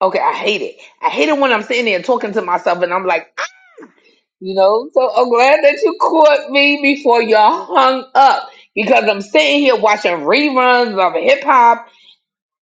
Okay, I hate it. I hate it when I'm sitting there talking to myself and I'm like, "Ah," you know, so I'm glad that you caught me before you hung up because I'm sitting here watching reruns of hip hop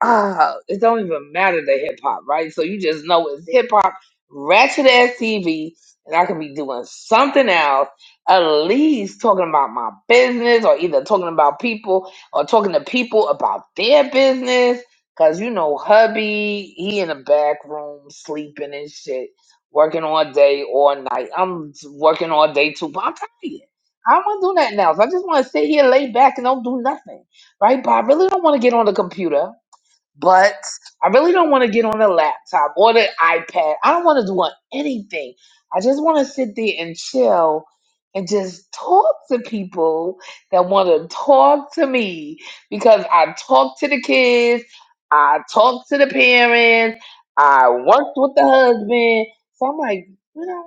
ah, it don't even matter the hip hop, right? So you just know it's hip hop, ratchet ass TV, and I could be doing something else, at least talking about my business or either talking about people or talking to people about their business. Cause you know, hubby, he in the back room sleeping and shit, working all day, all night. I'm working all day too, but I'm tired. I don't want to do nothing else. I just want to sit here, lay back, and don't do nothing, right? But I really don't want to get on the computer but I really don't want to get on a laptop or the iPad. I don't want to do anything. I just want to sit there and chill and just talk to people that want to talk to me because I talk to the kids, I talk to the parents, I worked with the husband. So I'm like, you know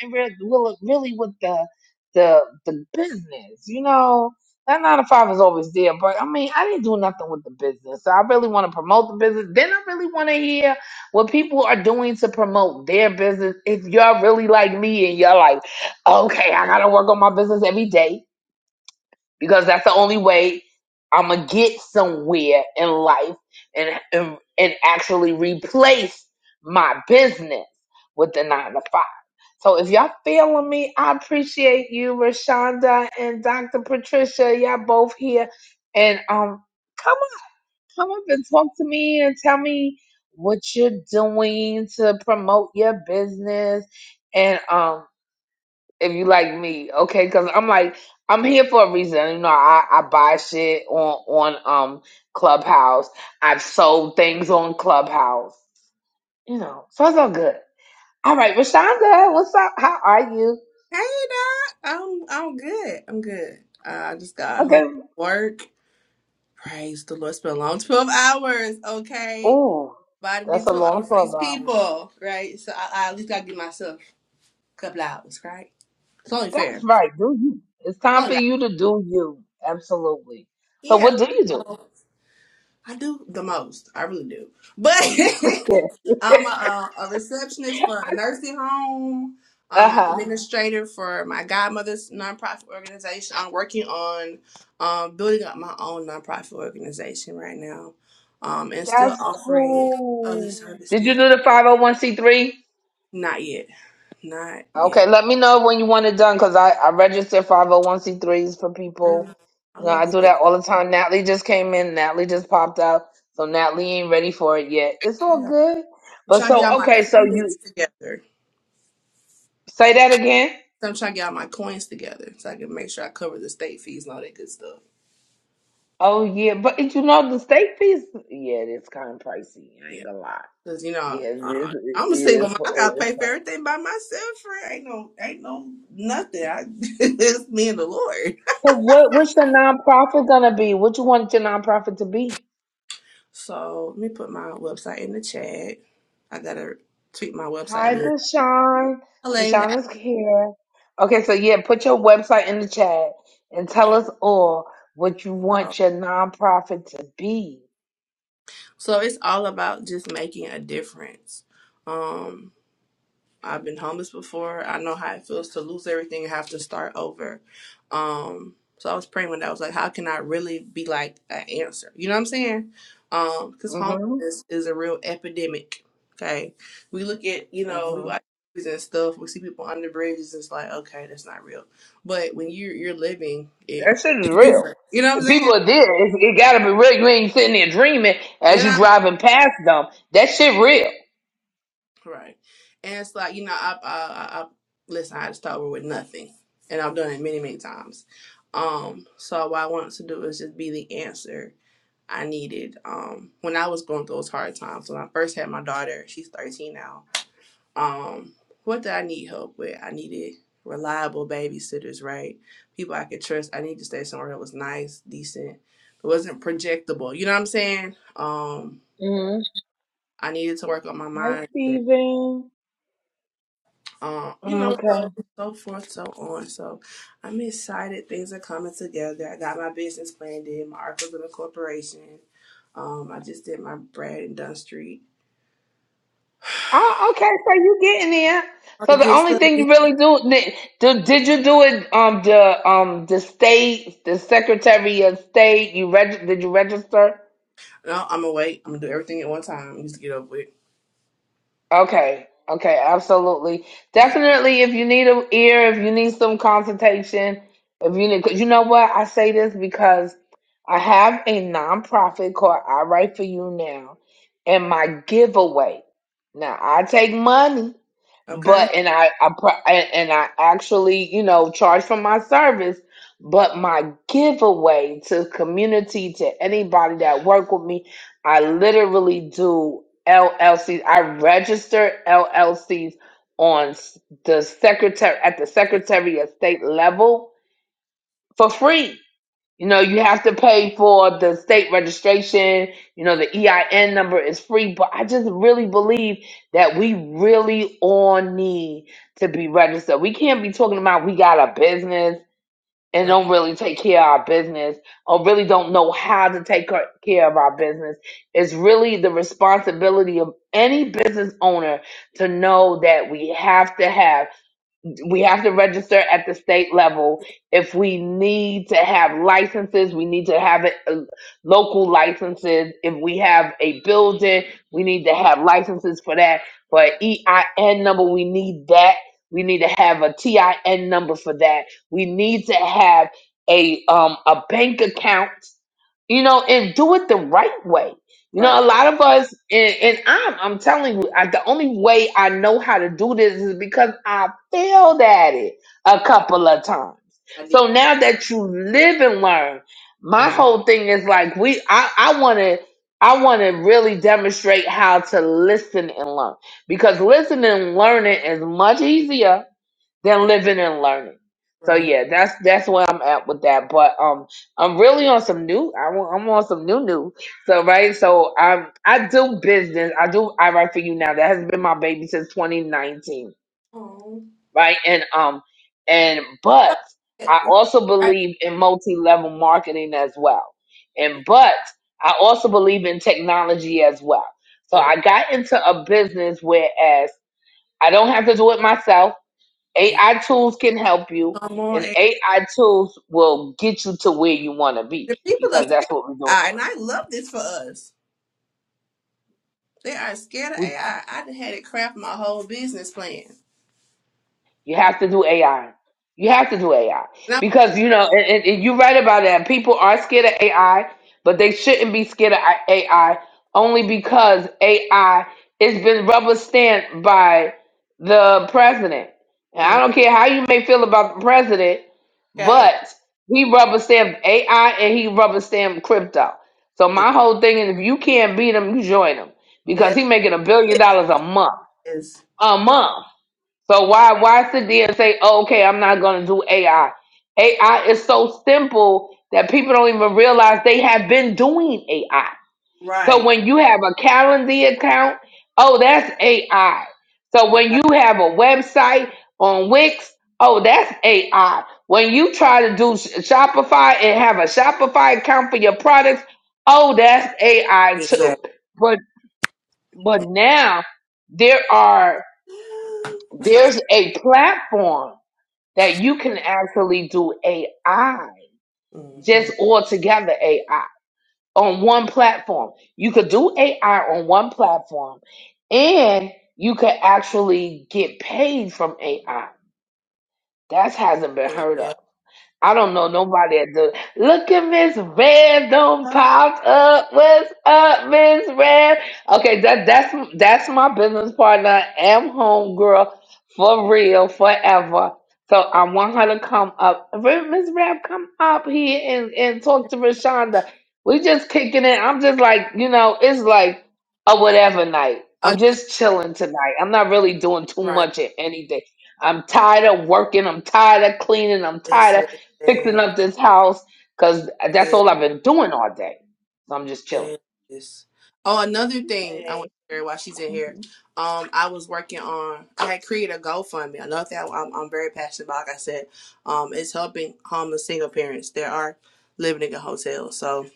nothing really, really really with the the the business, you know. That nine to five is always there, but I mean, I didn't do nothing with the business. So I really want to promote the business. Then I really want to hear what people are doing to promote their business. If y'all really like me and y'all like, okay, I gotta work on my business every day because that's the only way I'm gonna get somewhere in life and and, and actually replace my business with the nine to five. So if y'all feeling me, I appreciate you, Rashonda and Dr. Patricia. Y'all both here, and um, come on, come up and talk to me and tell me what you're doing to promote your business, and um if you like me, okay? Because I'm like, I'm here for a reason. You know, I, I buy shit on on um Clubhouse. I've sold things on Clubhouse. You know, so it's all good. All right, Rashonda, what's up? How are you? Hey, Doc. I'm I'm good. I'm good. Uh, I just got home Okay. from work. Praise the Lord. It's been a long 12 hours, okay? Ooh, But I did that's a 12 long hours for twelve these hours. people, right? So I, I at least got to give myself a couple hours, right? It's only That's fair. It's right. Do you? It's time only for you to do you. Absolutely. So, right. what do you do? I do the most. I really do. But I'm a, a receptionist for a nursing home. uh I'm an huh. administrator for my godmother's nonprofit organization. I'm working on um, building up my own nonprofit organization right now um, and still That's offering other cool. Did you services. do the five hundred one c three? Not yet. Not Okay, yet. let me know when you want it done because I, I register 501c3s for Really. people. I You know, I love it. do that all the time. Natalie just came in. Natalie just popped out. So Natalie ain't ready for it yet. It's all Yeah. good. I'm But trying to get all so, my okay, so coins you together. say that again. So I'm trying to get all my coins together so I can make sure I cover the state fees and all that good stuff. Oh, yeah. But you know, the state fees, yeah, it's kind of pricey. Yeah. I ain't gonna lie. Cause you know, Yeah, it is. uh, It I'm a single is, mom. I it gotta is pay for pricey. everything by myself. For ain't no, ain't no nothing. I, it's me and the Lord. So what, what's your nonprofit gonna be? What you want your nonprofit to be? So let me put my website in the chat. I gotta tweet my website. a Hi, little. Deshaun. I love Deshaun that. is here. Okay, so yeah, put your website in the chat and tell us all what you So, want your nonprofit to be. so it's all about just making a difference. Um, I've been homeless before. I know how it feels to lose everything and have to start over. Um, so I was praying when I was like, how can I really be like an answer? You know what I'm saying? Um, because hmm homelessness is a real epidemic. Okay, we look at you know we hmm watch movies and stuff. We see people under bridges. It's like okay, that's not real. But when you are you're living That it, shit is it's real. different. You know what I'm If saying? people are there, it's, it gotta be real. You ain't sitting there dreaming as You you know. driving past them. That shit real. Right. And it's like, you know, I, I, I, I listen, I just over with nothing. And I've done it many, many times. Um, so what I wanted to do is just be the answer I needed. Um, when I was going through those hard times, when I first had my daughter, she's 13 now. Um, what did I need help with? I needed reliable babysitters, right? People I could trust. I needed to stay somewhere that was nice, decent. It wasn't projectable. You know what I'm saying? Um, hmm I needed to work on my Hi, mindset. Steven. um, you Mm, know, Okay. so so forth, so on. So I'm excited. Things are coming together. I got my business plan did, my articles of incorporation. Um, I just did my Brad and Dunn Street. Oh, okay. So you getting there? All So the the good only stuff. thing you really do did, did, did you do it? Um, the um the state, the Secretary of State. You reg Did you register? No, I'm gonna wait. I'm gonna do everything at one time. Just to get up with. Okay. Okay. Absolutely. Yeah. Definitely. If you need an ear, if you need some consultation, if you need, cause you know what I say this because I have a nonprofit called I Write for You Now, and my giveaway. Now I take money but Okay. and I, I pro- and I actually you know charge for my service, but my giveaway to community to anybody that work with me, I literally do LLCs. I register LLCs on s- the secretary at the Yeah. Secretary of State level for free you know, you have to pay for the state registration. You know, Mm, the EIN number is free, but I just really believe that we really all need to be registered. We can't be talking about we got a business and Right. don't really take care of our business or really don't know how to take ca- care of our business. It's really the responsibility of any business owner to know that we have to have we have to register at the state level. If we need to have licenses, we need to have it, uh, local licenses. If we have a building, we need to have licenses for that. For an EIN number, we need that. We need to have a TIN number for that. We need to have a um a bank account. You know, and do it the right way you know, a Right. lot of us, and, and I'm, I'm telling you, I, the only way I know how to do this is because I failed at it a couple of times. I did. So now that you live and learn, my Mm, whole thing is like we, I, I want to, I want to really demonstrate how to listen and learn because listening and learning is much easier than living and learning. So Right. yeah, that's that's where I'm at with that. But um, I'm really on some new. I want, I'm on some new new. So right, so um, I do business. I do. I write for you now. That has been my baby since 2019. Oh. Right, and um, and but Yeah, I also Right. believe in multi level marketing as well. And but I also believe in technology as well. So Yeah. I got into a business whereas I don't have to do it myself. AI tools can help you, Come on. and A- AI tools will get you to where you want to be The people are because scared that's of what we're doing now. AI, and I love this for us. They are scared of AI. I I done had it craft my whole business plan. You have to do AI. You have to do AI And I because you know, and, and- and you're right about that. People are scared of AI, but they shouldn't be scared of I- AI only because AI has been rubber stamped by the president. And I was, don't care how you may feel about the president, okay, but he rubber stamped AI and he rubber stamped crypto. So my whole thing is, if you can't beat him, you join him because that he making a billion dollars a month. is A month so why why sit there and say, oh, okay, I'm not gonna do AI? AI is so simple that people don't even realize they have been doing AI. So right. when you have a Calendly account, oh, that's AI. So when you right, have a website on Wix, oh, that's AI. When you try to do Sh- Shopify and have a Shopify account for your products, oh, that's AI too. Exactly. But but now there are there's a platform that you can actually do AI Mm-hmm. just all together AI on one platform. You could do AI on one platform and you could actually get paid from AI. That hasn't been heard Yeah. of. I don't know nobody that does. Look at Miss Red don't Uh, popped up. What's up, Miss Red? Okay, that that's that's my business partner. I am homegirl for real forever. So I want her to come up. Re- Miss Rab, come up here and, and talk to Rashonda. We just kicking it. I'm just like, you know, it's like a whatever night. I'm just chilling tonight. I'm not really doing too right. much at anything. I'm tired of working. I'm tired of cleaning. I'm tired of Listen. fixing up Yeah, this house because that's all I've been doing all day. So I'm just chilling. yes. Oh, another thing I want Hey. to share while she's in here. Mhm, Um, I was working on. I had created a GoFundMe. Another thing I'm, I'm very passionate about. Like I said, um, it's helping homeless single parents that are living in hotels. So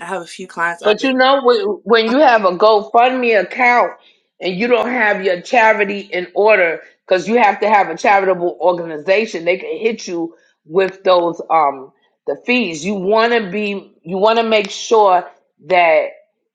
I have a few clients. i But you know, wh- when you have a GoFundMe account and you don't have your charity in order, because you have to have a charitable organization, they can hit you with those um the fees. You want to be, you want to make sure that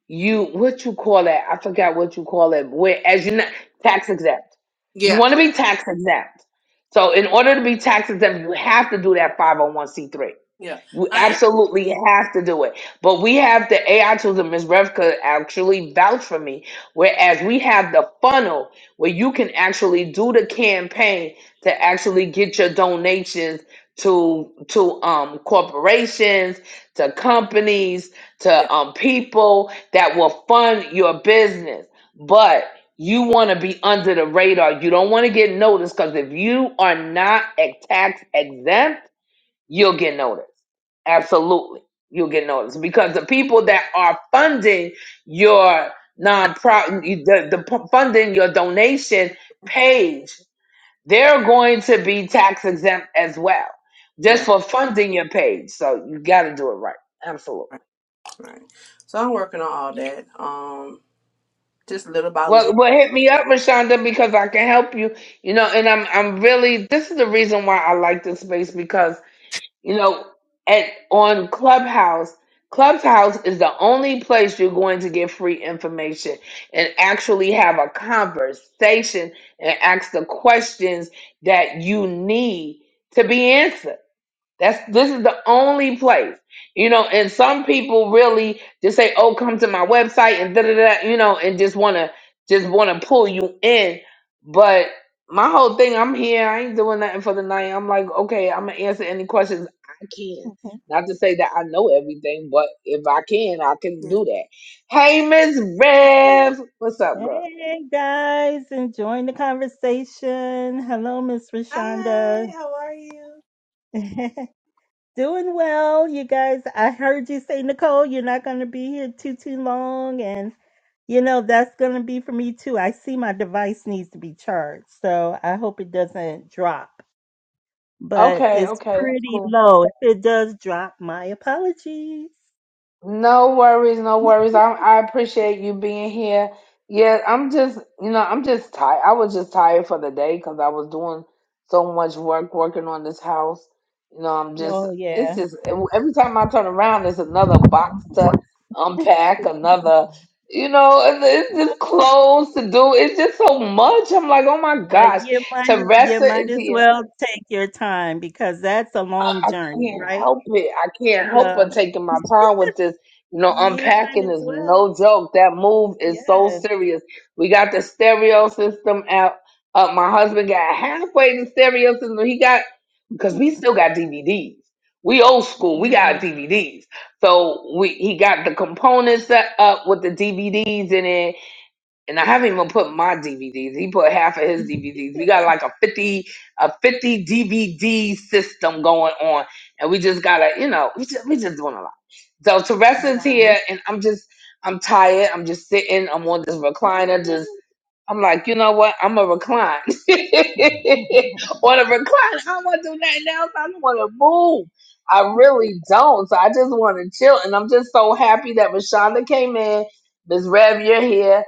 you what you call that? I forgot what you call it. Where as you are not tax exempt, you Yeah. want to be tax exempt. So in order to be tax exempt, you have to do that five hundred one c three. Yeah. You I am. absolutely have to do it. But we have the AI tools, and Ms. Rev could actually vouch for me. Whereas we have the funnel where you can actually do the campaign to actually get your donations to to um corporations, to companies, Yeah. to um people that will fund your business. But you want to be under the radar. You don't want to get noticed because if you are not a tax exempt you'll get noticed. Yeah. Absolutely. You'll get noticed because the people that are funding your nonprofit, the, the p- funding your donation page, they're going to be tax exempt as well, just yeah. for funding your page. So you got to do it right. Absolutely. Right. So I'm working on all that. Um, just little by Well, little. well, hit me up, Rashonda, because I can help you. You know, and I'm I'm really this is the reason why I like this space because. You know, at on Clubhouse, Clubhouse is the only place you're going to get free information and actually have a conversation and ask the questions that you need to be answered. That's this is the only place, you know. And some people really just say, "Oh, come to my website," and da da da, you know, and just wanna just wanna pull you in. But my whole thing, I'm here. I ain't doing nothing for the night. I'm like, okay, I'm gonna answer any questions I can. mhm. Not to say that I know everything, but if I can, I can Yes. do that. Hey, Miss Hi, Rev, what's up, girl? Hey guys, enjoying the conversation. Hello, Miss Hi. Rashonda. how are you? Doing well, you guys. I heard you say, Nicole, you're not going to be here too, too long. And, you know, that's going to be for me too. I see my device needs to be charged. So I hope it doesn't drop, but Okay, it's okay, that's pretty cool. low. If it does drop, my apologies. No worries, no worries. I I appreciate you being here. Yeah, I'm just, you know, I'm just tired. I was just tired for the day because I was doing so much work working on this house. You know, I'm just, Oh, yeah. it's just every time I turn around, there's another box to unpack, another, you know, and it's just clothes to do. It's just so much. I'm like, oh my Well, gosh, you might to as- rest you it might into as your well take your time because that's a long journey, can't right? help it. I can't help So but taking my time with this. You know, you might unpacking as is well. no joke. That move is so Yes. serious. We got the stereo system out. Uh, my husband got halfway the stereo system. He got because we still got DVDs. We old school. We got Mm. DVDs. So we he got the components set up with the DVDs in it and I haven't even put my DVDs. He put half of his DVDs. We got like a fifty a fifty DVD system going on, and we just gotta, you know, we just we just doing a lot. So Teresa's Wow. here, and I'm just I'm tired. I'm just sitting. I'm on this recliner, Yeah. just. I'm like, you know what? I'm a recline. On a recline, I don't want to do nothing else. I don't want to move. I really don't. So I just want to chill. And I'm just so happy that Rashonda came in. Miss Rev, you're here.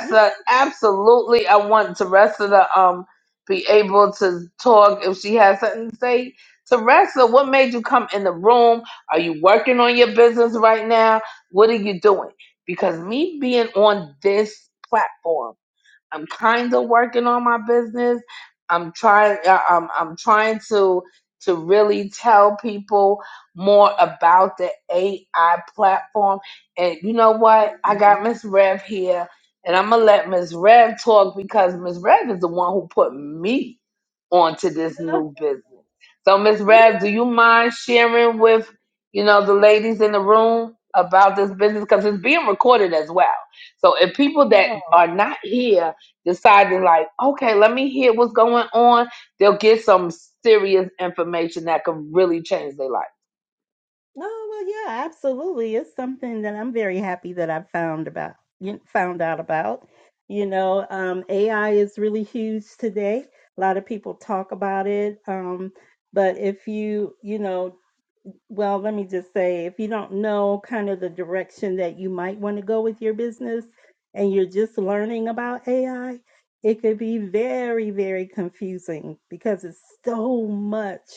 Yeah. absolutely. I want Teresa to um be able to talk if she has something to say. Teresa, what made you come in the room? Are you working on your business right now? What are you doing? Because me being on this platform, I'm kind of working on my business. I'm trying. I- I'm I'm trying to to really tell people more about the AI platform. And you know what? I Mhm. got Miss Rev here, and I'm gonna let Miss Rev talk because Miss Rev is the one who put me onto this Yeah. new business. So Miss Yeah. Rev, do you mind sharing with you know the ladies in the room about this business because it's being recorded as well. So if people that Oh. are not here deciding like, okay, let me hear what's going on. They'll get some serious information that could really change their life. Oh, well, yeah, absolutely. It's something that I'm very happy that I found about, you found out about. You know, um, AI is really huge today. A lot of people talk about it. Um, but if you, you know, well, let me just say, if you don't know kind of the direction that you might want to go with your business and you're just learning about AI, it could be very, very confusing because it's so much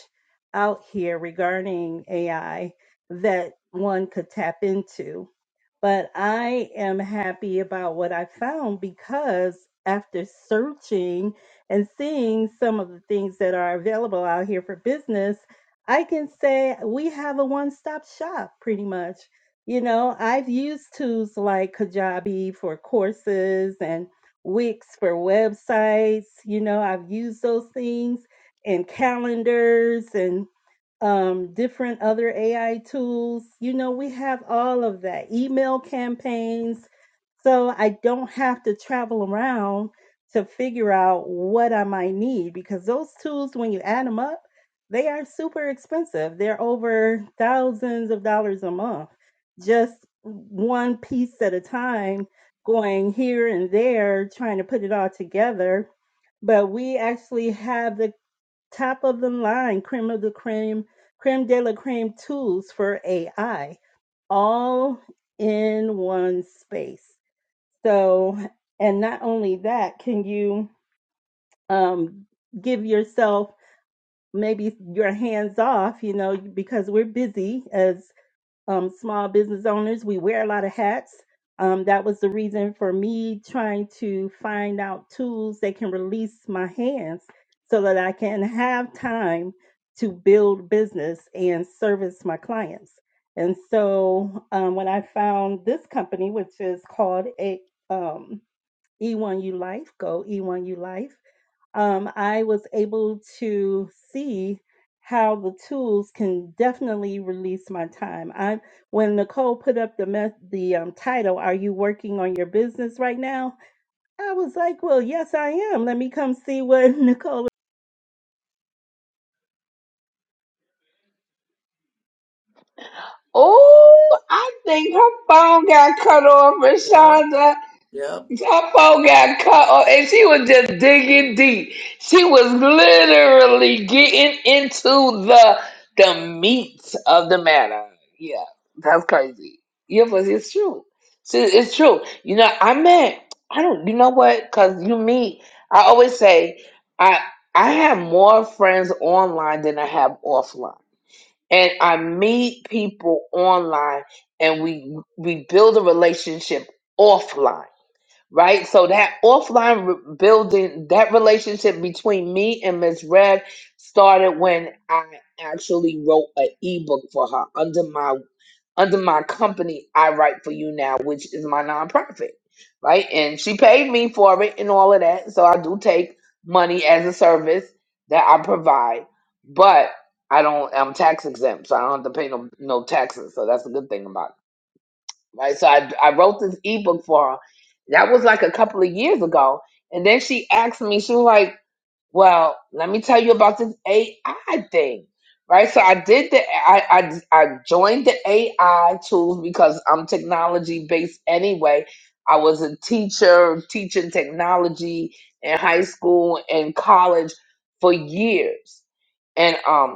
out here regarding AI that one could tap into. But I am happy about what I found because after searching and seeing some of the things that are available out here for business, I can say we have a one stop shop pretty much. You know, I've used tools like Kajabi for courses and Wix for websites. You know, I've used those things and calendars and um, different other AI tools. You know, we have all of that, email campaigns. So I don't have to travel around to figure out what I might need because those tools, when you add them up, they are super expensive. They're over thousands of dollars a month, just one piece at a time, going here and there, trying to put it all together. But we actually have the top of the line creme of the creme, creme de la creme tools for AI, all in one space. So, and not only that, can you um, give yourself maybe your hands off, you know, because we're busy as um, small business owners. We wear a lot of hats. Um, that was the reason for me trying to find out tools that can release my hands so that I can have time to build business and service my clients. And so um, when I found this company, which is called a, um, E1U Life, go E1U Life um, I was able to see how the tools can definitely release my time. I when Nicole put up the mess the um, title, "Are you working on your business right now?" I was like, "Well, yes, I am. Let me come see what Nicole." is Oh, I think her phone got cut off, Yep. Rashonda. Yep. That phone got caught, on- and she was just digging deep. She was literally getting into the the meat of the matter. Yeah, that's crazy. Yeah, but it's true. See, it's true. You know, I met. I don't. You know what? Because you meet. I always say, I I have more friends online than I have offline, and I meet people online, and we we build a relationship offline right? So that offline re- building, that relationship between me and Miss Red started when I actually wrote an ebook for her under my under my company, I Write for You Now, which is my nonprofit, right? And she paid me for it and all of that. So I do take money as a service that I provide, but I don't. I'm tax exempt, so I don't have to pay no no taxes. So that's a good thing about it right? So I, I wrote this ebook for her. That was like a couple of years ago. And then she asked me, she was like, well, let me tell you about this AI thing, right? So I did the, I, I, I joined the AI tools because I'm technology based anyway. I was a teacher teaching technology in high school and college for years. And um,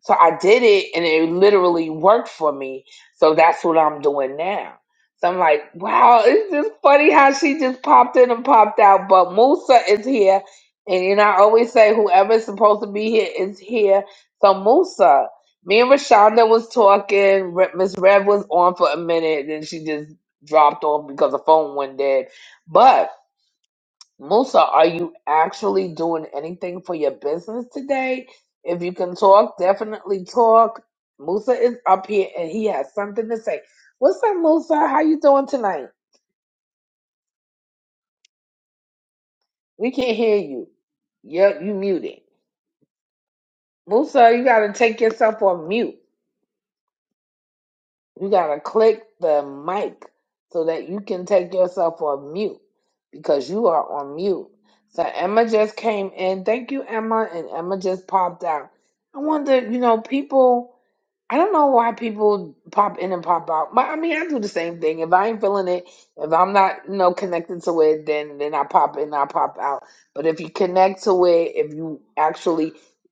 so I did it and it literally worked for me. So that's what I'm doing now. So I'm like, wow, it's just funny how she just popped in and popped out. But Musa is here. And you know, I always say whoever's supposed to be here is here. So Musa, me and Rashonda was talking. Re- Miss Rev was on for a minute, then she just dropped off because the phone went dead. But Musa, are you actually doing anything for your business today? If you can talk, definitely talk. Musa is up here and he has something to say. What's up, Musa? How you doing tonight? We can't hear you. Yep, you muted. Musa, you gotta take yourself on mute. You gotta click the mic so that you can take yourself on mute because you are on mute. So Emma just came in. Thank you, Emma, and Emma just popped out. I wonder, you know, people. I don't know why people pop in and pop out. But I mean, I do the same thing. If I ain't feeling it, if I'm not, you know, connected to it, then then I pop in, I pop out. But if you connect to it, if you actually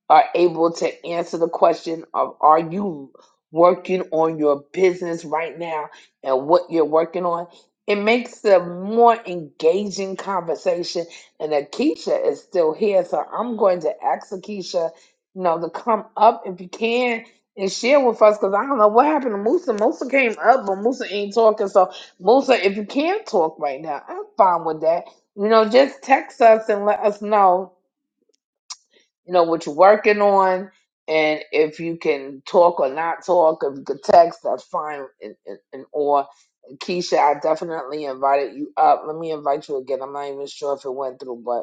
are able to answer the question of are you working on your business right now and what you're working on, it makes a more engaging conversation. And Akeisha is still here, so I'm going to ask Akeisha, you know, to come up if you can and share with us because I don't know what happened to Musa. Musa came up, but Musa ain't talking. So, Musa, if you can't talk right now, I'm fine with that. You know, just text us and let us know, you know, what you're working on and if you can talk or not talk. If you could text, that's fine. And, and, and or Keisha, I definitely invited you up. Let me invite you again. I'm not even sure if it went through, but.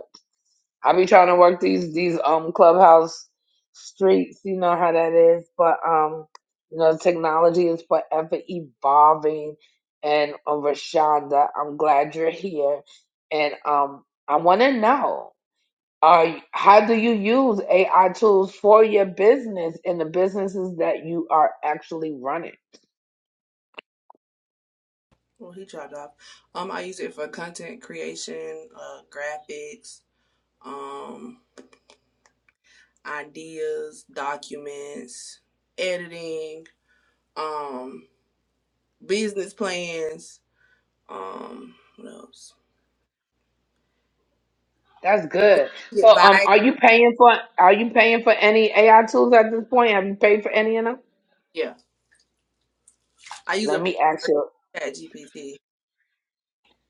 I be trying to work these these um clubhouse streets. You know how that is, but um, you know technology is forever evolving. And uh, Rashonda, I'm glad you're here. And um, I want to know, are y- how do you use AI tools for your business and the businesses that you are actually running? Well, he dropped off. Um, I use it for content creation, uh, graphics, um, ideas, documents, editing, um, business plans. Um, what else? That's good. So, um, Advice. are you paying for are you paying for any AI tools at this point? Have you paid for any of them? Yeah. I use Let a me ask you. Chat GPT.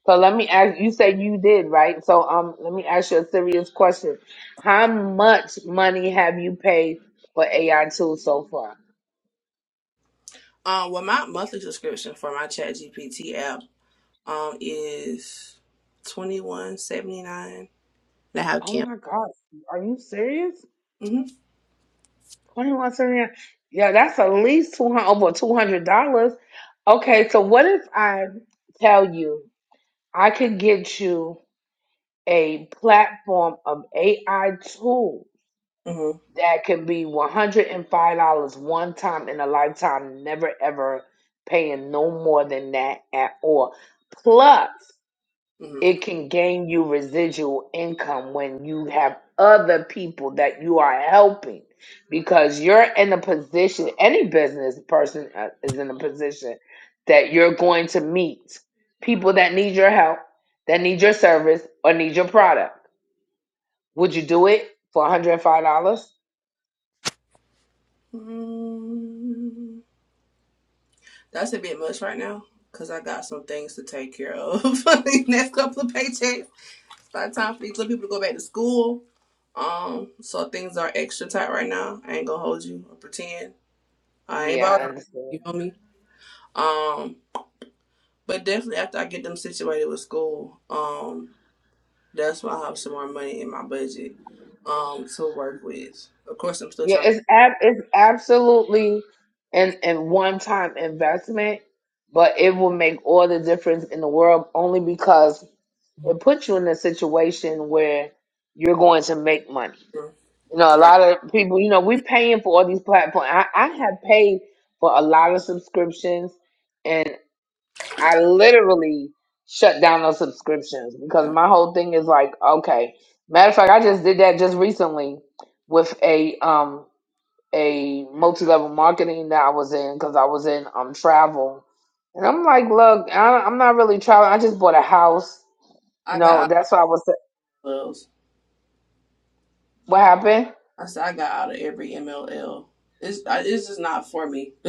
So let me ask you say you did, right? So um let me ask you a serious question. How much money have you paid for AI tools so far? Um, well, my monthly subscription for my Chat GPT app. um is twenty one seventy nine. They have Oh camp. my God. Are you serious? hmm Twenty one seventy nine. Yeah, that's at least two hundred over two hundred dollars. Okay, so what if I tell you I could get you a platform of AI tools? hmm that can be $105 one time in a lifetime, never ever paying no more than that at all. Plus, hmm it can gain you residual income when you have other people that you are helping because you're in a position, any business person uh, is in a position that you're going to meet people that need your help, that need your service, or need your product. Would you do it for $105? mm That's a bit much right now because I got some things to take care of the next couple of paychecks. It's the time for these little people to go back to school, um, so things are extra tight right now. I ain't gonna hold you or pretend I ain't Yeah, I bothering. understand. You feel me? Um, but definitely after I get them situated with school, um. That's why I have some more money in my budget um to work with. Of course, I'm still Yeah, trying it's ab- it's absolutely an an one time investment, but it will make all the difference in the world only because it puts you in a situation where you're going to make money. to You know, a right. lot of people, you know, we're paying for all these platforms. I, I have paid for a lot of subscriptions and I literally shut down those subscriptions because Yeah. my whole thing is like, okay. Matter of fact, I just did that just recently with a um a multi-level marketing that I was in because I was in um travel, and I'm like, look, I, I'm not really traveling. I just bought a house. I You got know, out that's why I was. of those. What happened? I said I got out of every MLL. It's I, it's just not for me.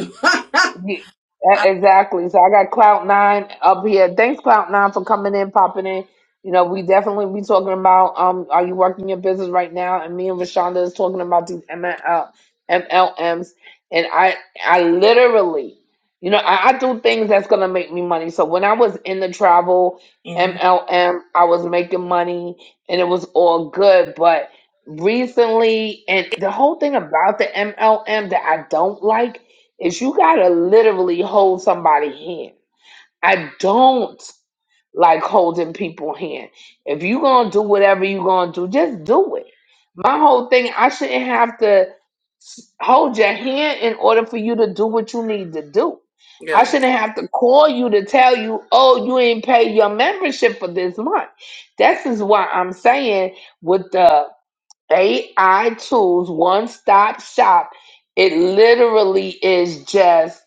Ye- e- I, Exactly. So I got Cloud Nine up here. Thanks, Cloud Nine, for coming in, popping in. You know, we definitely be talking about um, are you working your business right now? And me and Rashonda is talking about these ML, MLMs, and I, I literally, you know, I, I do things that's gonna make me money. So when I was in the travel Mhm. MLM, I was making money, and it was all good. But recently, and the whole thing about the MLM that I don't like is you gotta literally hold somebody hand. I don't like holding people hand. If you gonna do whatever you gonna do, just do it. My whole thing, I shouldn't have to s- hold your hand in order for you to do what you need to do. I Yeah, shouldn't have to call you to tell you, oh, you ain't pay your membership for this month. This is why I'm saying with the AI tools, one stop shop. It literally is just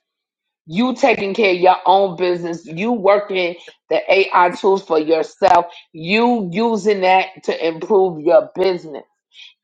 you taking care of your own business, you working the AI tools for yourself, you using that to improve your business.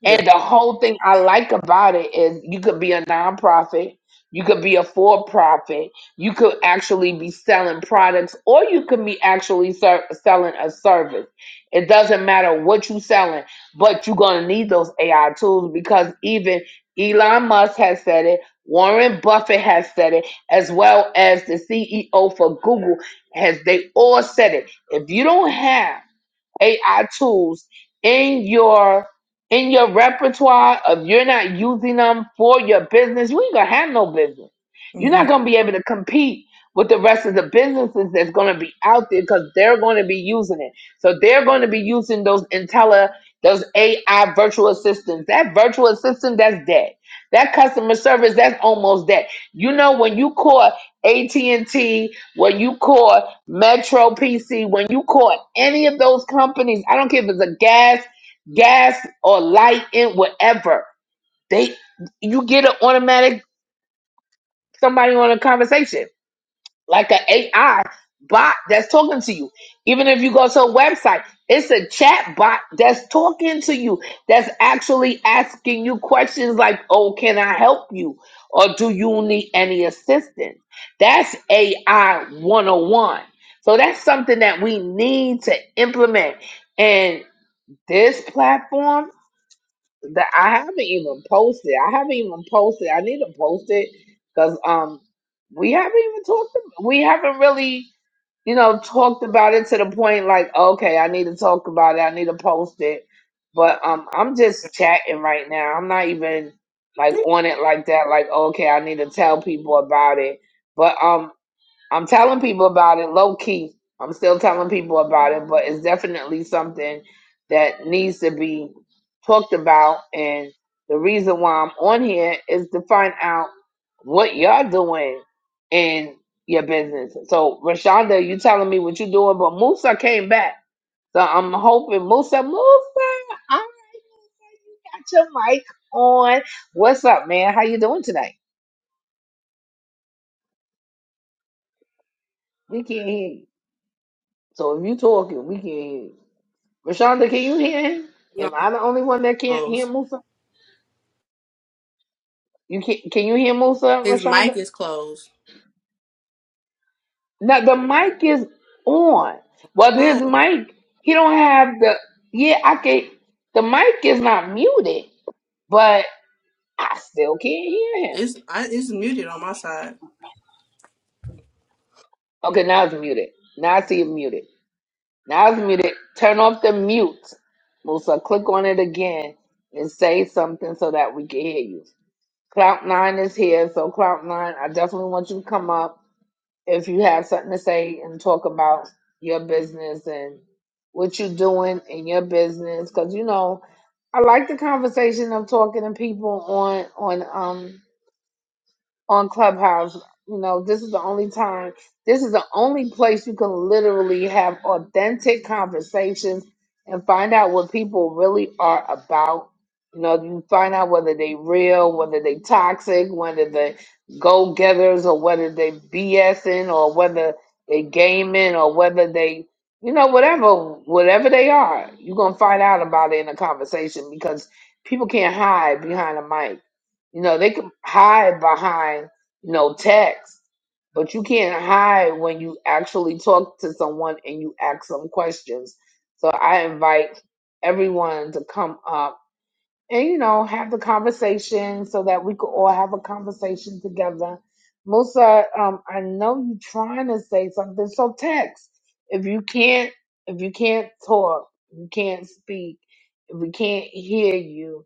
yeah. And the whole thing I like about it is you could be a nonprofit, you could be a for profit, you could actually be selling products, or you could be actually ser- selling a service. It doesn't matter what you're selling, but you're going to need those AI tools because even Elon Musk has said it, Warren Buffett has said it, as well as the CEO for Google has they all said it. If you don't have AI tools in your in your repertoire if you're not using them for your business, we ain't gonna have no business. You're hmm not gonna be able to compete with the rest of the businesses that's gonna be out there because they're gonna be using it. So they're gonna be using those Intella, those AI virtual assistants. That virtual assistant that's dead. That customer service that's almost dead. You know when you call AT and T, when you call Metro PC, when you caught any of those companies, I don't care if it's a gas, gas or light in whatever, they you get an automatic somebody on a conversation like an AI bot that's talking to you. Even if you go to a website, it's a chat bot that's talking to you, that's actually asking you questions like, oh, can I help you? Or do you need any assistance? That's AI 101. So that's something that we need to implement. And this platform that I haven't even posted. I haven't even posted. I need to post it because um we haven't even talked. ab- We haven't really you know talked about it to the point like okay, I need to talk about it. I need to post it. But um, I'm just chatting right now. I'm not even like on it like that. Like okay, I need to tell people about it. But um, I'm telling people about it low key. I'm still telling people about it, but it's definitely something that needs to be talked about. And the reason why I'm on here is to find out what y'all doing in your business. So Rashonda, you telling me what you doing, but Musa came back. So I'm hoping Musa, Musa, I got your mic on. What's up, man? How you doing today? We can't hear you. So if you talking, we can't hear you. Rashonda, can you hear him? No, Am I the only one that can't hear closed. Musa? You can can you hear Musa, His mic Rashonda? is closed. Now the mic is on. Well his Not, mic, he don't have the yeah, I can the mic is not muted, but I still can't hear him. it's I, it's muted on my side. Okay, now it's muted. Now I see it muted. Now it's muted. Turn off the mute. Musa, click on it again and say something so that we can hear you. Cloud nine is here, so Cloud nine, I definitely want you to come up if you have something to say and talk about your business and what you're doing in your business because you know i like the conversation of talking to people on on um on Clubhouse. You know, this is the only time, this is the only place you can literally have authentic conversations and find out what people really are about. You know, you find out whether they real, whether they toxic, whether they go getters or whether they BSing or whether they gaming or whether they, you know, whatever, whatever they are, you're going to find out about it in a conversation because people can't hide behind a mic you know, they can hide behind, you know, text, but you can't hide when you actually talk to someone and you ask them questions. So I invite everyone to come up and, you know, have the conversation so that we could all have a conversation together. Musa, um, I know you're trying to say something, so text. If you can't, if you can't talk, you can't speak, if we can't hear you,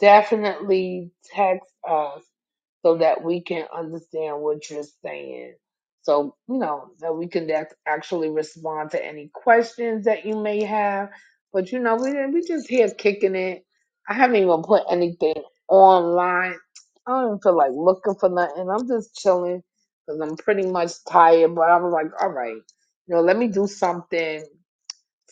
definitely text us so that we can understand what you're saying. So, you know, that we can act- actually respond to any questions that you may have. But, you know, we, we just here kicking it. I haven't even put anything online. I don't even feel like looking for nothing. I'm just chilling because I'm pretty much tired. But I was like, all right, you know, let me do something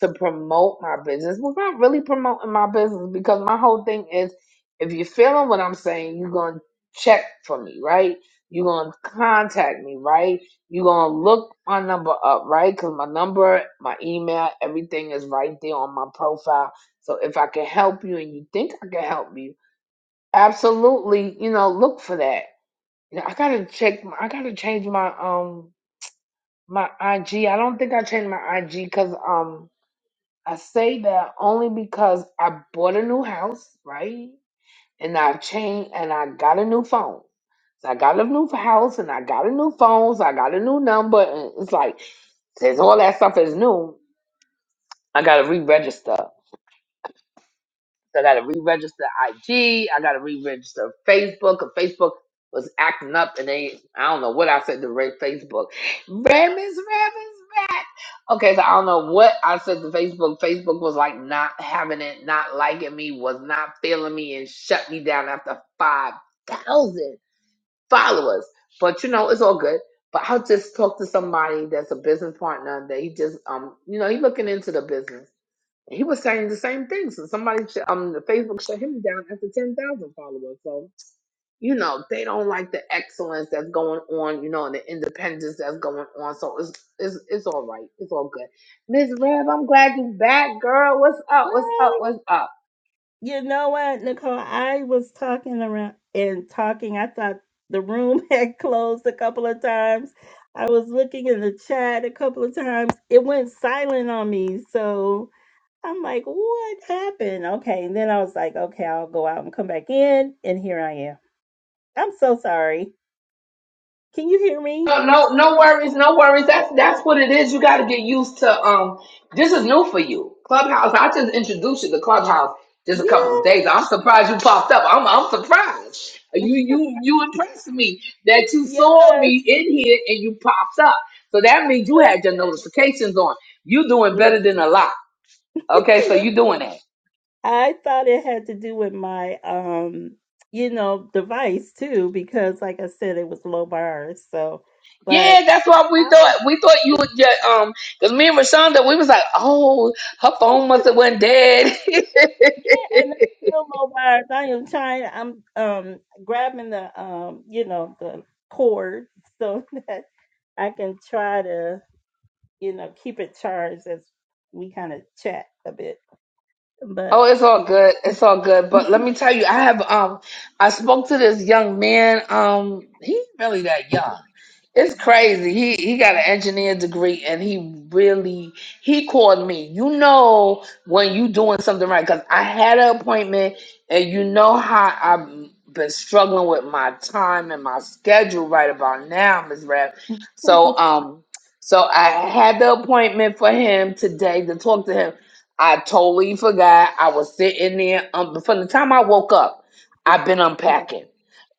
to promote my business, we're really promoting my business because my whole thing is if you're feeling what I'm saying, you're going to check for me, right? You're going to contact me, right? You're going to look my number up, right? Because my number, my email, everything is right there on my profile. So if I can help you and you think I can help you, absolutely, you know, look for that. You know, I gotta check. I gotta change my um my IG. I don't think I changed my IG because um. I say that only because I bought a new house, right? And I changed and I got a new phone. So I got a new house and I got a new phone, so I got a new number. And it's like, since all that stuff is new, I got to re register. So I got to re-register IG. I got to re-register Facebook. 'cause Facebook was acting up, and they I don't know what I said to Red Facebook. Ram is Ram is back. Okay, so I don't know what I said to Facebook. Facebook was like not having it, not liking me, was not feeling me, and shut me down after five thousand followers. But you know, it's all good. But I'll just talk to somebody that's a business partner that he just um you know he looking into the business he was saying the same thing. So somebody, sh- um, Facebook shut him down after ten thousand followers. So you know they don't like the excellence that's going on. You know, and the independence that's going on. So it's it's it's all right. It's all good. Miss Rev, I'm glad you back, girl. What's up? What's up? doing." What's up? You know what, Nicole? I was talking around and talking. I thought the room had closed a couple of times. I was looking in the chat a couple of times. It went silent on me, so I'm like, what happened? Okay. And then I was like, okay, I'll go out and come back in. And here I am. I'm so sorry. Can you hear me? No, no, no worries, no worries. That's that's what it is. You got to get used to. Um, this is new for you, Clubhouse. I just introduced you to Clubhouse just a couple of Yeah. days. I'm surprised you popped up. I'm I'm surprised. You you you impressed me that you saw Yes. me in here and you popped up. So that means you Listen, had your notifications on. You doing better listen, than a lot. Okay, so you doing listen. that. I thought it had to do with my, um, you know, device too, because like I said, it was low bars. So, but Yeah, that's what we I was, thought. We thought you would get um, because me and Rashonda, we was like, oh, her phone must have went dead. and it's still low bars. I am trying, I'm, um, grabbing the, um, you know, the cord so that I can try to. you know, keep it charged as we kind of chat a bit. But Oh, it's all good. It's all good. But let me tell you, I have um I spoke to this young man. Um he's really that young. It's crazy. He he got an engineer degree and he really he called me. You know when you doing something right cuz I had an appointment and you know how I've been struggling with my time and my schedule right about now, Ms. Rap. So okay, um so I had the appointment for him today to talk to him I totally forgot. I was sitting there. Um, from the time I woke up, I've been unpacking.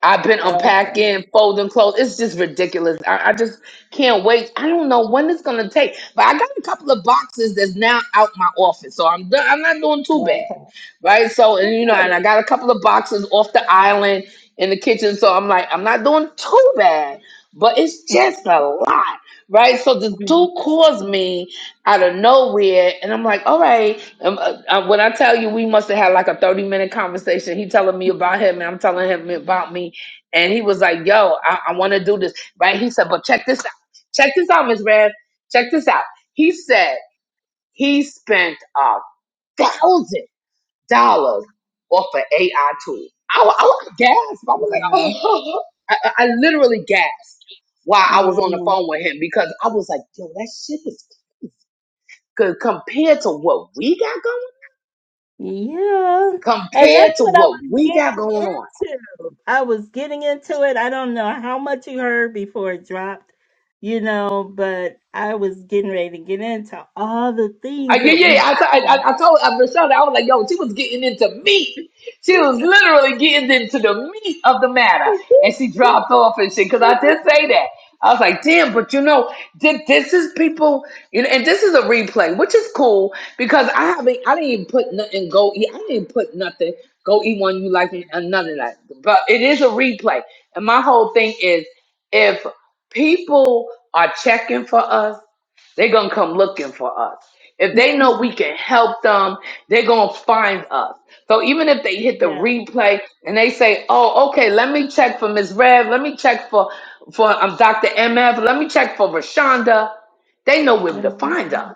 I've been yeah, unpacking, folding clothes. It's just ridiculous. I, I just can't wait. I don't know when it's gonna take, but I got a couple of boxes that's now out my office, so I'm do- I'm not doing too bad, okay, right? So so and you know, and good. I got a couple of boxes off the island in the kitchen, so I'm like, I'm not doing too bad, but it's just a lot, right? So the Mhm, do cause me out of nowhere, and I'm like, all right. Um, uh, uh, when I tell you, we must have had like a 30 minute conversation. He telling me about him, and I'm telling him about me. And he was like, yo, I, I want to do this, right? He said, but check this out. Check this out, Miss Rev. Check this out. He said he spent a thousand dollars off an AI tool. I, wa- I was gasped. I was like, Wow. oh. I, I I literally gasped while I was on the Mm, phone with him because I was like, yo, that shit is c- compared to what we got going, yeah, and compared that's to what I what was we got getting going on. into. I was getting into it. I don't know how much you heard before it dropped, you know, but I was getting ready to get into all the I, things yeah, that we yeah. have. I, t- I, I I told I, Michelle, that I was like, yo, she was getting into meat. She was literally getting into the meat of the matter, and she dropped off and shit. Because I did say that. I was like, damn, but you know, thi- this is people, you know, and this is a replay, which is cool because I haven't, I didn't even put nothing go eat, I didn't put nothing go eat one you like and none of that. But it is a replay, and my whole thing is if people are checking for us they're going to come looking for us. If they know we can help them, they're going to find us. So even if they hit the yeah. replay and they say, oh, okay, let me check for Ms. Rev, let me check for, for um, Dr. MF, let me check for Rashonda, they know where to find Mm-hmm. us.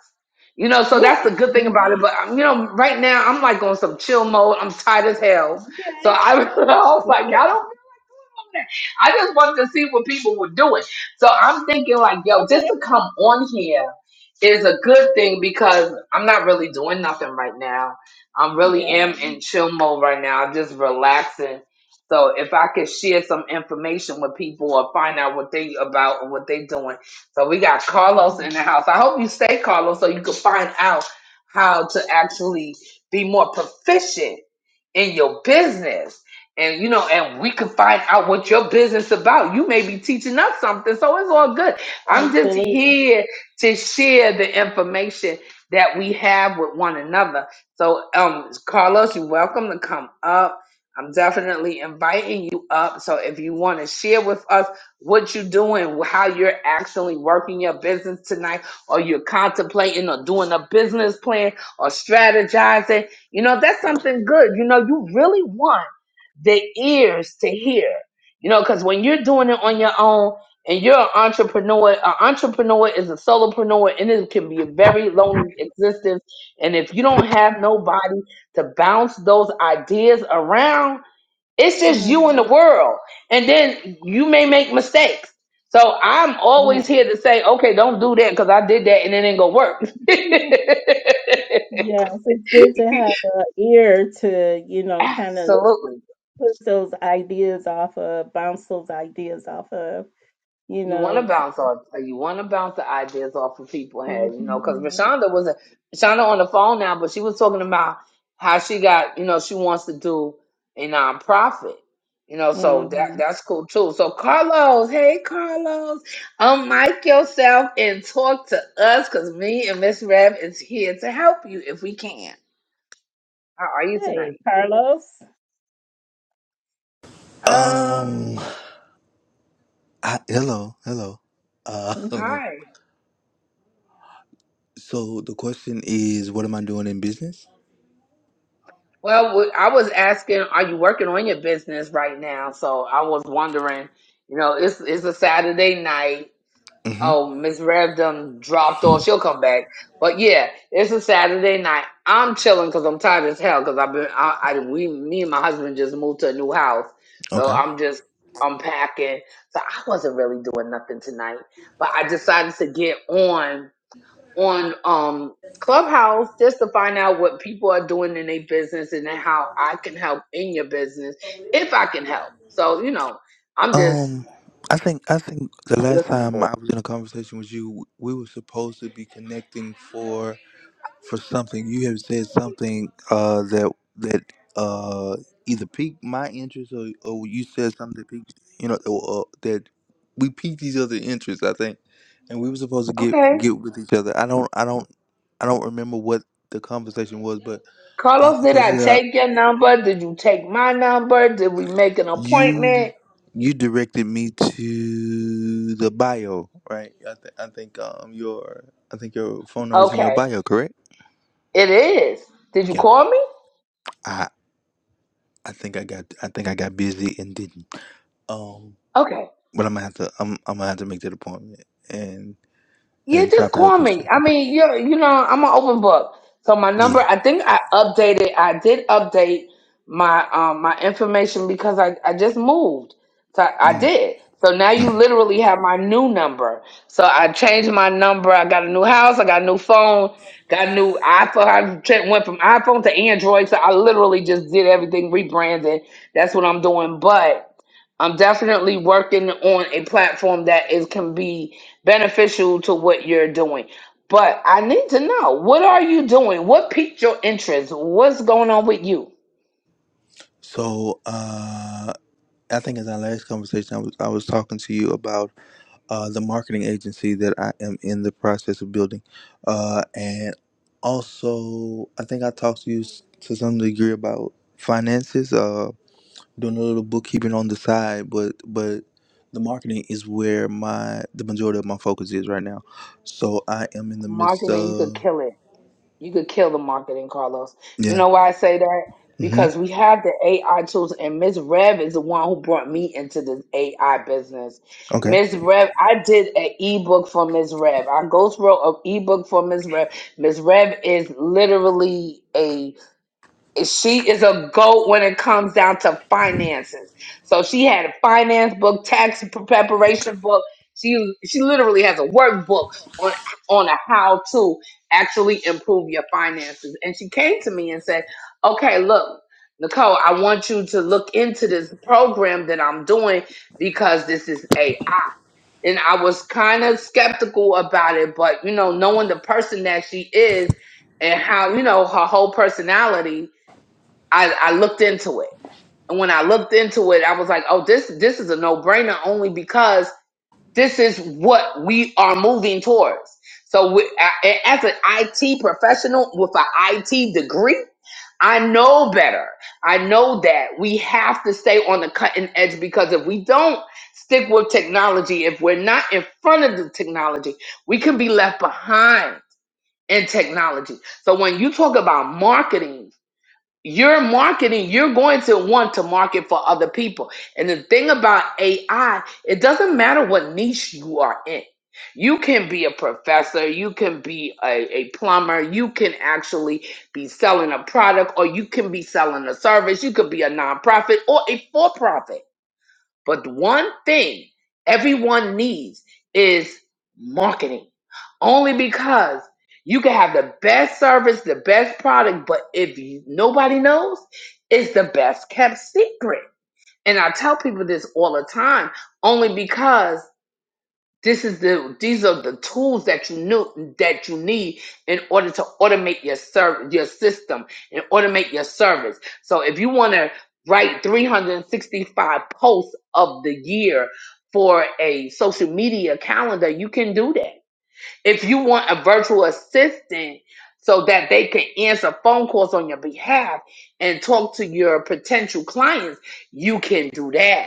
You know, so Yeah, that's the good thing about it. indeed. But, um, you know, right now I'm like on some chill mode. I'm tired as hell. So Okay. I, I was Good. like, I don't that. I just wanted to see what people were doing. So I'm thinking like, yo, just Okay. to come on here is a good thing because I'm not really doing nothing right now. I'm really Yeah, am in chill mode right now, I'm just relaxing. So if I could share some information with people or find out what they about or what they doing. So we got Carlos in Mhm. the house. I hope you stay Carlos so you can find out how to actually be more proficient in your business. And you know, and we can find out what your business about. You may be teaching us something, so it's all good. I'm just absolutely. here to share the information that we have with one another. So, um, Carlos, you're welcome to come up. I'm definitely inviting you up. So, if you want to share with us what you're doing, how you're actually working your business tonight, or you're contemplating or doing a business plan or strategizing, you know, that's something good. You know, you really want the ears to hear, you know, because when you're doing it on your own, and you're an entrepreneur. An entrepreneur is a solopreneur, and it can be a very lonely existence. And if you don't have nobody to bounce those ideas around, it's just you and the Mm, world. And then you may make mistakes. So I'm always right. here to say, okay, don't do that because I did that and it ain't gonna work. Yes, it's good to have an ear to, you know, kind of Absolutely. push those ideas off of, bounce those ideas off of, you you want to know. bounce off uh, you want to bounce the ideas off of people hmm head you know because Rashonda was a Rashonda on the phone now but she was talking about how she got you know she wants to do a nonprofit you know so that hmm that's cool too so Carlos hey Carlos unmic yourself and talk to us because me and Miss Rev is here to help you if we can how are you tonight Hey, Carlos. uh Um, I, hello, hello. Uh, Mhm. hi so the question is, what am I doing in business? Well, w- I was asking, are you working on your business right now? So I was wondering, you know, it's it's a Saturday night. Mm-hmm. Oh, Miss Rev done dropped off. She'll come back. But yeah, it's a Saturday night. I'm chilling because I'm tired as hell because I've been, I, I, we, me and my husband just moved to a new house. So Okay. I'm just unpacking. So I wasn't really doing nothing tonight, but I decided to get on on um Clubhouse just to find out what people are doing in their business and then how I can help in your business if I can help. So, you know, I'm just Um, I think I think the a last listening time boy. I was in a conversation with you, we were supposed to be connecting for. for something you have said something uh that that uh either piqued my interest or, or you said something that piqued you know or, uh, that we piqued each other interests I think and we were supposed to get Okay. get with each other I don't I don't I don't remember what the conversation was but um Carlos, I did told you I that I, take your number? Did you take my number? Did we make an you appointment? you directed me to the bio right I, th- I think um your I think your phone number's in your Okay. bio correct It is. Did you yeah call me? I think I got I think I got busy and didn't. Um, Okay. but I'm gonna have to I'm I'm gonna have to make that appointment and Yeah, and just chop it up call with me. you. I mean, you you know, I'm an open book. So my number, Yeah, I think I updated. I did update my um my information because I I just moved. So I, I yeah. did. So now you Mhm. literally have my new number. So I changed my number. I got a new house. I got a new phone. Got a new iPhone. I tra- went from iPhone to Android. So I literally just did everything rebranded. That's what I'm doing. But. I'm definitely working on a platform that is can be beneficial to what you're doing. But I need to know what are you doing? What piqued your interest? What's going on with you? So uh, I think in our last conversation, I was I was talking to you about uh the marketing agency that I am in the process of building, uh, and also I think I talked to you s- to some degree about finances. Uh. doing a little bookkeeping on the side, but but the marketing is where my the majority of my focus is right now. So I am in the midst Marketing, you could of kill it. You could kill the marketing, Carlos. You yeah. know why I say that? hmm Because we have the AI tools, and Miss Rev is the one who brought me into this AI business. Okay. Miss Rev, I did an ebook for Miss Rev. I ghost wrote an ebook for Miss Rev. Miss Rev is literally a she is a goat when it comes down to finances. So she had a finance book, tax preparation book. She she literally has a workbook on on a how to actually improve your finances. And she came to me and said, "Okay, look, Nicole, I want you to look into this program that I'm doing because this is AI." And I was kind of skeptical about it, but you know, knowing the person that she is and how you know her whole personality I, I looked into it. And when I looked into it, I was like, oh, this this is a no brainer only because this is what we are moving towards. So we, a- as an IT professional with an IT degree, I know better. I know that we have to stay on the cutting edge because if we don't stick with technology, if we're not in front of the technology, we can be left behind in technology. So when you talk about marketing, you're marketing you're going to want to market for other people and the thing about ai it doesn't matter what niche you are in you can be a professor you can be a, a plumber you can actually be selling a product or you can be selling a service you could be a nonprofit or a for-profit but one thing everyone needs is marketing. Only because you can have the best service, the best product, but if you, nobody knows, it's the best kept secret. And I tell people this all the time, only because this is the these are the tools that you knew that you need in order to automate your service, your system, and automate your service. So if you want to write 365 posts of the year for a social media calendar, you can do that. If you want a virtual assistant so that they can answer phone calls on your behalf and talk to your potential clients, you can do that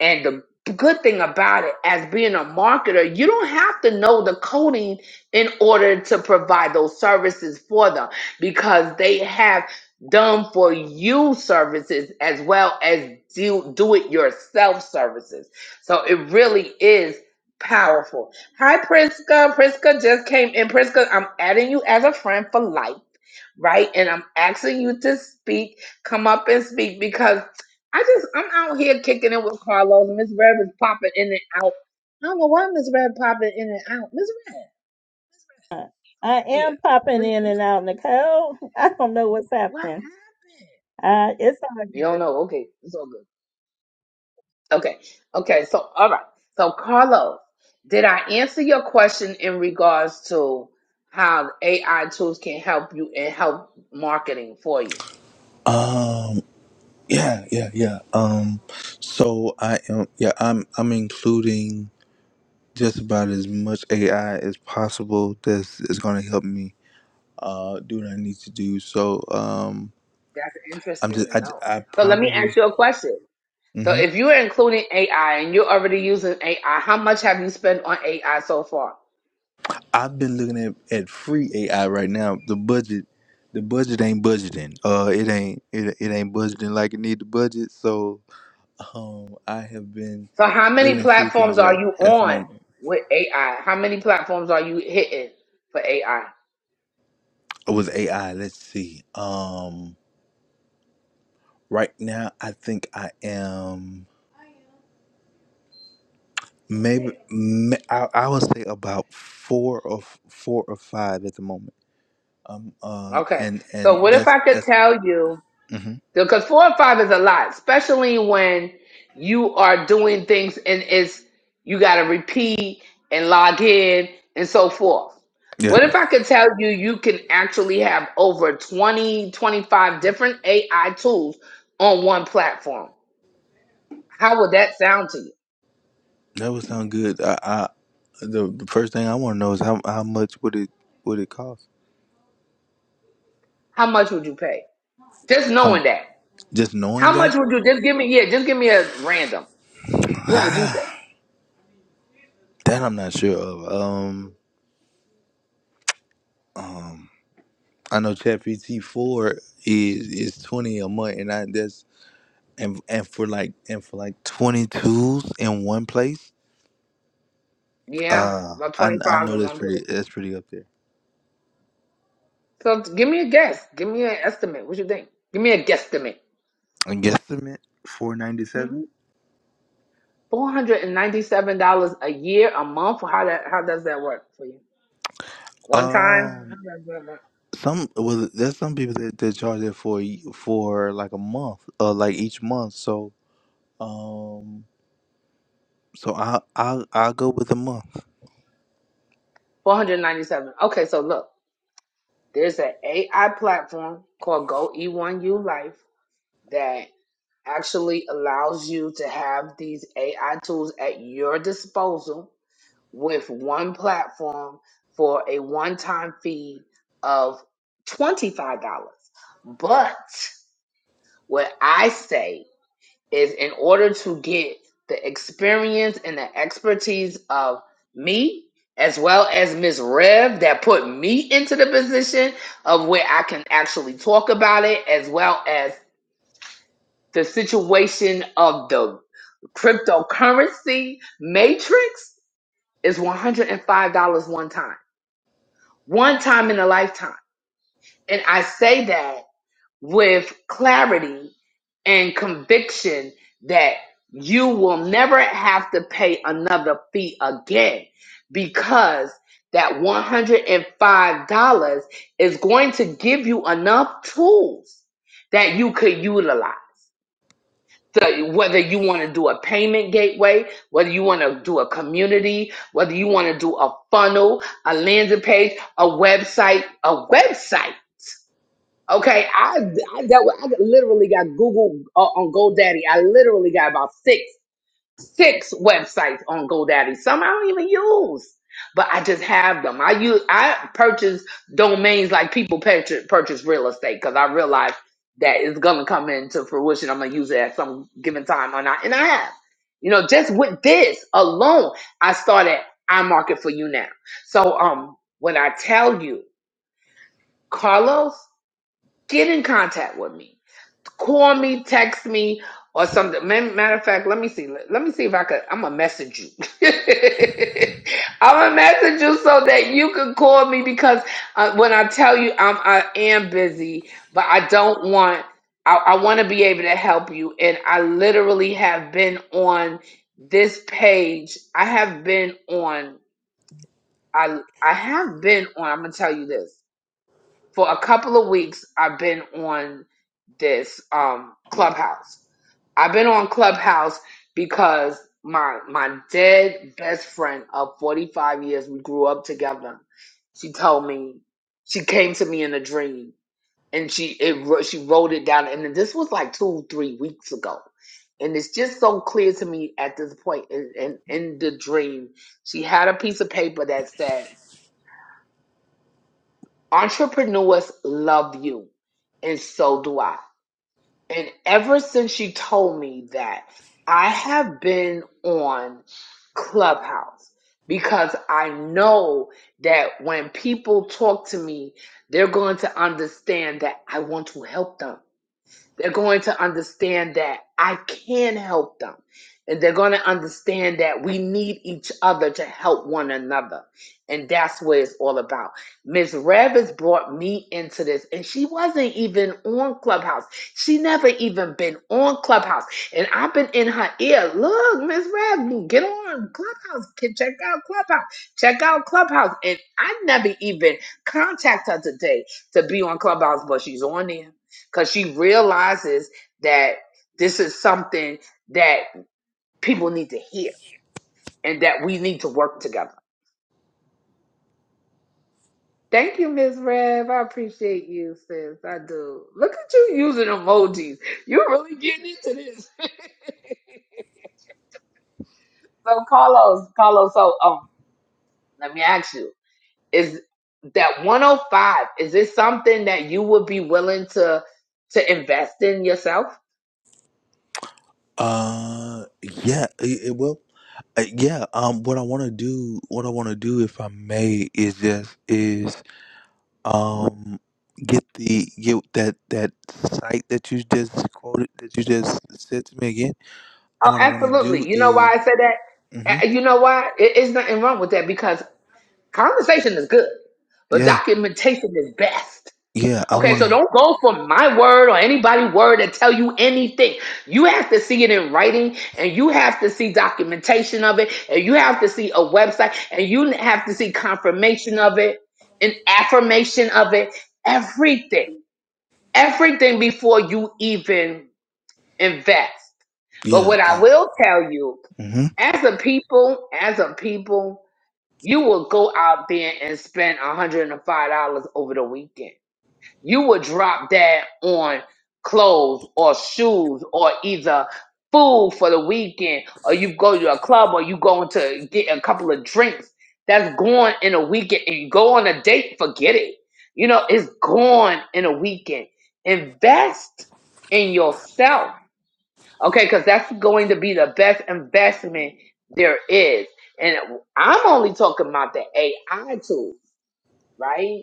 and the good thing about it, as being a marketer, you don't have to know the coding in order to provide those services for them because they have done for you services as well as do, do it yourself services. So it really is powerful. Hi, Priska. Priska just came in. Priska, I'm adding you as a friend for life, right? And I'm asking you to speak. Come up and speak because I just I'm out here kicking it with Carlos. Miss Rev is popping in and out. I don't know why Miss Rev popping in and out. Miss Rev, Miss Rev, Uh, come I on here. am popping Miss, in what, and out, Nicole. I don't know what's what, what happening. happened? Uh, it's all You don't know? Okay, it's all good. Okay, okay. So all right. So Carlos, did I answer your question in regards to how AI tools can help you and help marketing for you? Um. Yeah. Yeah. Yeah. Um. So I am. Yeah. I'm. I'm including just about as much AI as possible. That's is going to help me. Uh. Do what I need to do. So. Um. That's I'm interesting just. to I. know. I So let me probably. ask you a question. So mm-hmm. if you're including AI and you're already using AI, how much have you spent on AI so far? I've been looking at, at free AI right now. The budget, the budget ain't budgeting. Uh, it ain't it, it ain't budgeting like it need to budget. So, um, I have been So how many looking at free things platforms are right you at the on moment. with AI? How many platforms are you hitting for AI? It was AI. Let's see. Um, right now I think I am maybe ma- I, I would say about four or f- four or five at the moment. Um, uh, Okay. and and So what if that's I could that's tell you? mm-hmm. Because four and five is a lot, especially when you are doing things and it's you got to repeat and log in and so forth. yeah. What if I could tell you you can actually have over 20, 25 different AI tools on one platform? How would that sound to you? That would sound good. I, I the, the first thing I want to know is how how much would it would it cost? How much would you pay? Just How m- knowing that. just knowing How that much would you just give me? Yeah, just give me a random. What would you say? that I'm not sure of. Um, um I know ChatGPT four is is twenty a month, and I that's and and for like and for like twenty twos in one place. Yeah, Uh, about I I 25 know in that's one place. pretty that's pretty up there. So give me a guess. Give me an estimate. What you think? Give me a guesstimate. And guesstimate four ninety seven. Mm-hmm. Four hundred and ninety-seven dollars a year, a month. How that? How does that work for you? One time. Um. Some well, there's some people that that charge it for y- for like a month, uh, like each month. So, um, so I I I'll go with a month. Four hundred ninety-seven. Okay, so look, there's an AI platform called Go E1U Life that actually allows you to have these AI tools at your disposal with one platform for a one-time fee of twenty-five dollars. But What I say is, in order to get the experience and the expertise of me, as well as Miss Rev, that put me into the position of where I can actually talk about it, as well as the situation of the cryptocurrency matrix, is $105 one time, one time in a lifetime. And I say that with clarity and conviction that you will never have to pay another fee again because that $105 is going to give you enough tools that you could utilize. So whether you want to do a payment gateway, whether you want to do a community, whether you want to do a funnel, a landing page, a website, a website Okay, I I dealt with, I literally got Google uh, on GoDaddy. I literally got about six six websites on GoDaddy. Some I don't even use, but I just have them. I use I purchase domains like people purchase, purchase real estate because I realize that it's gonna come into fruition. I'm gonna use it at some given time, or not, and I have. You know, just with this alone, I started I market for you now. So um, when I tell you, Carlos, get in contact with me Call me, text me, or something. Man- Matter of fact, let me see. Let me see if I could. I'm gonna message you. I'm gonna message you so that you can call me because uh, when I tell you I'm, I am busy, but I don't want. I, I want to be able to help you, and I literally have been on this page. I have been on. I I have been on. I'm gonna tell you this for a couple of weeks I've been on this um Clubhouse. I've been on Clubhouse because my my dead best friend of 45 years we grew up together. She told me she came to me in a dream and she it wr- she wrote it down and this was like 2 3 weeks ago. And it's just so clear to me at this point And in, in, in the dream. She had a piece of paper that said entrepreneurs love you, and so do I. And ever since she told me that, I have been on Clubhouse because I know that when people talk to me, they're going to understand that I want to help them. They're going to understand that I can help them. And they're going to understand that we need each other to help one another. And that's what it's all about. Miss Rev has brought me into this, and she wasn't even on Clubhouse. She never even been on Clubhouse. And I've been in her ear. Look, Miss Rev, you get on Clubhouse. Kid, Check out Clubhouse. Check out Clubhouse. And I never even contact her today to be on Clubhouse, but she's on there because she realizes that this is something that people need to hear and that we need to work together. Thank you, Miss Rev. I appreciate you, sis. I do. Look at you using emojis. You're really getting into this. so, Carlos, Carlos, so um, let me ask you is that 105 is this something that you would be willing to to invest in yourself Uh, yeah, it, it will. Uh, yeah. Um, what I want to do, what I want to do, if I may, is just is um get the get that that site that you just quoted that you just said to me again. Oh, And what I want to do absolutely. You know is, why I said that? hmm Uh, You know why? It, it's nothing wrong with that because conversation is good, but yeah, documentation is best. yeah. I Okay, want so don't to, go for my word or anybody's word that tell you anything. You have to see it in writing, and you have to see documentation of it, and you have to see a website, and you have to see confirmation of it, an affirmation of it, everything, everything before you even invest. But yeah. what I, I will tell you mm-hmm, as a people, as a people, you will go out there and spend $105 over the weekend. You will drop that on clothes or shoes or either food for the weekend or you go to a club or you going to get a couple of drinks. That's gone in a weekend and you go on a date, forget it. You know, it's gone in a weekend. Invest in yourself Okay, because that's going to be the best investment there is. And I'm only talking about the AI tools right?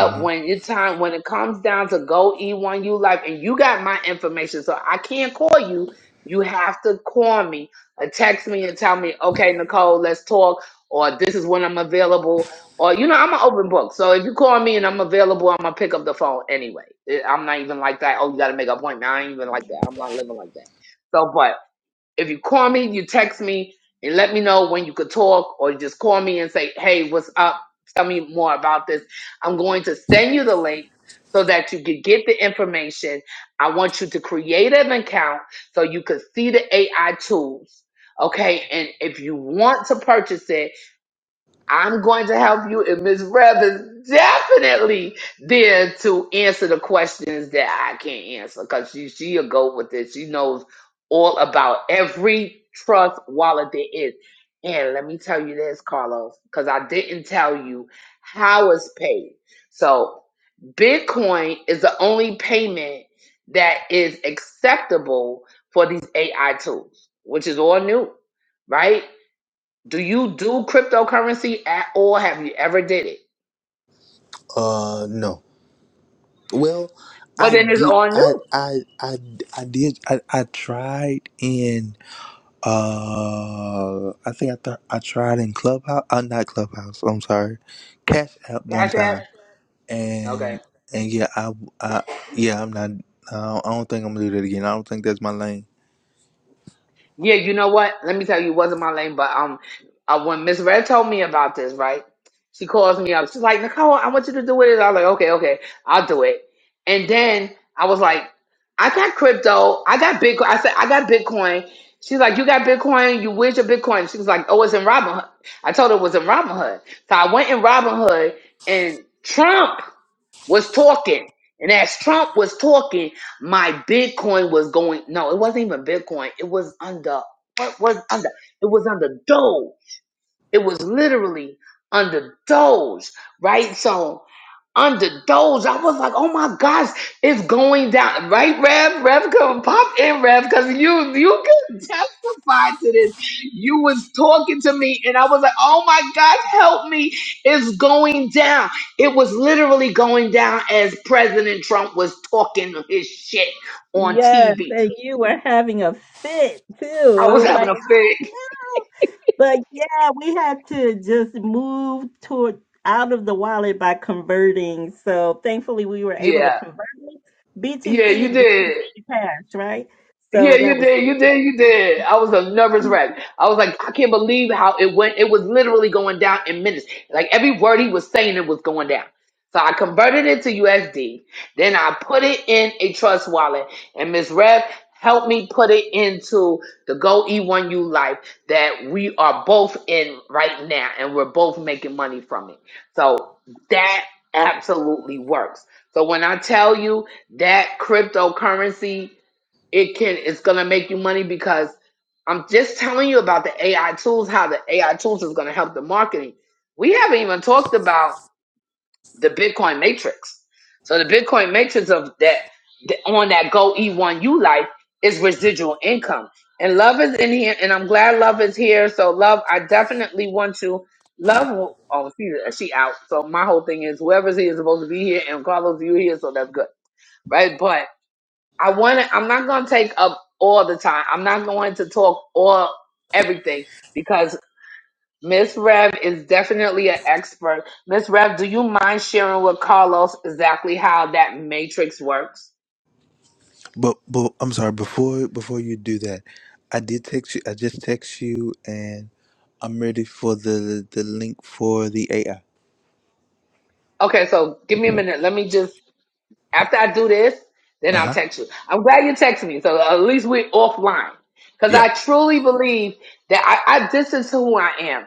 mm-hmm. when your time, when it comes down to go E1U Life, and you got my information, so I can't call you. You have to call me or text me and tell me, okay, Nicole, let's talk, or this is when I'm available, or you know, I'm an open book. So if you call me and I'm available, I'm gonna pick up the phone anyway. Eh, I'm not even like that. Oh, you got to make an appointment. I ain't even like that. I'm not living like that. So, but if you call me, you text me and let me know when you could talk, or just call me and say, hey, what's up? Tell me more about this. I'm going to send you the link so that you could get the information. I want you to create an account so you could see the AI tools. Okay, and if you want to purchase it, I'm going to help you, and Miss Rev is definitely there to answer the questions that I can't answer because she she'll go with it. She knows all about every trust wallet there is. And let me tell you this, Carlos, because I didn't tell you how it's paid. So Bitcoin is the only payment that is acceptable for these AI tools, which is all new, right? Do you do cryptocurrency at all? Have you ever did it? Uh, no. Well, Well, I then it's did. on I new. I I I did. I, I tried in. Uh, I think I thought I tried in Clubhouse. Uh, not Clubhouse. I'm sorry, Cash App one Cash App. time, Okay. and and yeah, I I yeah, I'm not. I don't I don't think I'm gonna do that again. I don't think that's my lane. Yeah, you know what? Let me tell you, it wasn't my lane, but um, uh, when Miss Red told me about this, right? She calls me up. She's like, Nicole, I want you to do it. I was like, okay, okay, I'll do it. And then I was like, I got crypto. I got Bitcoin. I said, I got Bitcoin. She's like, you got Bitcoin. You where's your Bitcoin? She was like, oh, it's in Robinhood. I told her it was in Robinhood. So I went in Robinhood and Trump was talking. And as Trump was talking, my Bitcoin was going. No, it wasn't even Bitcoin. It was under. What was under? It was under Doge. It was literally under those, right? So under those, I was like, oh my gosh, it's going down, right, Rev? Rev, come pop in, Rev, because you you can testify to this. You was talking to me, and I was like, oh my gosh, help me, it's going down. It was literally going down as President Trump was talking his shit on Yes, TV. and you were having a fit too. I It was was having like, a oh fit. no. But yeah, we had to just move toward out of the wallet by converting. So thankfully we were able to Yeah, convert BTC yeah, you and did. BTC cash, right? Yeah, So that you was did, cool. you did, you Yeah. did. I was a nervous wreck. I was like, I can't believe how it went. It was literally going down in minutes. Like every word he was saying, it was going down. So I converted it to USD. Then I put it in a trust wallet, and Miss Rev helped me put it into the Go E1U Life that we are both in right now, and we're both making money from it. So that absolutely works. So when I tell you that cryptocurrency it can it's gonna make you money because I'm just telling you about the AI tools, how the AI tools is gonna help the marketing. We haven't even talked about the Bitcoin matrix. So the Bitcoin matrix of that the, on that Go E1U life is residual income. And love is in here, and I'm glad love is here. So love, I definitely want to love. Oh, she she out. So my whole thing is whoever's here is supposed to be here, and Carlos, you here, so that's good, right? But I want to, I'm not going to take up all the time. I'm not going to talk all everything because Miss Rev is definitely an expert. Miss Rev, do you mind sharing with Carlos exactly how that matrix works? But but I'm sorry. Before before you do that, I did text you. I just text you, and I'm ready for the the link for the AI. Okay, so give me a minute. Let me just, after I do this, then Uh I'll huh. text you. I'm glad you texted me. So at least we're offline because Yeah. I truly believe that I, I, this is who I am.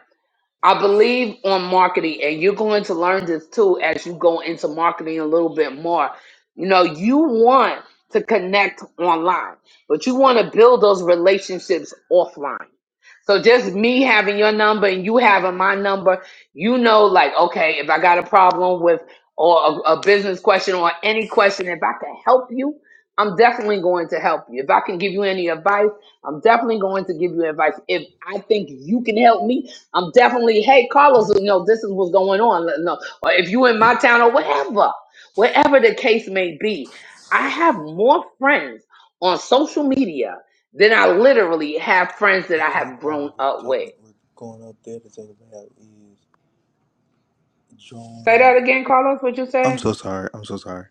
I believe on marketing, and you're going to learn this too as you go into marketing a little bit more. You know, you want to connect online, but you want to build those relationships offline. So just me having your number and you having my number, you know, like, okay, if I got a problem with or a, a business question or any question, if I can help you, I'm definitely going to help you. If I can give you any advice, I'm definitely going to give you advice. If I think you can help me, I'm definitely, hey, Carlos, you know, this is what's going on. Let- No, or if you in my town or whatever, whatever the case may be, I have more friends on social media than I literally have friends that The I only have problem grown with up with. taking with going up there to take a bath is Say join. that again, Carlos, what you I'm said? so sorry. I'm so sorry.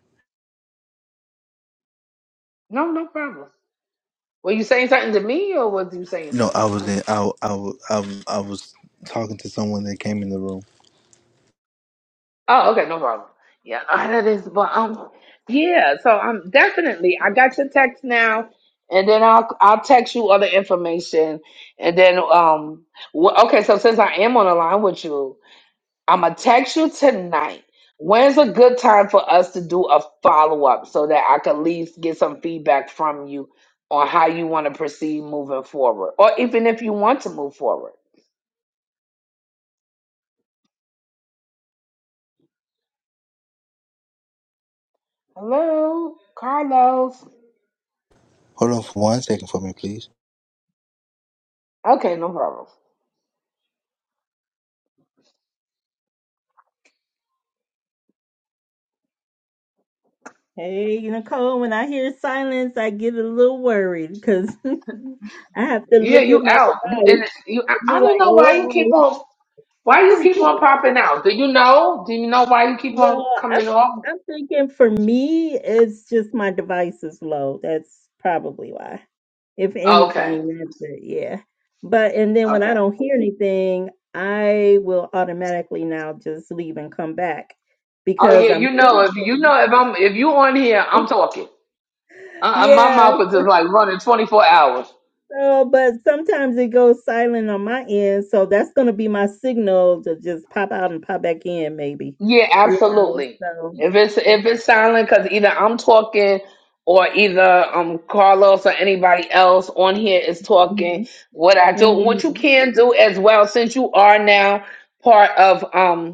No, no problem. Were you saying something to me or was you saying No, I was something? in. I w- I w- I w- I was talking to someone that came in the room. Oh, okay, no problem. Yeah, no, that is, but um, yeah. So um, definitely. I got your text now, and then I'll I'll text you other information, and then um, wh- okay. So since I am on the line with you, I'm gonna text you tonight. When's a good time for us to do a follow up so that I could at least get some feedback from you on how you want to proceed moving forward, or even if you want to move forward. Hello, Carlos. Hold on for one second for me, please. Okay, no problem. Hey, Nicole, when I hear silence, I get a little worried because I have to Yeah, look at you my out. You in device it. You. I and be I don't like, know why you keep oh. on. Why you keep on popping out? Do you know? Do you know why you keep No, on I'm coming off? I'm thinking for me, it's just my device is low. That's probably why. If Okay. anything, that's it. Yeah. But and then when I Okay. don't hear anything, I will automatically now just leave and come back Oh because yeah, I'm you know if you thinking. know if I'm if you on here, I'm talking. Uh, uh, my Yeah. mouth is just like running 24 hours. So, but sometimes it goes silent on my end, so that's gonna be my signal to just pop out and pop back in, maybe. Yeah, You know. absolutely. So. If it's uh, if it's silent, because either I'm talking or either um Carlos or anybody else on here is talking. Mm-hmm. What I do, what you Mm-hmm. can do as well, since you are now part of um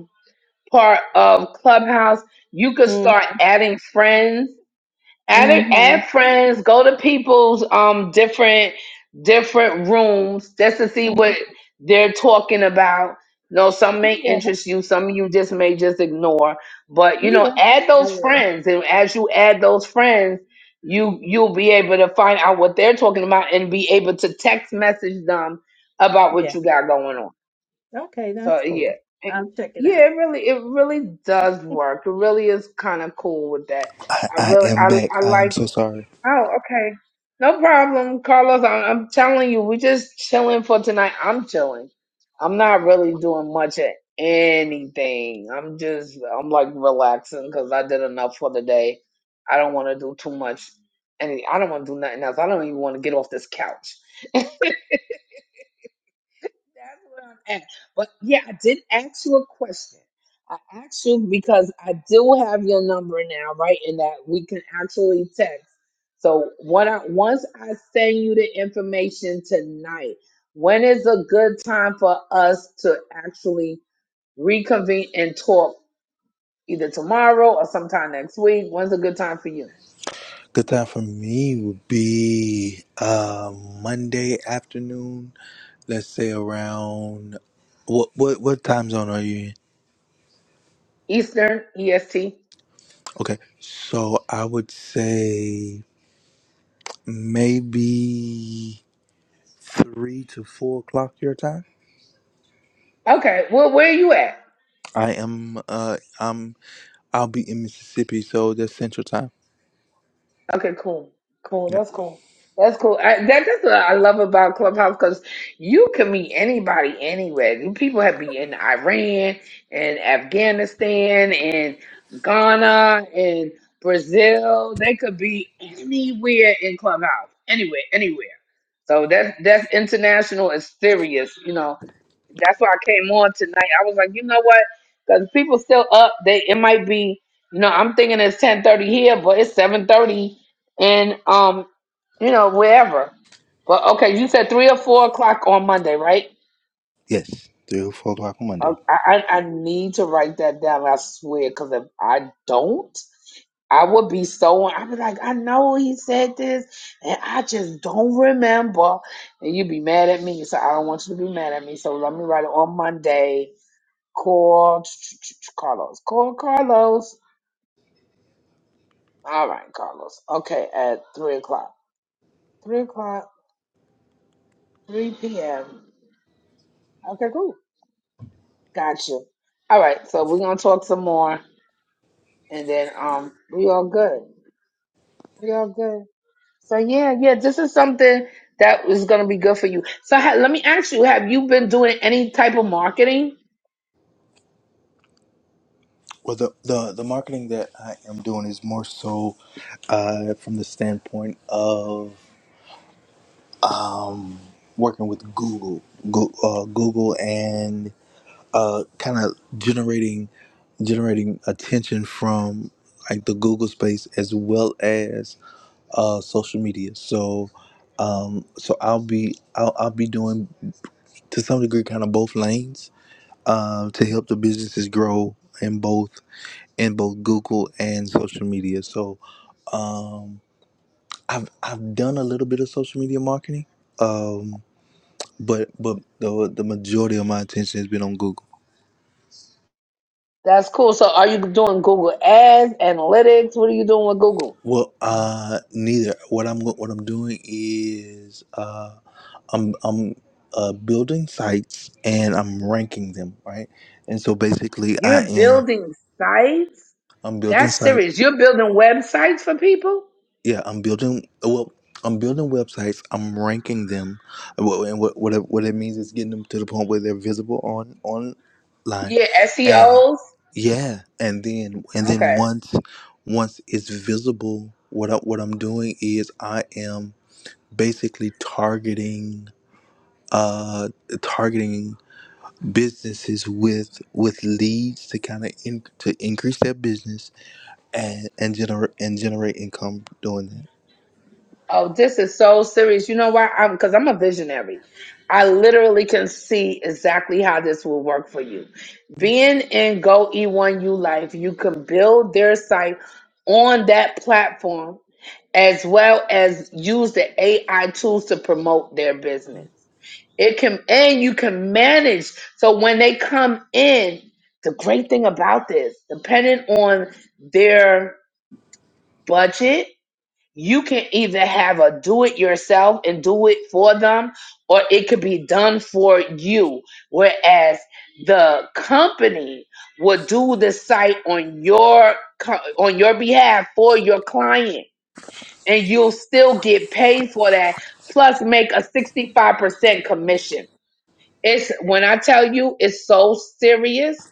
part of Clubhouse. You could Mm-hmm. start adding friends. Add it, mm-hmm. add friends. Go to people's um different different rooms just to see what Mhm. they're talking about. You know, some may Yeah, interest you, some you just may just ignore. But you know, yeah, add I those will. friends, and as you add those friends, you you'll be able to find out what they're talking about and be able to text message them about Yeah. what you got going on. Okay, So that's yeah, cool. it, I'll check it out. yeah, it really, it really does work. It really is kind of cool with that. I, I I really, am I, back. I I am like. so sorry. Oh, okay, no problem, Carlos. I'm, I'm telling you, we just chilling for tonight. I'm chilling. I'm not really doing much of anything. I'm just, I'm like relaxing because I did enough for the day. I don't want to do too much. Any, I don't want to do nothing else. I don't even want to get off this couch. That's what I'm at. But yeah, I did ask you a question. I asked you because I do have your number now, right? And that we can actually text. So what I once I send you the information tonight, when is a good time for us to actually reconvene and talk either tomorrow or sometime next week? When's a good time for you? Good time for me would be uh Monday afternoon. Let's say around what what what time zone are you in? Eastern EST? Okay, so I would say maybe. three to four o'clock your time. Okay. Well, where are you at? I am uh um I'll be in Mississippi, so that's Central Time. Okay, cool. Cool. Yep. That's cool. That's cool. I, that, that's what I love about Clubhouse because you can meet anybody anywhere. You- People have been in Iran and Afghanistan and Ghana and Brazil. They could be anywhere in Clubhouse. Anywhere, anywhere. So that's that's international and serious, you know that's why I came on tonight. I was like, you know what? Because people still up. They it might be, you know, I'm thinking it's ten thirty here, but it's seven thirty, and um, you know, wherever. But okay, you said three or four o'clock on Monday, right? Yes, Three to four o'clock on Uh, Monday. I I, I need to write that down. I swear, because if I don't, I would be so. I'd be like, I know he said this, and I just don't remember. And you'd be mad at me, so I don't want you to be mad at me. So let me write it on Monday Call Carlos. Call Carlos. All right, Carlos. Okay, at three o'clock. Three o'clock. Three p.m. Okay, cool. Gotcha. All right, so we're gonna talk some more, and then um, we all good. We all good. So yeah, yeah, this is something that is gonna be good for you. So ha- let me ask you: Have you been doing any type of marketing? Well, the, the the marketing that I am doing is more so uh, from the standpoint of um, working with Google, Go, uh, Google, and uh, kind of generating generating attention from like the Google space as well as uh, social media. So, um, so I'll be I'll, I'll be doing to some degree kind of both lanes um, to help the businesses grow in both in both Google and social media. So, um, I've I've done a little bit of social media marketing, um, but but the the majority of my attention has been on Google. That's cool. So are you doing Google Ads, analytics? What are you doing with Google? Well, uh, neither. What I'm go- what I'm doing is uh, I'm I'm uh, building sites and I'm ranking them, right? And so basically, I You're am building sites? I'm building That's sites. serious. You're building websites for people? Yeah, I'm building. Well, I'm building websites. I'm ranking them. Well, and what what it, what it means is getting them to the point where they're visible on online, Yeah, and SEOs. yeah, and then and then Okay. once once it's visible, what I, what I'm doing is I am basically targeting uh targeting businesses with with leads to kind of in, to increase their business and and generate and generate income doing that Oh, this is so serious. You know why? I'm because I'm a visionary. I literally can see exactly how this will work for you. Being in Go E1U Life, you can build their site on that platform as well as use the AI tools to promote their business. It can, and you can manage. So when they come in, the great thing about this, depending on their budget, you can either have a do it yourself and do it for them, or it could be done for you. Whereas the company will do the site on your co- on your behalf for your client, and you'll still get paid for that, plus make a sixty five percent commission. It's when I tell you it's so serious,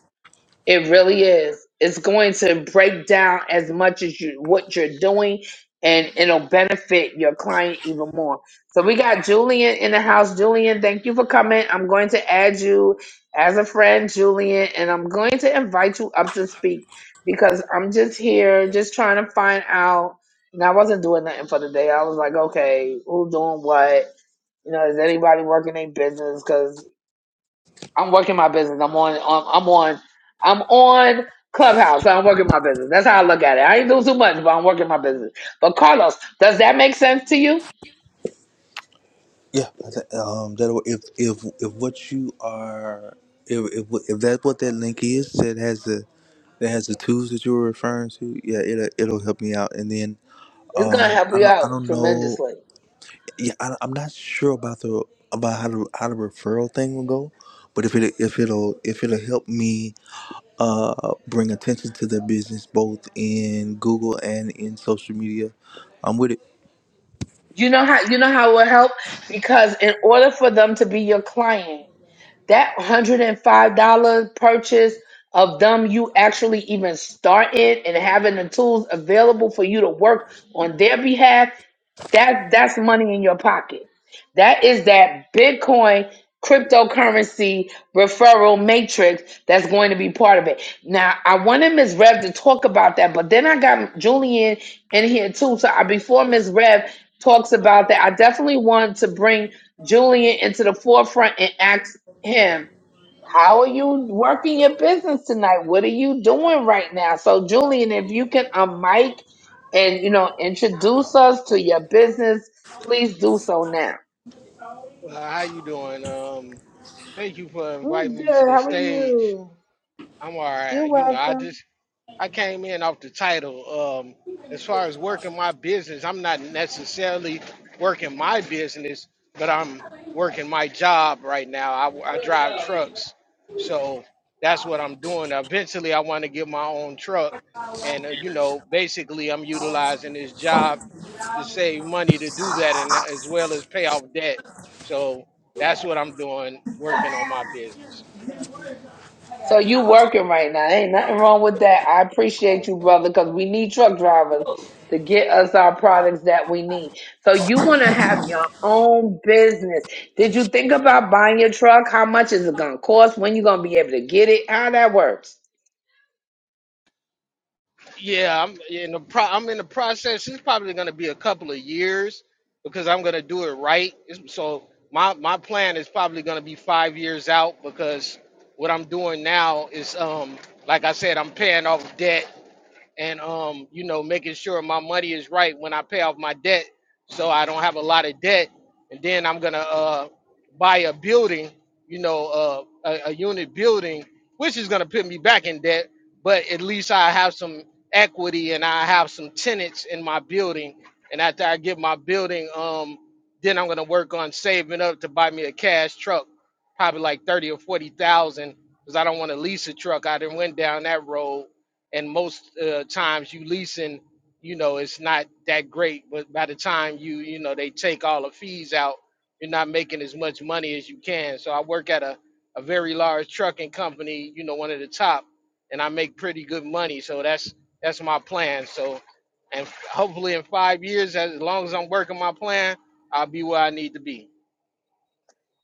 it really is. It's going to break down as much as you what you're doing and it'll benefit your client even more. So we got Julian in the house. Julian, thank you for coming. I'm going to add you as a friend, Julian, and I'm going to invite you up to speak because I'm just here just trying to find out and I wasn't doing nothing for the day. I was like, okay, who's doing what? You know, is anybody working their business? 'Cause I'm working my business. I'm on. on- I'm on. I'm on Clubhouse. I'm working my business. That's how I look at it. I ain't doing too much, but I'm working my business. But Carlos, does that make sense to you? yeah I thi- um that if if if what you are if if, if that's what that link is that has the that has the tools that you were referring to yeah it'll, it'll help me out and then It's gonna um help i you don't out i don't know tremendously. yeah, I, I'm not sure about the about how the how the referral thing will go, but if it if it'll if it'll help me uh bring attention to the business both in Google and in social media, I'm with it. You know how you know how it will help because in order for them to be your client, that hundred and five dollar purchase of them you actually even started and having the tools available for you to work on their behalf That that's money in your pocket. That is that Bitcoin cryptocurrency referral matrix that's going to be part of it. Now I wanted Miss Rev to talk about that, but then I got Julian in here too. So I, before Miss Rev talks about that, I definitely want to bring Julian into the forefront and ask him how are you working your business tonight? What are you doing right now? So, Julian, if you can unmic and you know introduce us to your business, please do so now. Well, how you doing? Um, thank you for Mm, inviting good. me to the How are stage. you? I'm all right. You're You know, I welcome. just I came in off the title. Um, as far as working my business, I'm not necessarily working my business, but I'm working my job right now. I, I drive trucks, so that's what I'm doing. Eventually, I want to get my own truck, and uh, you know, basically, I'm utilizing this job to save money to do that, and as well as pay off debt. So that's what I'm doing, working on my business. So you working right now. Ain't nothing wrong with that. I appreciate you, brother, because we need truck drivers to get us our products that we need. So you want to have your own business. Did you think about buying your truck? How much is it going to cost? When you going to be able to get it? How that works? Yeah, I'm in the pro. I'm in the process. It's probably going to be a couple of years because I'm going to do it right. It's- So my my plan is probably going to be five years out because what I'm doing now is, um, like I said, I'm paying off debt and um, you know, making sure my money is right when I pay off my debt, so I don't have a lot of debt. And then I'm gonna uh, buy a building, you know, uh, a, a unit building, which is gonna put me back in debt, but at least I have some equity and I have some tenants in my building. And after I get my building, um, then I'm gonna work on saving up to buy me a cash truck, probably like thirty or forty thousand, because I don't want to lease a truck. I done went down that road and most uh, times you leasing, you know, it's not that great. But by the time you, you know, they take all the fees out, you're not making as much money as you can. So I work at a, a very large trucking company, you know, one of the top, and I make pretty good money. So that's that's my plan. So, and hopefully in five years, as long as I'm working my plan, I'll be where I need to be.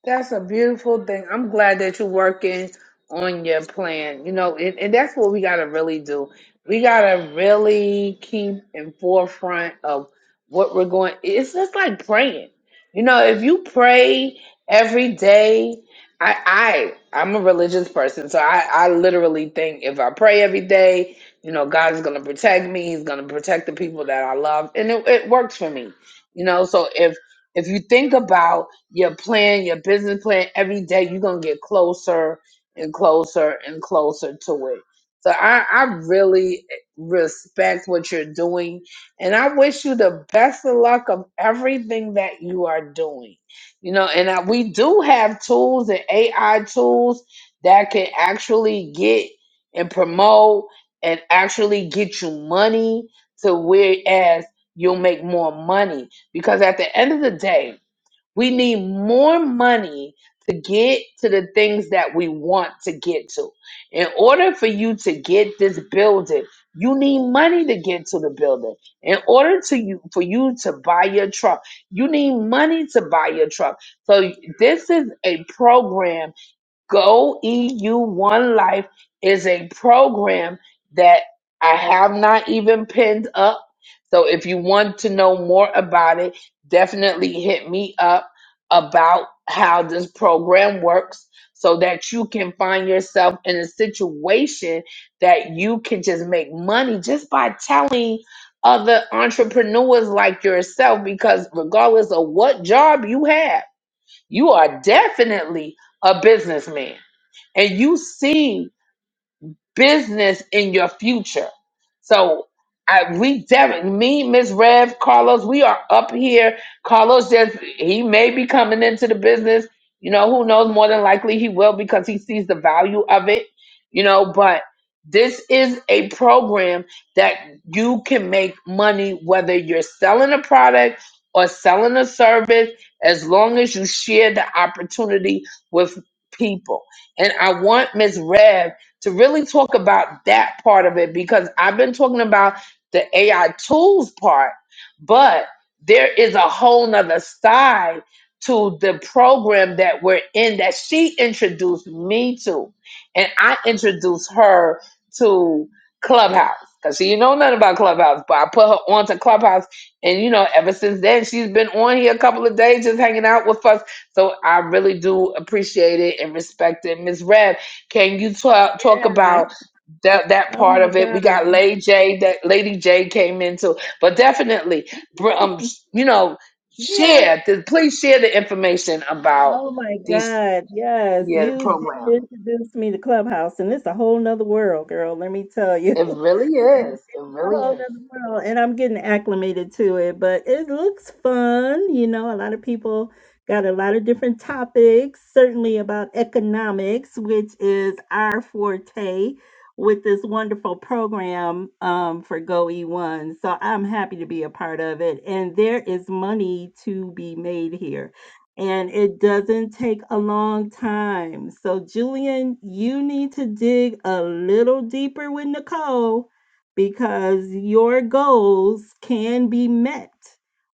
That's a beautiful thing. I'm glad that you're working on your plan. You know, and, and that's what we got to really do. We got to really keep in forefront of what we're going. It's just like praying. You know, if you pray every day, I, I I'm a religious person, so I, I literally think if I pray every day, you know, God is going to protect me. He's going to protect the people that I love, and it, it works for me. You know, so if if you think about your plan, your business plan, every day you're gonna get closer and closer and closer to it. So I, I really respect what you're doing and I wish you the best of luck of everything that you are doing. You know, and I, we do have tools and AI tools that can actually get and promote and actually get you money to whereas you'll make more money because at the end of the day we need more money to get to the things that we want to get to. In order for you to get this building, you need money to get to the building. In order to you for you to buy your truck, you need money to buy your truck. So this is a program Go EU One Life is a program that I have not even pinned up. So if you want to know more about it, definitely hit me up about how this program works so that you can find yourself in a situation that you can just make money just by telling other entrepreneurs like yourself because regardless of what job you have, you are definitely a businessman and you sing business in your future. So I we Derek, me, Miss Rev, Carlos, we are up here. Carlos just he may be coming into the business. You know, who knows? More than likely he will because he sees the value of it, you know, but this is a program that you can make money whether you're selling a product or selling a service as long as you share the opportunity with people. And I want Miss Rev to really talk about that part of it because I've been talking about the AI tools part, but there is a whole nother side to the program that we're in that she introduced me to. And I introduced her to Clubhouse. Cause she didn't know nothing about Clubhouse, but I put her onto Clubhouse, and you know, ever since then she's been on here a couple of days just hanging out with us. So I really do appreciate it and respect it, Miss Rev. Can you talk talk Yeah. about that that Oh part my of it? We God. got Lady J that Lady J came into, but definitely, br- um, you know, Yeah. share. The, please share the information about Oh my these God. Yes, yeah the you did program. introduce me to Clubhouse, and it's a whole nother world, girl. Let me tell you. It really is. It a really whole other is. world. And I'm getting acclimated to it, but it looks fun. You know, a lot of people got a lot of different topics, certainly about economics, which is our forte with this wonderful program um, for GoE1. So I'm happy to be a part of it. And there is money to be made here. And it doesn't take a long time. So, Julian, you need to dig a little deeper with Nicole because your goals can be met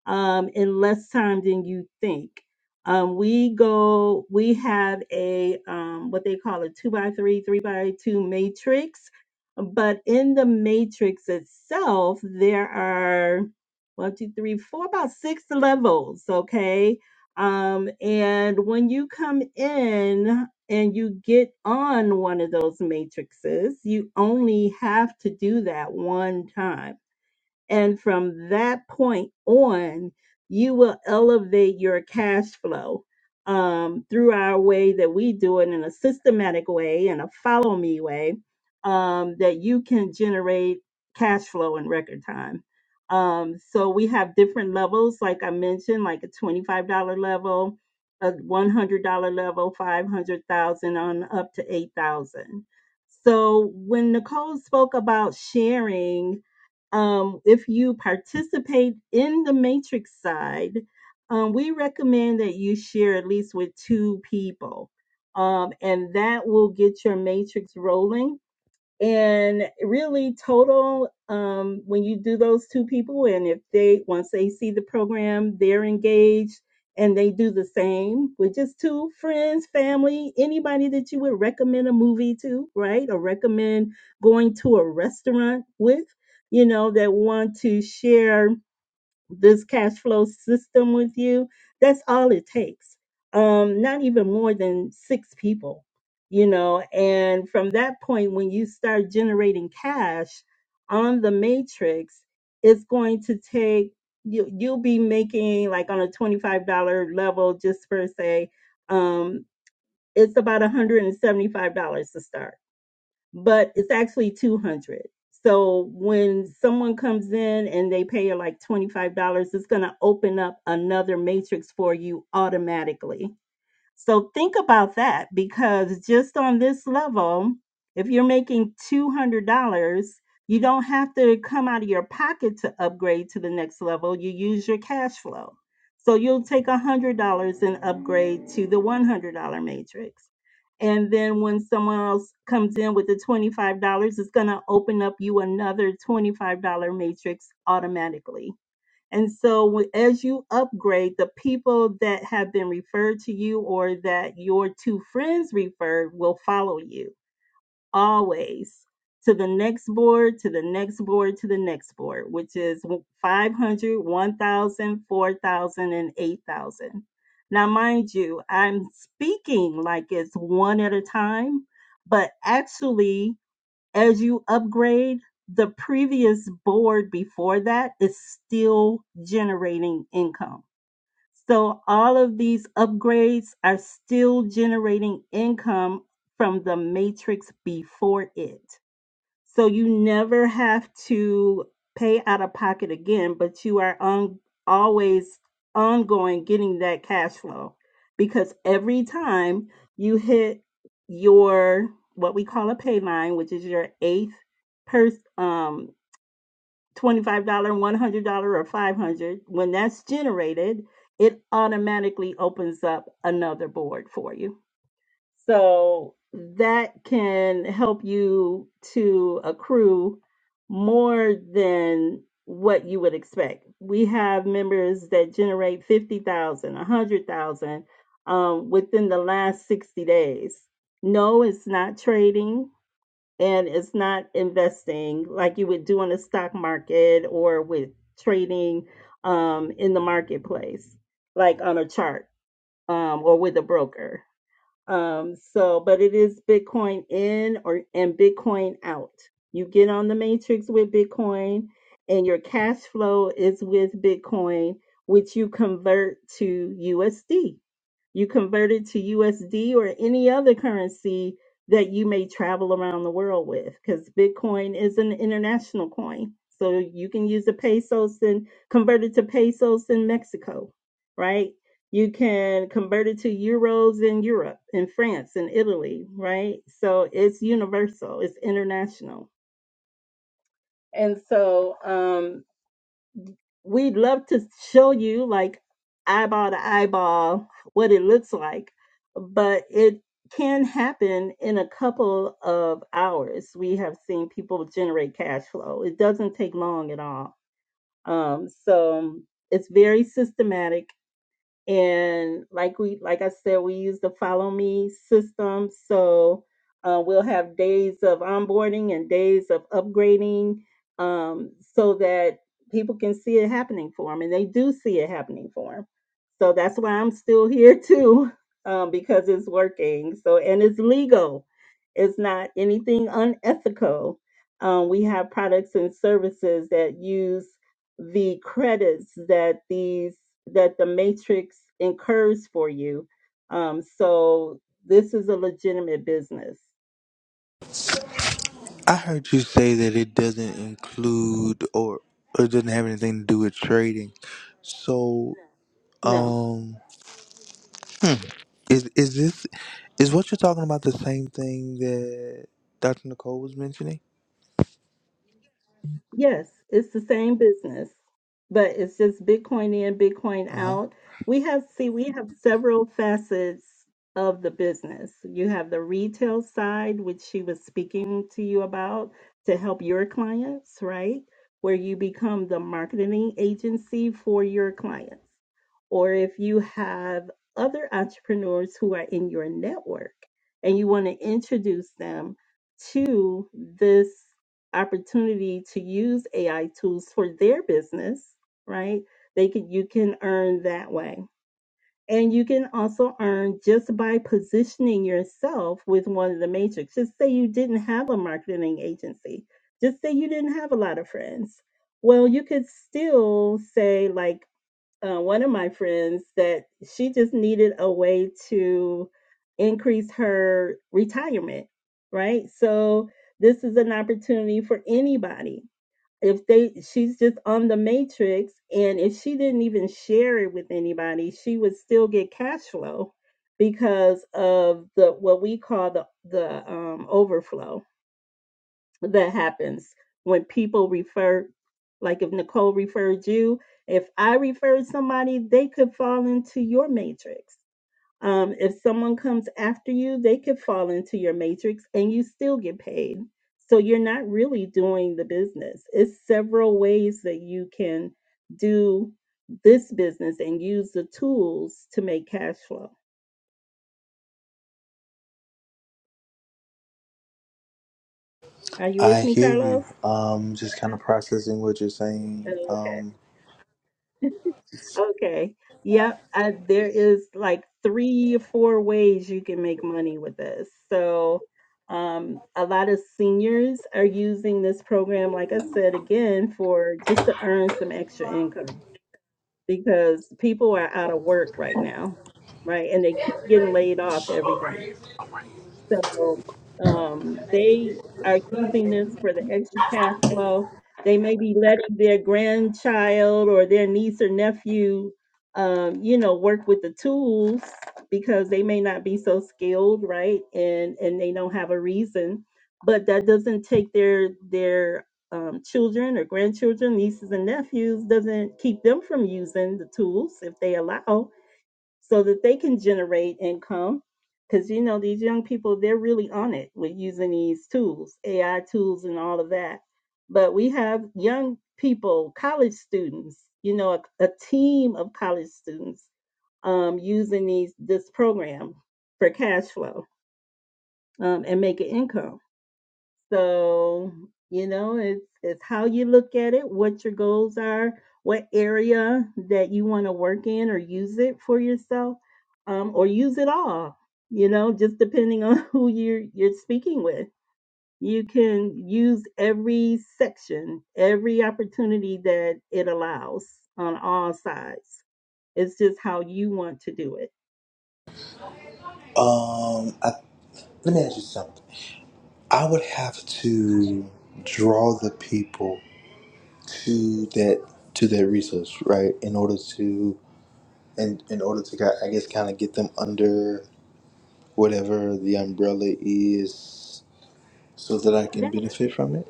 um, in less time than you think. Um, we go, we have a um, what they call a two by three, three by two matrix, but in the matrix itself, there are one, two, three, four, about six levels. Okay. Um, and when you come in, and you get on one of those matrices, you only have to do that one time. And from that point on, you will elevate your cash flow um, through our way that we do it in a systematic way and a follow me way um, that you can generate cash flow in record time. Um, so we have different levels, like I mentioned, like a $25 level, a $100 level, 500,000 on up to 8,000. So when Nicole spoke about sharing, um, if you participate in the matrix side, um, we recommend that you share at least with two people. Um, and that will get your matrix rolling and really total um, when you do those two people and if they once they see the program they're engaged and they do the same with just two friends family anybody that you would recommend a movie to right or recommend going to a restaurant with you know that want to share this cash flow system with you, that's all it takes. Um, not even more than six people, you know. And from that point, when you start generating cash on the matrix, it's going to take you. You'll be making like on a twenty-five dollar level, just per se. Um, it's about one hundred and seventy-five dollars to start but it's actually 200 so when someone comes in and they pay you like $25 it's going to open up another matrix for you automatically so think about that because just on this level, if you're making $200, you don't have to come out of your pocket to upgrade to the next level. You use your cash flow. So you'll take $100 and upgrade to the $100 matrix. And then when someone else comes in with the $25, it's going to open up you another $25 matrix automatically and so, wh- as you upgrade, the people that have been referred to you or that your two friends referred will follow you always to the next board, to the next board, to the next board, which is w- 500, Now, mind you, I'm speaking like it's one at a time, but actually, as you upgrade, the previous board before that is still generating income. So all of these upgrades are still generating income from the matrix before it. So you never have to pay out of pocket again, but you are on always ongoing getting that cash flow because every time you hit your what we call a pay line, which is your eighth per um $25, $100 or 500, when that's generated, it automatically opens up another board for you. So that can help you to accrue more than what you would expect. We have members that generate 50,000, a 100,000 um, within the last 60 days. No, it's not trading and it's not investing like you would do in the stock market or with trading um, in the marketplace, like on a chart um, or with a broker um, so, but it is Bitcoin in or and Bitcoin out. You get on the matrix with Bitcoin, and your cash flow is with Bitcoin, which you convert to USD. You convert it to USD or any other currency that you may travel around the world with, because Bitcoin is an international coin. So you can use the pesos and convert it to pesos in Mexico, right? You can convert it to euros in Europe, in France, in Italy, right? So it's universal, it's international. And so, um, we'd love to show you like eyeball to eyeball what it looks like but it can happen in a couple of hours we have seen people generate cash flow it doesn't take long at all um, so it's very systematic and like we like i said we use the follow me system so uh, we'll have days of onboarding and days of upgrading um, so that people can see it happening for them and they do see it happening for them so that's why i'm still here too um, because it's working so and it's legal it's not anything unethical um, we have products and services that use the credits that these that the matrix incurs for you um so this is a legitimate business I heard you say that it doesn't include or or it doesn't have anything to do with trading. So, no um, is is this is what you're talking about the same thing that Dr. Nicole was mentioning? Yes, it's the same business, but it's just Bitcoin in, Bitcoin Uh huh. out. We have, see, we have several facets of the business. You have the retail side, which she was speaking to you about to help your clients, right? Where you become the marketing agency for your clients. Or if you have other entrepreneurs who are in your network and you want to introduce them to this opportunity to use AI tools for their business, right? They could you can earn that way. And you can also earn just by positioning yourself with one of the matrix. Just say you didn't have a marketing agency. Just say you didn't have a lot of friends. Well, you could still say like uh, one of my friends that she just needed a way to increase her retirement, right? So this is an opportunity for anybody. If they, she's just on the matrix, and if she didn't even share it with anybody, she would still get cash flow because of the what we call the the um, overflow that happens when people refer like if nicole referred you if i referred somebody they could fall into your matrix um, if someone comes after you they could fall into your matrix and you still get paid so you're not really doing the business it's several ways that you can do this business and use the tools to make cash flow are you with I me hear you. carlos Um, just kind of processing what you're saying. Okay. Um, Okay. Yep. Uh, there is like three or four ways you can make money with this. So, um, a lot of seniors are using this program, like I said again, for just to earn some extra income because people are out of work right now, right? And they keep getting laid off every day. So um, they are using this for the extra cash flow. They may be letting their grandchild or their niece or nephew, um, you know, work with the tools because they may not be so skilled, right? And and they don't have a reason, but that doesn't take their their um, children or grandchildren, nieces and nephews, doesn't keep them from using the tools if they allow so that they can generate income because you know these young people they're really on it with using these tools ai tools and all of that but we have young people college students you know a, a team of college students um, using these this program for cash flow um, and making income so, you know, it's it's how you look at it, what your goals are, what area that you want to work in or use it for yourself, um, or use it all, you know, just depending on who you're you're speaking with. You can use every section, every opportunity that it allows on all sides. It's just how you want to do it. um, I, let me ask you something. I would have to draw the people to that to that resource, right? In order to and in order to, ki- I guess, kind of get them under whatever the umbrella is, so that I can benefit from it.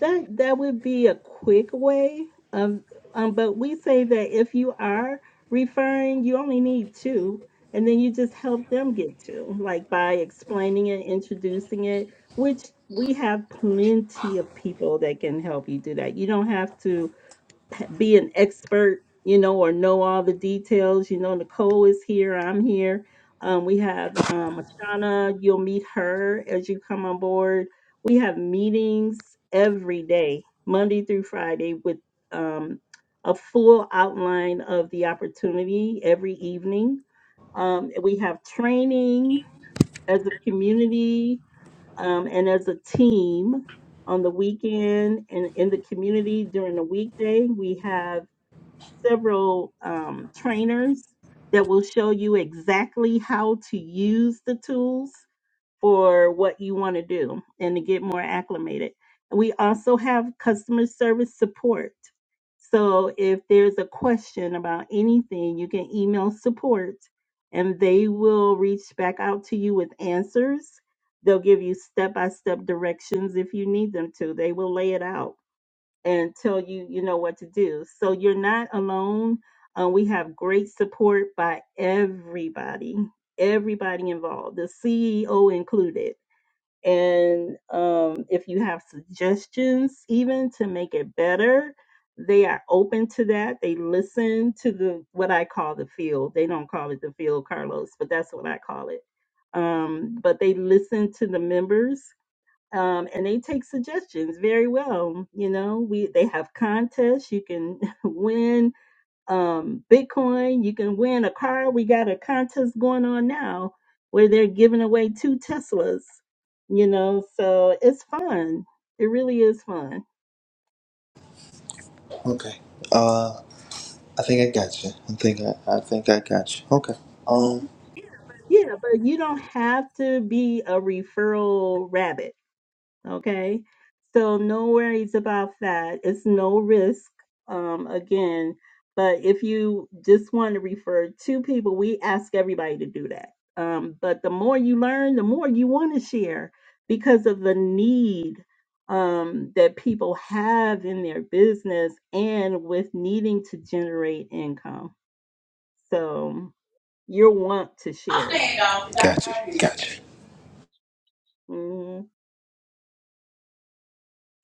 That that would be a quick way. Um, um, but we say that if you are referring, you only need two, and then you just help them get two, like by explaining it, introducing it, which we have plenty of people that can help you do that. You don't have to be an expert, you know, or know all the details. You know, Nicole is here. I'm here. Um, we have um, Ashana. You'll meet her as you come on board. We have meetings every day, Monday through Friday, with um, a full outline of the opportunity every evening. Um, we have training as a community um, and as a team on the weekend and in the community during the weekday. We have several um, trainers that will show you exactly how to use the tools for what you want to do and to get more acclimated. We also have customer service support. So if there's a question about anything, you can email support and they will reach back out to you with answers. They'll give you step by step directions if you need them to. They will lay it out until you you know what to do so you're not alone uh, we have great support by everybody everybody involved the ceo included and um, if you have suggestions even to make it better they are open to that they listen to the what i call the field they don't call it the field carlos but that's what i call it um, but they listen to the members um, and they take suggestions very well. You know, we they have contests. You can win um, Bitcoin. You can win a car. We got a contest going on now where they're giving away two Teslas. You know, so it's fun. It really is fun. Okay. Uh, I think I got you. I think I, I think I got you. Okay. Um. Yeah, but you don't have to be a referral rabbit Okay. So no worries about that. It's no risk. Um, again, but if you just want to refer to people, we ask everybody to do that. Um, but the more you learn, the more you want to share because of the need um, that people have in their business and with needing to generate income. So you will want to share it. Gotcha. Gotcha. Mm-hmm.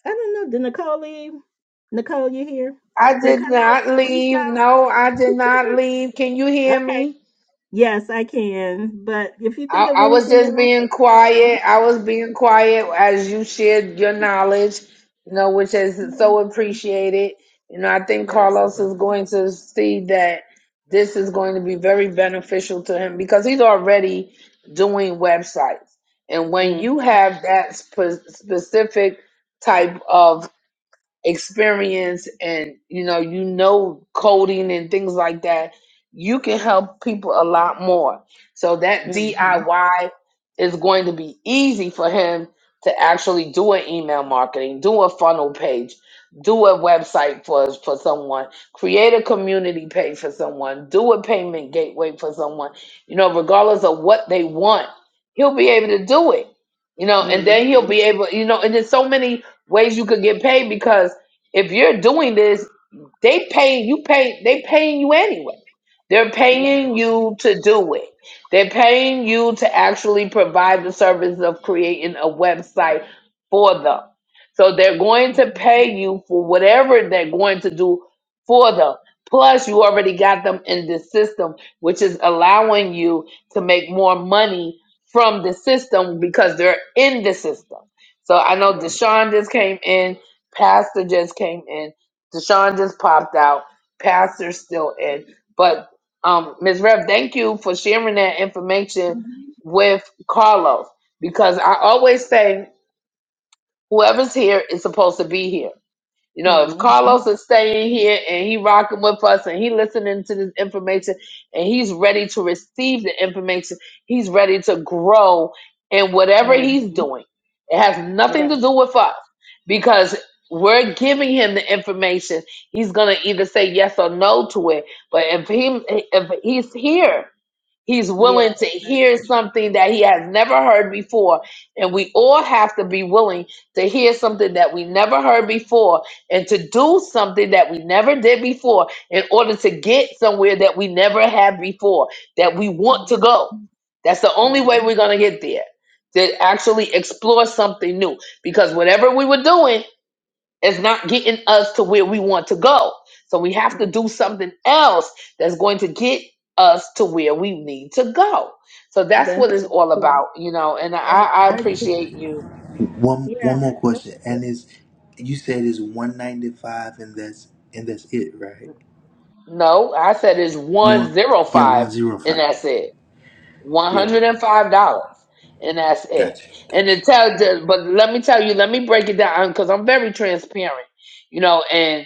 I don't know. Did Nicole leave? Nicole, you here? I But did not Carlos, reach leave. out. No, I did not leave. Can you hear Okay. me? Yes, I can. But if you think I, of I was anything just else, being um, quiet. I was being quiet as you shared your knowledge, you know, which is so yeah, appreciated. You know, I think yeah, Carlos absolutely. is going to see that this is going to be very beneficial to him because he's already doing websites. And when Mm, you have that spe- specific type of experience and you know you know coding and things like that you can help people a lot more so that mm-hmm, diy is going to be easy for him to actually do an email marketing do a funnel page do a website for for someone create a community page for someone do a payment gateway for someone you know regardless of what they want he'll be able to do it you know and then he'll mm-hmm. be able you know and there's so many ways you could get paid because if you're doing this, they pay you pay they paying you anyway. They're Right. paying you to do it. They're paying you to actually provide the service of creating a website for them. So they're going to pay Mhm. you for whatever they're going to do for them. Plus, you already got them in this system, which is allowing you to make more money from the system because they're in the system. So I know Right. Deshaun just came in, Pastor just came in. Deshaun just popped out. Pastor's still in. But um Ms. Rev, thank you for sharing that information with Carlos because I always say whoever's here is supposed to be here. You know, if Mm-hmm, Carlos is staying here and he rocking with us and he listening to this information and he's ready to receive the information, he's ready to grow in whatever he's mm-hmm. doing. It has nothing to Right. do with us because we're giving him the information. He's gonna either say yes or no to it. But if he if he's here He's Yeah, willing to hear exactly. something that he has never heard before. And we all have to be willing to hear something that we never heard before and to do something that we never did before in order to get somewhere that we never had before, that we want to go. Mm-hmm. That's the only way Mm-hmm. we're going to get there, to actually explore something new. Because whatever we were doing, it's not getting us to where we want to go. So we have Mm-hmm. to do something else that's going to get us to where we need to go. So that's what That's it's so all true. about, you know. And I, And I I just, appreciate you. yeah, One one I more know. question, and is you said it's one ninety five, and that's and that's it, right? No, I said it's one One, zero yeah, five, one zero five. and that's it. One Yeah, hundred and five dollars, and that's it. gotcha, And to gotcha. tell, Mm-hmm. but let me tell you, let me break it down because I'm very transparent, you know. and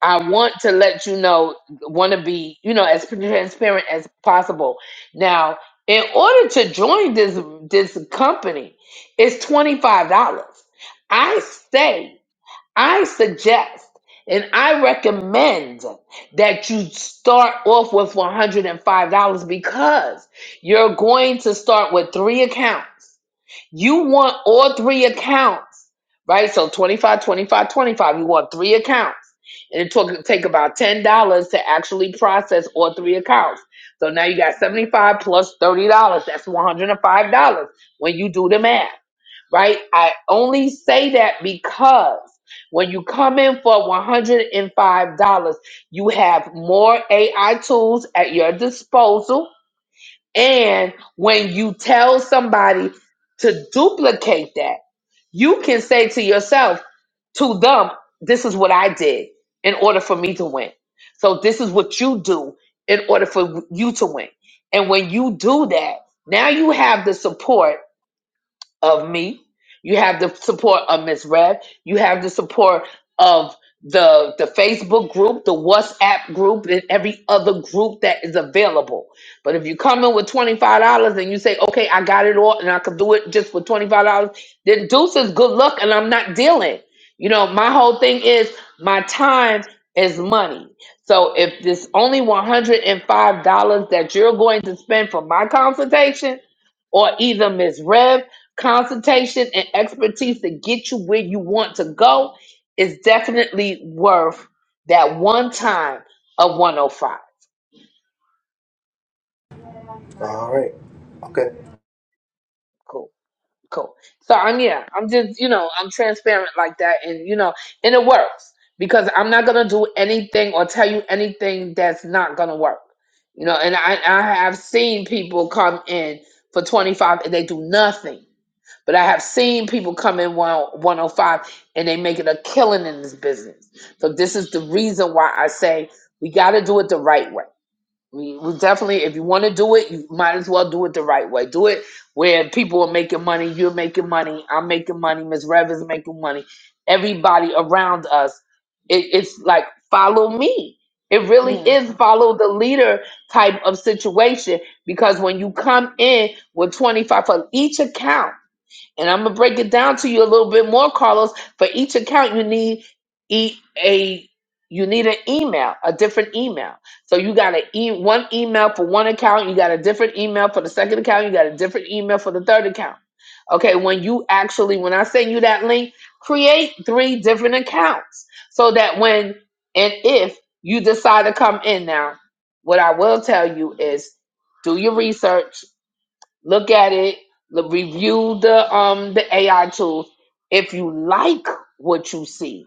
I want to let you know, want to be, you know, as transparent as possible. Now, in order to join this this company, it's twenty five dollars. I say, I suggest, and I recommend that you start off with one hundred and five dollars because you're going to start with three accounts. You want all three accounts, right? So 25, 25, 25. You want three accounts. And it took take about ten dollars to actually process all three accounts. So now you got seventy five plus thirty dollars. That's one hundred and five dollars when you do the math, right? I only say that because when you come in for one hundred and five dollars, you have more AI tools at your disposal and when you tell somebody to duplicate that, you can say to yourself, to them, this is what I did in order for me to win. So this is what you do in order for you to win. And when you do that, now you have the support of me. You have the support of Miss Rev. You have the support of the the Facebook group, the WhatsApp group, and every other group that is available. But if you come in with twenty five dollars and you say, "Okay, I got it all, and I can do it just for twenty five dollars," then deuces, good luck, and I'm not dealing. You know, my whole thing is my time is money. So if this only one hundred and five dollars that you're going to spend for my consultation, or either Miss Rev consultation and expertise to get you where you want to go is definitely worth that one time of 105. All right, okay. Cool, cool. So I'm yeah, I'm just, you know, I'm transparent like that and you know, and it works because I'm not gonna do anything or tell you anything that's not gonna work. You know, and I, I have seen people come in for 25 and they do nothing But I have seen people come in 10- 105 and they making a killing in this business. So this is the reason why I say we got to do it the right way. We, we definitely, if you want to do it, you might as well do it the right way. Do it where people are making money, you're making money, I'm making money, Miss Rev is making money, everybody around us. It, it's like follow me. It really is Mm-hmm. follow the leader type of situation because when you come in with 25 for each account and I'm gonna break it down to you a little bit more, Carlos. For each account, you need e- a you need an email, a different email. So you got a e- one email for one account, you got a different email for the second account, you got a different email for the third account. Okay, when you actually when I send you that link, create three different accounts so that when and if you decide to come in now, what I will tell you is do your research Look at it. l- Review the um the AI tools. If you like what you see,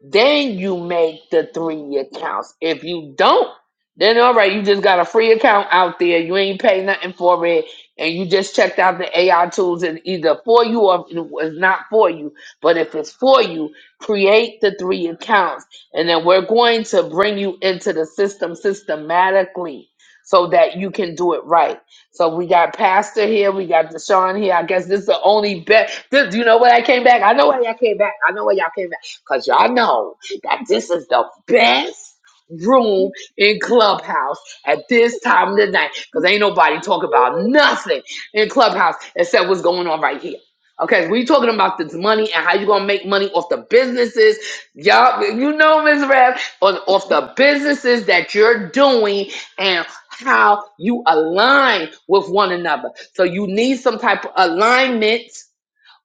then you make the three accounts. If you don't, then all right, you just got a free account out there. You ain't pay nothing for it, and you just checked out the AI tools. And either for you or if it was not for you. But if it's for you, create the three accounts, and then we're going to bring you into the system systematically so that you can do it right. So we got Pastor here, we got Deshaun here. I guess this is the only bet. This, you know what I came back? I know why y'all came back. I know why y'all came back. Because y'all know that this is the best room in Clubhouse at this time of the night. Because ain't nobody talking about nothing in Clubhouse except what's going on right here. Okay, we talking about this money and how you gonna make money off the businesses, y'all. You know, Ms. Rev, on off the businesses that you're doing and how you align with one another. So you need some type of alignment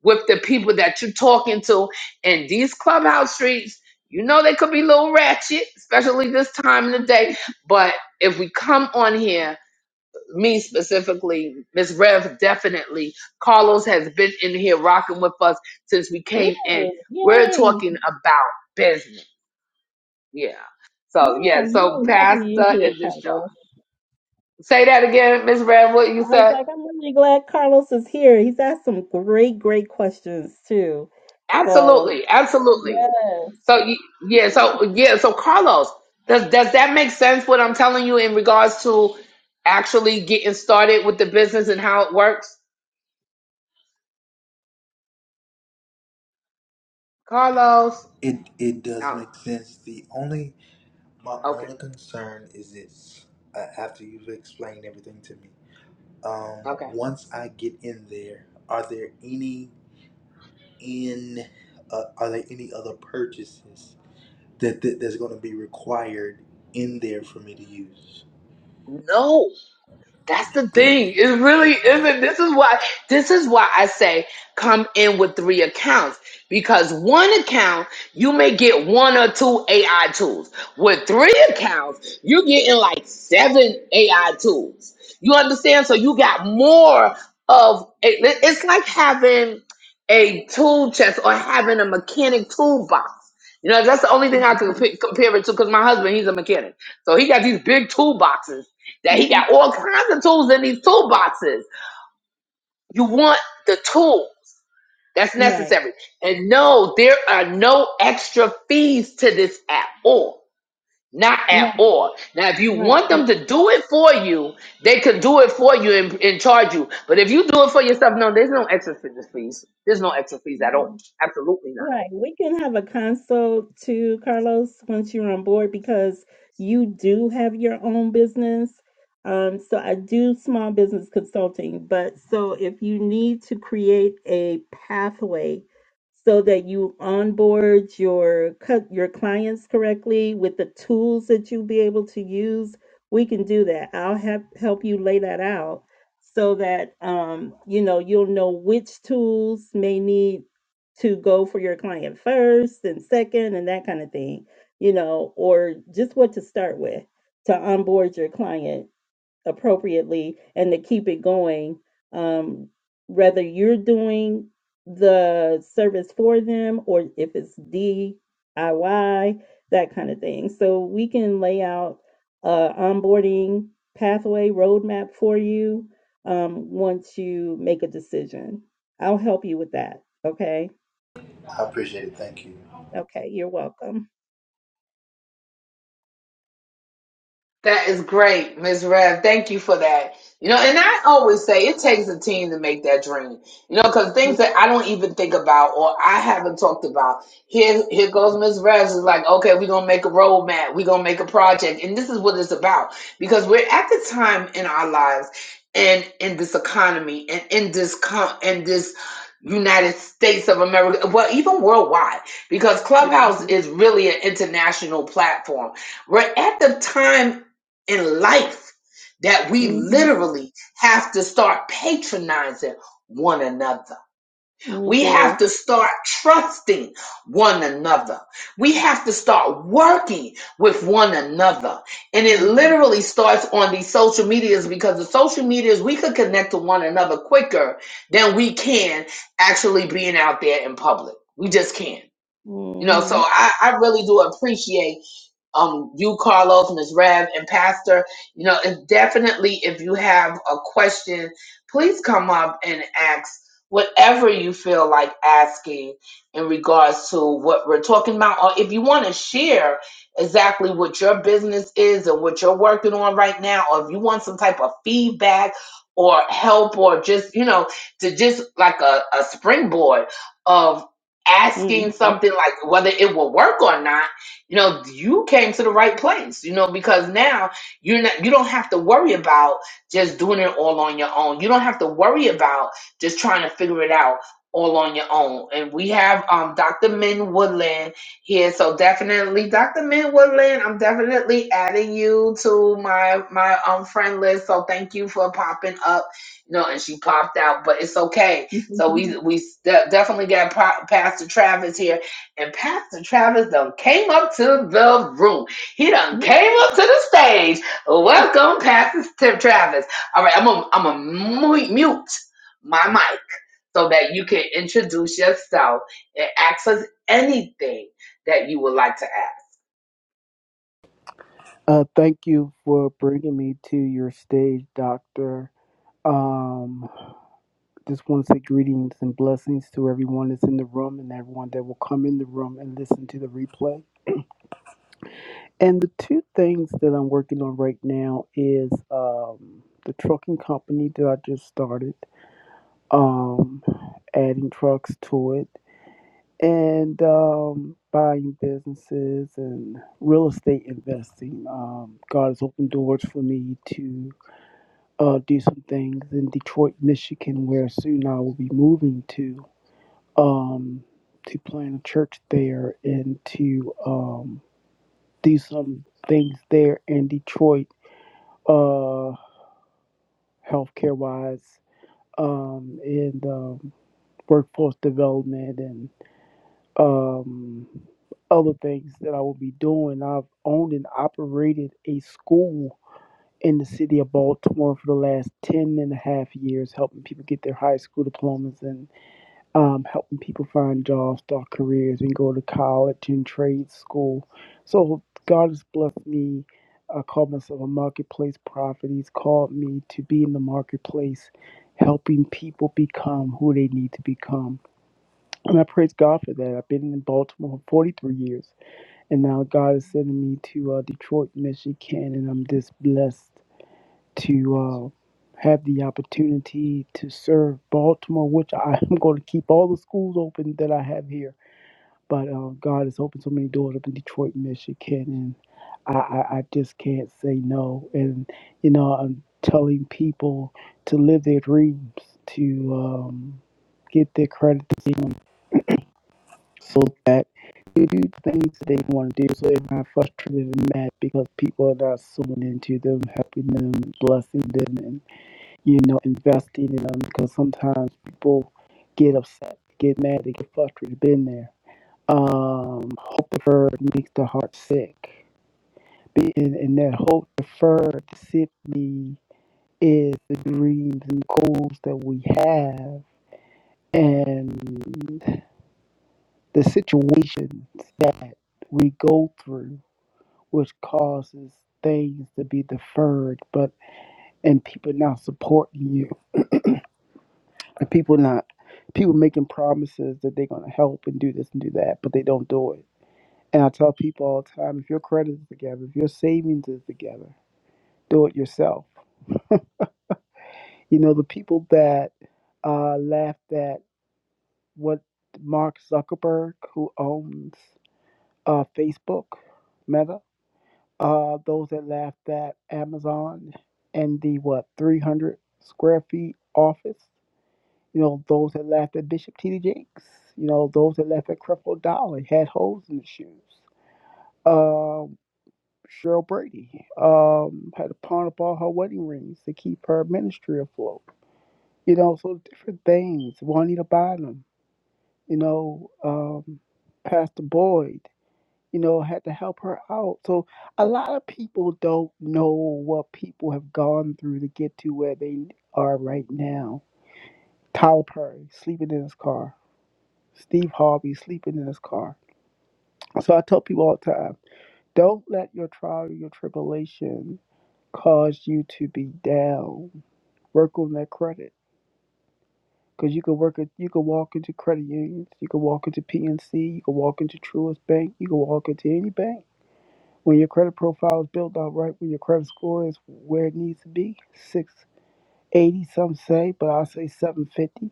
with the people that you're talking to in these clubhouse streets. You know they could be a little ratchet, especially this time of the day. But if we come on here, me specifically, Miss Rev definitely, Carlos has been in here rocking with us since we came in. Really? We're Yay! talking about business. Yeah. So Yeah, yeah, I'm so really happy Pastor you're here, is the show. Carlos. Say that again, Miss Rev, what you I was said. like, I'm really glad Carlos is here. He's asked some great, great questions too. So, Absolutely, absolutely. yes. So y- yeah, so yeah, so Carlos, does does that make sense what I'm telling you in regards to actually getting started with the business and how it works? Carlos. It it does Oh, make sense. The only my okay. only concern is this. Uh, after you've explained everything to me, um, Okay. once I get in there, are there any in uh, are there any other purchases that, that that's going to be required in there for me to use? No. That's the Great. thing. It really isn't. This is why this is why I say come in with three accounts. Because one account, you may get one or two AI tools. With three accounts, you're getting like seven AI tools. You understand? So you got more of it- it's like having a tool chest or having a mechanic toolbox. You know, that's the only thing I can p- compare it to because my husband, he's a mechanic. So he got these big toolboxes Mhm. that he Mhm. got all kinds of tools in these toolboxes. You want the tool that's Right. necessary. And no, there are no extra fees to this at all. Not at No, all. Now, if you want right. them to do it for you, they could do it for you and, and charge you. But if you do it for yourself, no, there's no extra fees. There's no extra fees at all. Absolutely not. Right. We can have a consult too, Carlos, once you're on board because you do have your own business. Um, so I do small business consulting, but so if you need to create a pathway so that you onboard your cut your clients correctly with the tools that you'll be able to use, we can do that. I'll have help you lay that out so that um, you know you'll know which tools may need to go for your client first and second and that kind of thing, you know, or just what to start with to onboard your client appropriately and to keep it going. Um, whether you're doing the service for them or if it's DIY, that kind of thing. So we can lay out a onboarding pathway roadmap for you um, once you make a decision. I'll help you with that. Okay I appreciate it. Thank you. Okay, you're welcome. That is great, Ms. Rev. Thank you for that. You know, and I always say it takes a team to make that dream. You know, because things Yeah. that I don't even think about or I haven't talked about. Here, here goes Ms. Rev. is like, okay, we're gonna make a roadmap. We're gonna make a project, and this is what it's about. Because we're at the time in our lives, and in this economy, and in this com- in this United States of America, well, even worldwide, because Clubhouse hmm is really an international platform we're at the time in life that we hmm literally have to start patronizing one another. We We have do. to start trusting one another. We have to start working with one another. And it hmm literally starts on these social medias because the social medias, we could connect to one another quicker than we can actually being out there in public. We just can. You know, so hmm I, I really do appreciate um, you, Carlos, Ms. Rev, and Pastor. You know, if definitely if you have a question, please come up and ask whatever you feel like asking in regards to what we're talking about. Or if you want to share exactly what your business is and what you're working on right now, or if you want some type of feedback or help or just, you know, to just like a, a springboard of hmm asking something like whether it will work or not you know you came to the right place you know because now you're not you don't have to worry about just doing it all on your own you don't have to worry about just trying to figure it out all on your own and we have um dr min woodland here so definitely dr min woodland i'm definitely adding you to my my um friend list so thank you for popping up you know and she popped out but it's okay so we we de- definitely got pa- pastor travis here and Pastor Travis done came up to the room. He done yeah, came up to the stage. Welcome, Pastor Tim Travis. All right, I'm gonna I'm gonna mute my mic so that you can introduce yourself and ask us anything that you would like to ask. Uh, thank you for bringing me to your stage, Doctor. Um, just want to say greetings and blessings to everyone that's in the room and everyone that will come in the room and listen to the replay. And the two things that I'm working on right now is um, the trucking company that I just started, um, adding trucks to it, and um, buying businesses and real estate investing. Um, God has opened doors for me to uh, do some things in Detroit, Michigan, where soon I will be moving to, um, to plant a church there and to um, do some things there in Detroit, uh, healthcare wise, um, and um, workforce development and um, other things that I will be doing. I've owned and operated a school in the city of Baltimore for the last 10 and a half years, helping people get their high school diplomas and. um, helping people find jobs, start careers, and go to college and trade school. So God has blessed me. I call myself a marketplace prophet. He's called me to be in the marketplace, helping people become who they need to become. And I praise God for that. I've been in Baltimore for 43 years, and now God is sending me to uh, Detroit, Michigan, and I'm just blessed to uh, have the opportunity to serve Baltimore, which I am going to keep all the schools open that I have here. But uh, God has opened so many doors up in Detroit, Michigan, and I, I, I just can't say no. And you know, I'm telling people to live their dreams, to um, get their credit to see them so that they do things that they want to do so they're not frustrated and mad because people are not sewing into them, helping them, blessing them, you know, investing in them because sometimes people get upset, get mad, they get frustrated, been there. Um, hope deferred makes the heart sick. Be- And, and that hope deferred simply is the dreams and goals that we have and the situations that we go through, which causes things to be deferred, but and people not supporting you And people not people making promises that they're gonna help and do this and do that, but they don't do it. And I tell people all the time, if your credit is together, if your savings is together, do it yourself. You know, the people that uh, laughed at what Mark Zuckerberg, who owns uh, Facebook, Meta, uh, those that laughed at Amazon and the what 300 square feet office You know, those that laughed at Bishop T.D. Jakes. You know, those that laughed at Creflo Dollar had holes in the shoes. Um, Cheryl Brady um, had to pawn up all her wedding rings to keep her ministry afloat. You know, so different things. Juanita Bynum, you know, um, Pastor Boyd, you know, had to help her out. So a lot of people don't know what people have gone through to get to where they are right now. Tyler Perry sleeping in his car Steve Harvey sleeping in his car. So I tell people all the time don't let your trial or your tribulation cause you to be down. Work on that credit. Because you can work at, you can walk into credit unions, you can walk into PNC, you can walk into Truist Bank, you can walk into any bank. When your credit profile is built out right, when your credit score is where it needs to be, 680 some say, but I say 750,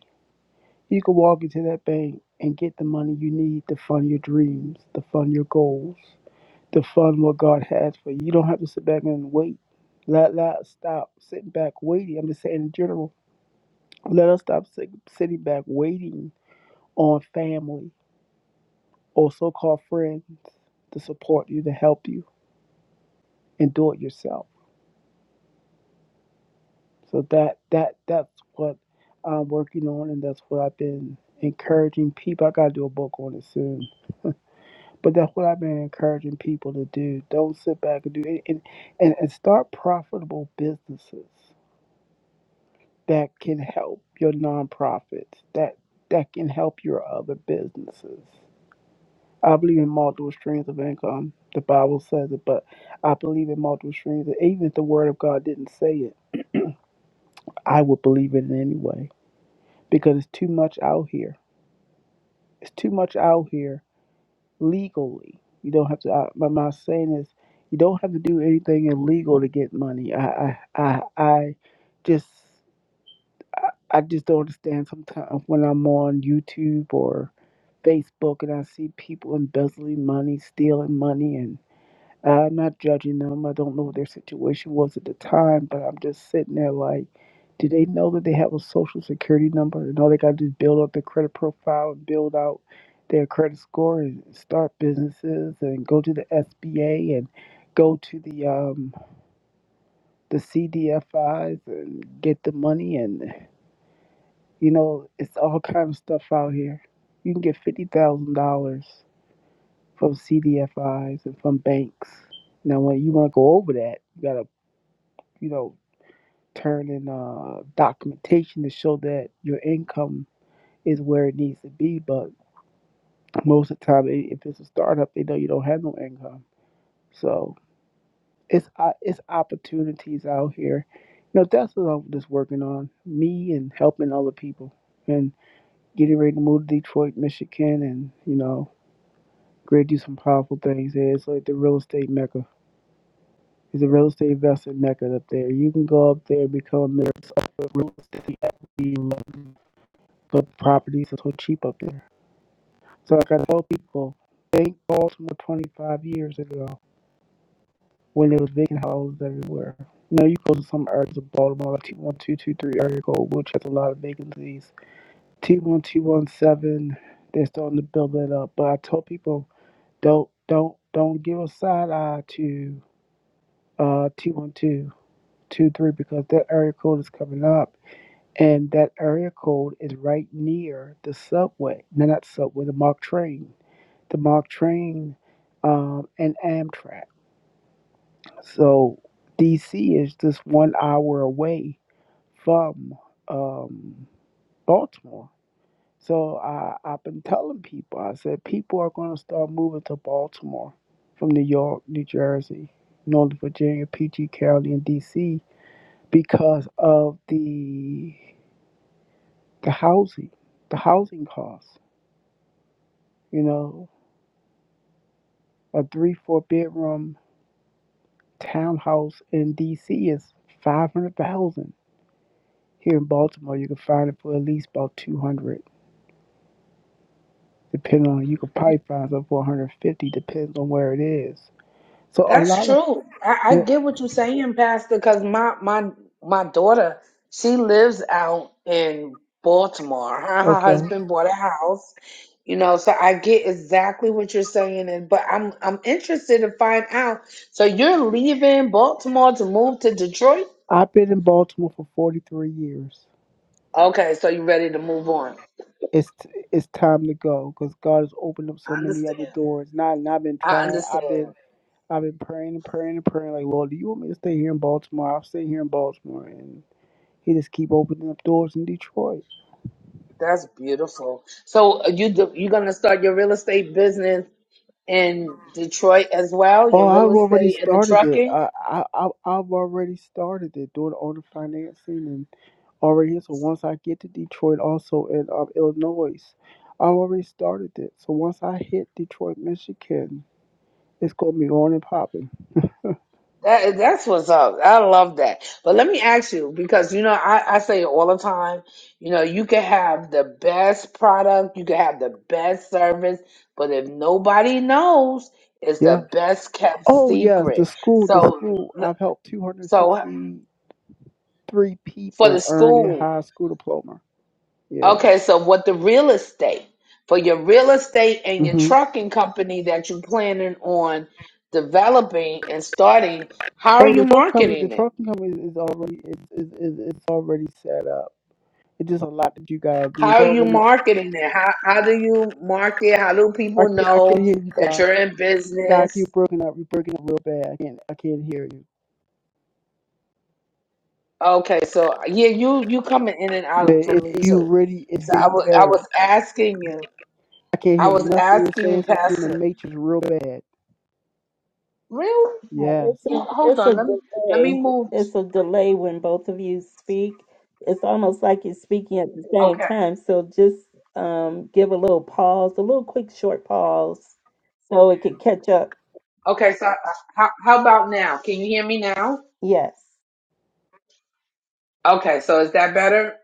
you can walk into that bank and get the money you need to fund your dreams, to fund your goals to fund what God has for you. You don't have to sit back and wait. Let, let us stop sitting back waiting. I'm just saying in general, let us stop sit, sitting back waiting on family or so called friends to support you, to help you, and do it yourself. So that that that's what I'm working on, and that's what I've been encouraging people. I gotta do a book on it soon, but that's what I've been encouraging people to do. Don't sit back and do it, and, and, and start profitable businesses that can help your nonprofits, that that can help your other businesses. I believe in multiple streams of income. The Bible says it, but I believe in multiple streams. Even if the Word of God didn't say it, I would believe it anyway because it's too much out here. It's too much out here legally. You don't have to. I, my my saying is, you don't have to do anything illegal to get money. I I I, I just I, I just don't understand sometimes when I'm on YouTube or Facebook and I see people embezzling money, stealing money, and I'm not judging them. I don't know what their situation was at the time, but I'm just sitting there like, do they know that they have a social security number and all they got to do is build up their credit profile and build out their credit score and start businesses and go to the SBA and go to the um, the CDFIs and get the money and you know it's all kind of stuff out here. You can get fifty thousand dollars from CDFIs and from banks. Now, when you want to go over that, you gotta, you know, turn in uh, documentation to show that your income is where it needs to be. But most of the time, i- if it's a startup, they know you don't have no income. So it's o- it's opportunities out here. You know, that's what I'm just working on, me and helping other people, and getting ready to move to Detroit, Michigan, and you know, ready to do some powerful things there. It's like the real estate mecca. There's a real estate investor mecca up there. You can go up there and become a mistress of Real estate equity, but properties are so cheap up there. So like I gotta tell people, think Baltimore 25 years ago when there was vacant houses everywhere. Now you go to some areas of Baltimore, like T1223 area code, which has a lot of vacancies. T1217, they're starting to build that up. But I tell people, don't don't don't give a side eye to uh T1223 because that area code is coming up And that area code is right near the subway. No, not subway, the MOG train. The MOG train um, and Amtrak. So DC is just one hour away from um, Baltimore. So I, I've been telling people, I said, people are going to start moving to Baltimore from New York, New Jersey, Northern Virginia, PG County, and DC because of the, the housing, the housing costs You know, a three, four bedroom townhouse in DC is five hundred thousand. Here in Baltimore, you can find it for at least about two hundred, depending on. You could probably find some for one hundred fifty, depends on where it is. So a That's lot of true. I, I yeah, get what you're saying, Pastor, because my, my my daughter, she lives out in Baltimore. Her, and her okay. husband bought a house. You know, so I get exactly what you're saying, and but I'm I'm interested to find out. So you're leaving Baltimore to move to Detroit? I've been in Baltimore for forty three years. Okay, so you're ready to move on. It's it's time to go because God has opened up so I many other understand. doors. Not and I've been I trying. I've been understand. I've been praying and praying and praying. Like Lord, do you want me to stay here in Baltimore? I'll stay here in Baltimore and. He just keep opening up doors in Detroit. That's beautiful. So uh, you do, you're gonna start your real estate business in Detroit as well, Oh, your real I've already estate and the started it. trucking. I I I- I've already started it doing all the financing and already here. So once I get to Detroit, also in um, Illinois, I've already started it. So once I hit Detroit, Michigan, it's gonna be on and popping. That that's what's up. I love that. But let me ask you, because you know, I, I say it all the time, you know, you can have the best product, you can have the best service, but if nobody knows, it's Yeah. the best kept Oh yes, the secret. school, the So school. I've helped two hundred so sixty three for the people earn their school. high school diploma. Yeah. Okay, so what the real estate for your real estate and your Mhm. trucking company that you're planning on developing and starting, how are Oh, the you trust company, the marketing it? trust company is, is already is, is, is it's already set up. It's just a lot that you gotta do. How It's are you already marketing it? How how do you market? How do I people can't I can't know hear you, that Doc. you're in Doc, you business? are broken up. You're breaking up real bad. I can't I can't hear you. Okay, so yeah, you you coming in and But out for me it, you too. really it's So I really was I bad. was asking you, I can't I hear was nothing you're asking saying. you, It's like you're in the Pastor. matrix real bad. Real? Yes. it's a Hold it's on, a let me let delay. me move. It's a delay when both of you speak. It's almost like you're speaking at the same okay. time. So just um, give a little pause, a little quick short pause, so it can catch up. Okay, so uh, how, how about now? Can you hear me now? Yes. Okay, so is that better?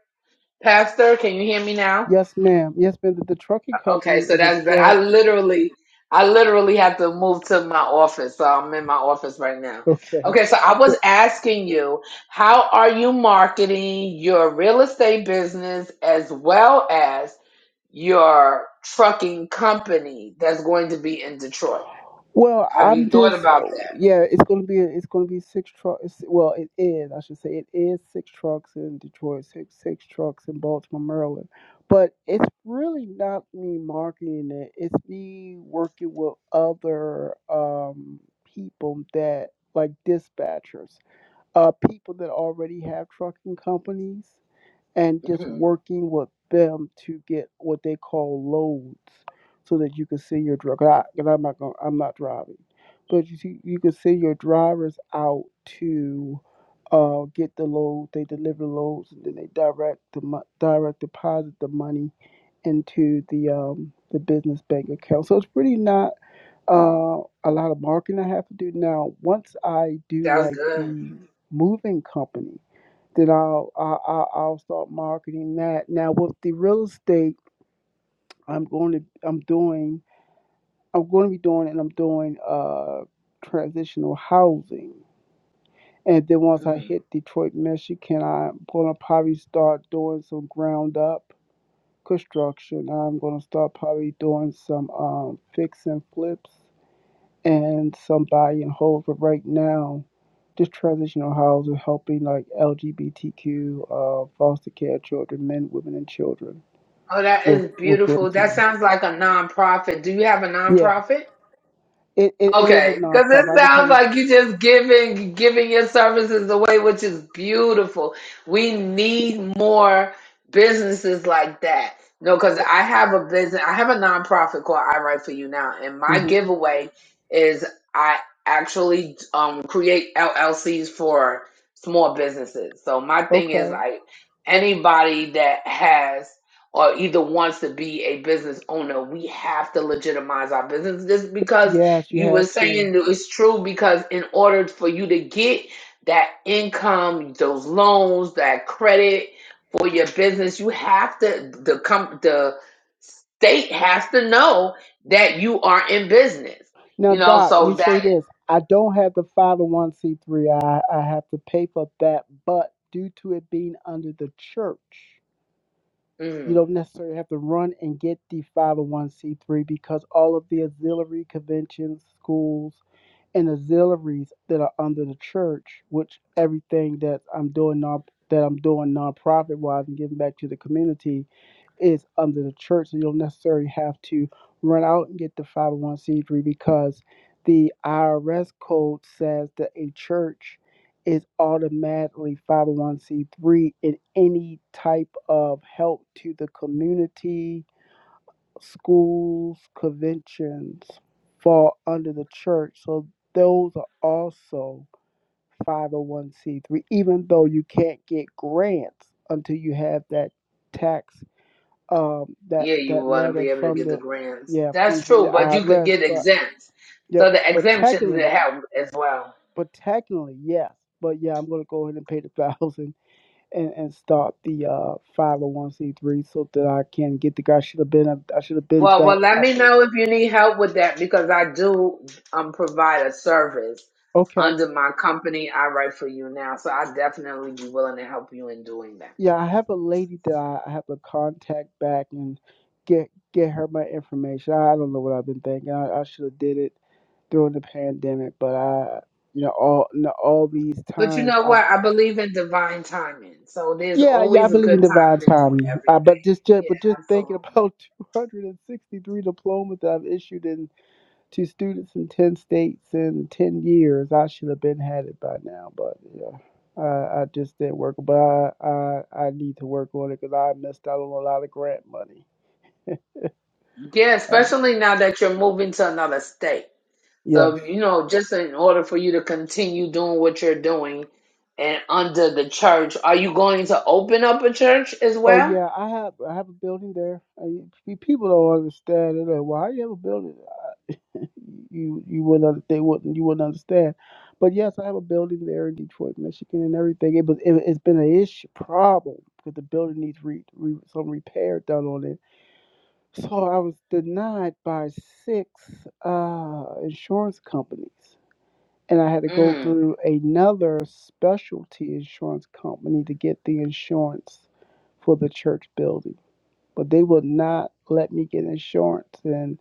Pastor, can you hear me now? Yes, ma'am. Yes, ma'am. The, the trucking Uh, company Okay, so is a that's better. I twelve. literally, I literally have to move to my office. So I'm in my office right now. Okay. Okay, so I was asking you, how are you marketing your real estate business as well as your trucking company that's going to be in Detroit? Well, Have you I'm thought just about that? yeah. It's gonna be it's gonna be six trucks. Well, it is. I should say it is six trucks in Detroit, six six trucks in Baltimore, Maryland. But it's really not me marketing it. It's me working with other um, people that like dispatchers, uh, people that already have trucking companies and just Mhm. working with them to get what they call loads, so that you can see your driver. Cause I, 'cause I'm not going. I'm not driving, but you see, you can see your drivers out to uh, get the load. They deliver loads, and then they direct the mo- direct deposit the money into the um, the business bank account. So it's pretty not uh, a lot of marketing I have to do now. Once I do That's like good. the moving company then I'll, I'll I'll I'll start marketing that. Now with the real estate, I'm going to I'm doing I'm going to be doing and I'm doing uh transitional housing. And then once I Mm-hmm. hit Detroit, Michigan, I'm going to probably start doing some ground up construction. I'm going to start probably doing some um, fix and flips and some buy and hold. But right now. This transitional housing, helping like LGBTQ uh, foster care children, men, women, and children. Oh, that With is with beautiful. That racism. sounds like a nonprofit. Do you have a yeah, nonprofit? it, it it is a Okay, because it nonprofit. I just sounds haven't. like you just giving giving your services away, which is beautiful. We need more businesses like that. No, because It, I have a business, I have a nonprofit called I Write for You Now, and my hmm giveaway is I actually um, create LLCs for small businesses. So my thing is Okay. like anybody that has or either wants to be a business owner, we have to legitimize our business just because Yes, you you were have to. saying that it's true because in order for you to get that income, those loans, that credit for your business, you have to the com- the state has to know that you are in business. Now, You know, Doc, let so me that say this. I don't have the 501c3. I, I have to pay for that, but due to it being under the church, you mm, don't necessarily have to run and get the 501c3 because all of the auxiliary conventions, schools, and auxiliaries that are under the church, which everything that I'm doing non that I'm doing nonprofit wise and giving back to the community is under the church. So you don't necessarily have to run out and get the 501c3 because the IRS code says that a church is automatically 501c3 in any type of help to the community schools, conventions fall under the church. So those are also 501c3, even though you can't get grants until you have that tax, um, that yeah, you that want to letter be able to from get the, the grants. yeah, from, That's from the true, but you could IRS. get But exempts. yep, So the but exemptions technically, will help as well. but technically, yes. But yeah, I'm gonna go ahead and pay the thousand and and start the uh 501c3 so that I can get the. guy. I should have been. I should have been Well, done. well, let I, me know if you need help with that because I do um provide a service Okay. under my company. I write for you now, so I definitely be willing to help you in doing that. Yeah, I have a lady that I I have to contact back and get get her my information. I don't know what I've been thinking. I, I should have did it during the pandemic, but I, you know, all you know, all these But you times. know I, what? I believe in divine timing, so there's yeah, yeah, I always a believe in good divine time to do timing. Uh, but everything. just, just but Yeah, just thinking absolutely. about 263 diplomas that I've issued in to students in 10 states in 10 years. I should have been had it by now, but yeah, I, I just didn't work. But I, I, I need to work on it because I missed out on a lot of grant money. Yeah, Um, especially now that you're moving to another state. yes. So you know, just in order for you to continue doing what you're doing, and under the church, are you going to open up a church as Oh well? yeah, I have I have a building there. I, pe- people don't understand. They're like, "Why you have a building?" You you wouldn't under- they wouldn't you wouldn't understand. But yes, I have a building there in Detroit, Michigan, and everything. It was it, it's been an issue problem because the building needs re, re, some repair done on it So I was denied by six uh, insurance companies, and I had to go Mm. through another specialty insurance company to get the insurance for the church building. But they would not let me get insurance, and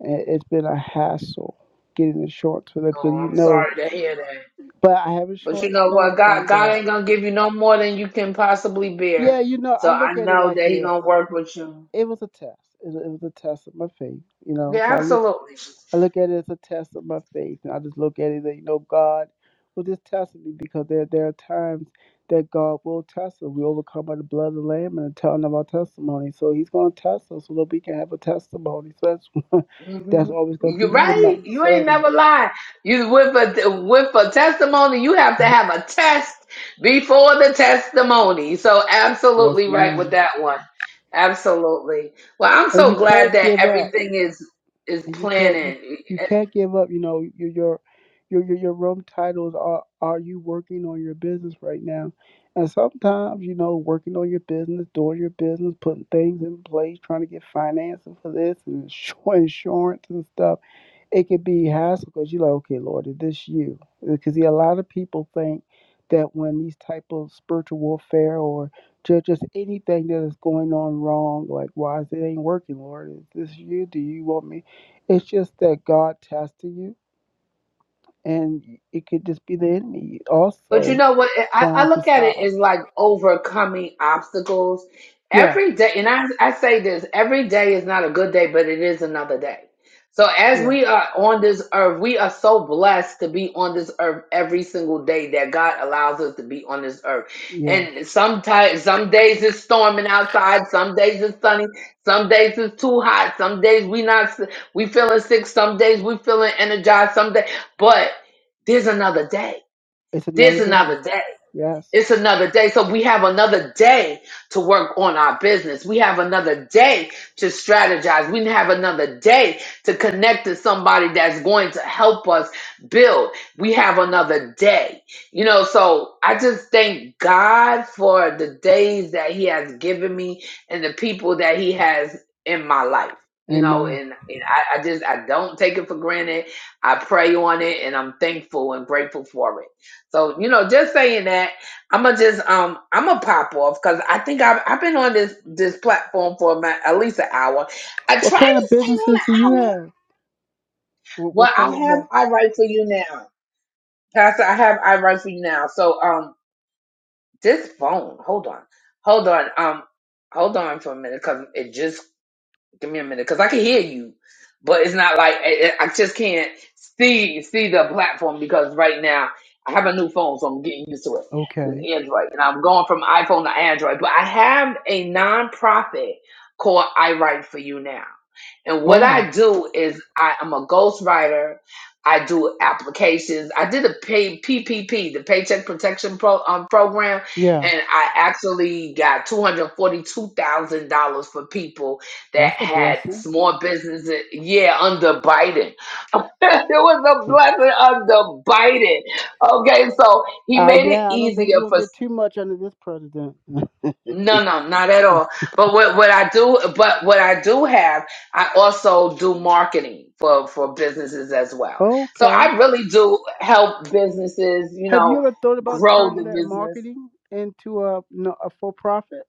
i- it's been a hassle getting insurance for that because Oh, you I'm know. sorry to hear that. But I have But you insurance know now, what? God thank God God. ain't gonna give you no more than you can possibly Yeah, bear. you know, I So I look at it know like that He this: gonna work with you. it was a test. It, it was a test of my faith, you know. So Yeah, I look. absolutely. I look at it as a test of my faith. And I just look at it that, you know, God will just test me because there, there are times that God will test us. We overcome by the blood of the Lamb and the telling of our testimony. So He's going to test us so that we can have a testimony. So that's, that's hmm always going to be You're in my right. You ain't sermon. never lied. You with a with a testimony, you have to have a test before the testimony. So Yes, absolutely right with ma'am. that one. Absolutely. Well, I'm And you so glad can't that give up. everything is is and you can't you, planning. you can't give up. You know your your your your, your room titles are are you working on your business right now? And sometimes you know working on your business, doing your business, putting things in place, trying to get financing for this and insur- insurance and stuff it could be hassle because you're like, okay, Lord, is this you? Because a lot of people think that when these type of spiritual warfare or ju- just anything that is going on wrong, like why is it ain't working, Lord? Is this you? Do you want me? It's just that God testing you, and it could just be the enemy But you also know what? I, I trying to look at it stop. as like overcoming obstacles Yeah, every day. And I, I say this every day is not a good day, but it is another day. So as yeah, we are on this earth, we are so blessed to be on this earth every single day that God allows us to be on this earth. yes. And sometimes, some days it's storming outside, some days it's sunny, some days it's too hot, some days we not we feeling sick, some days we feeling energized, some day, but there's another day It's another there's day. another day. Yes, It's another day. So we have another day to work on our business. We have another day to strategize. We have another day to connect to somebody that's going to help us build. We have another day. You know, so I just thank God for the days that He has given me and the people that He has in my life. You know, Amen. and, and I, I just I don't take it for granted. I pray on it and I'm thankful and grateful for it. So, you know, just saying that I'm gonna just um I'm gonna pop off because I think I've I've been on this this platform for my, at least an hour. I try to What stay kind of on businesses do an you hour. have? What, what Well, I kind of? uh, have I write for you now, Pastor. I have I write for you now. So um this phone, hold on, hold on, um hold on for a minute because it just Give me a minute, because I can hear you, but it's not like I, I I just can't see see the platform because right now I have a new phone, so I'm getting used to it. This Okay. Android, and I'm going from iPhone to Android, but I have a nonprofit called I Write for You now, and what Oh. I do is I am a ghostwriter. I do applications. I did a pay, PPP, the Paycheck Protection Pro, um, Program, and Yes, I actually got two hundred forty-two thousand dollars for people that that's a had blessing. small businesses. Yeah, under Biden. it was a blessing under Biden. Okay, so he Uh, made it yeah, I don't think easier we'll for. get too much under this president. No, no, not at all. But what, what I do, but what I do have, I also do marketing for, for businesses as well. So okay. I really do help businesses, you Have you know, ever thought about grow the turning that business marketing into a, no, a for profit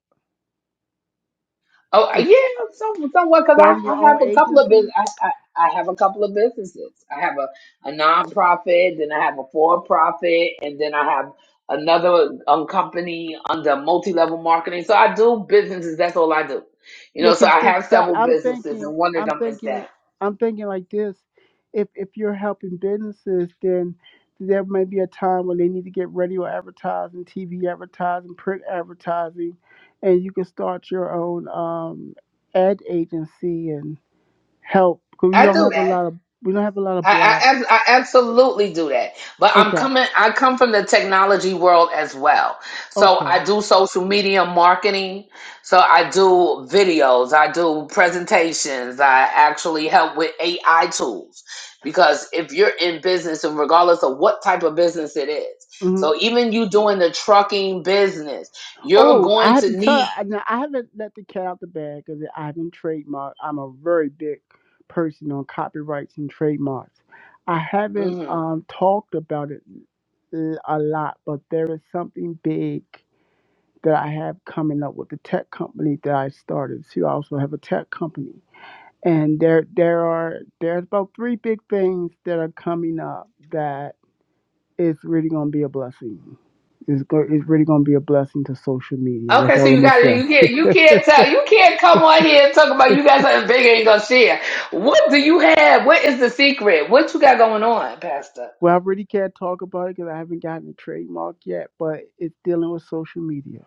Oh uh, and yeah, some, somewhat because I, starting I your own have a couple of agency? business. I, I, I have a couple of businesses. I have a, a nonprofit, then I have a for profit, and then I have another um, company under multi level marketing. So I do businesses. That's all I do. You Yeah, know, so because I have several I'm businesses, thinking, and one of I'm them is thinking, that I'm thinking like this. If if you're helping businesses, then there may be a time when they need to get radio advertising, TV advertising, print advertising, and you can start your own um, ad agency and help. Because we I don't do have a that. lot of we don't have a lot of I, black. I, ab- I absolutely do that, but I'm Okay, coming. I come from the technology world as well, so okay, I do social media marketing. So I do videos, I do presentations. I actually help with AI tools because if you're in business, and regardless of what type of business it is, mm-hmm. so even you doing the trucking business, you're Oh, I going have to to tell. need. Now, I haven't let the cat out the bag because I haven't trademarked. I'm a very big person on copyrights and trademarks. I haven't mm-hmm, um, talked about it l- a lot, but there is something big that I have coming up with the tech company that I started. So I also have a tech company, and there there are there's about three big things that are coming up that is really going to be a blessing. It's, go- it's really going to be a blessing to social media. That's Okay, so all you I'm going got to you can't you say. can't tell you can't come on here and talk about you got something big you ain't gonna share. What do you have? What is the secret? What you got going on, Pastor? well, I really can't talk about it because I haven't gotten a trademark yet, but it's dealing with social media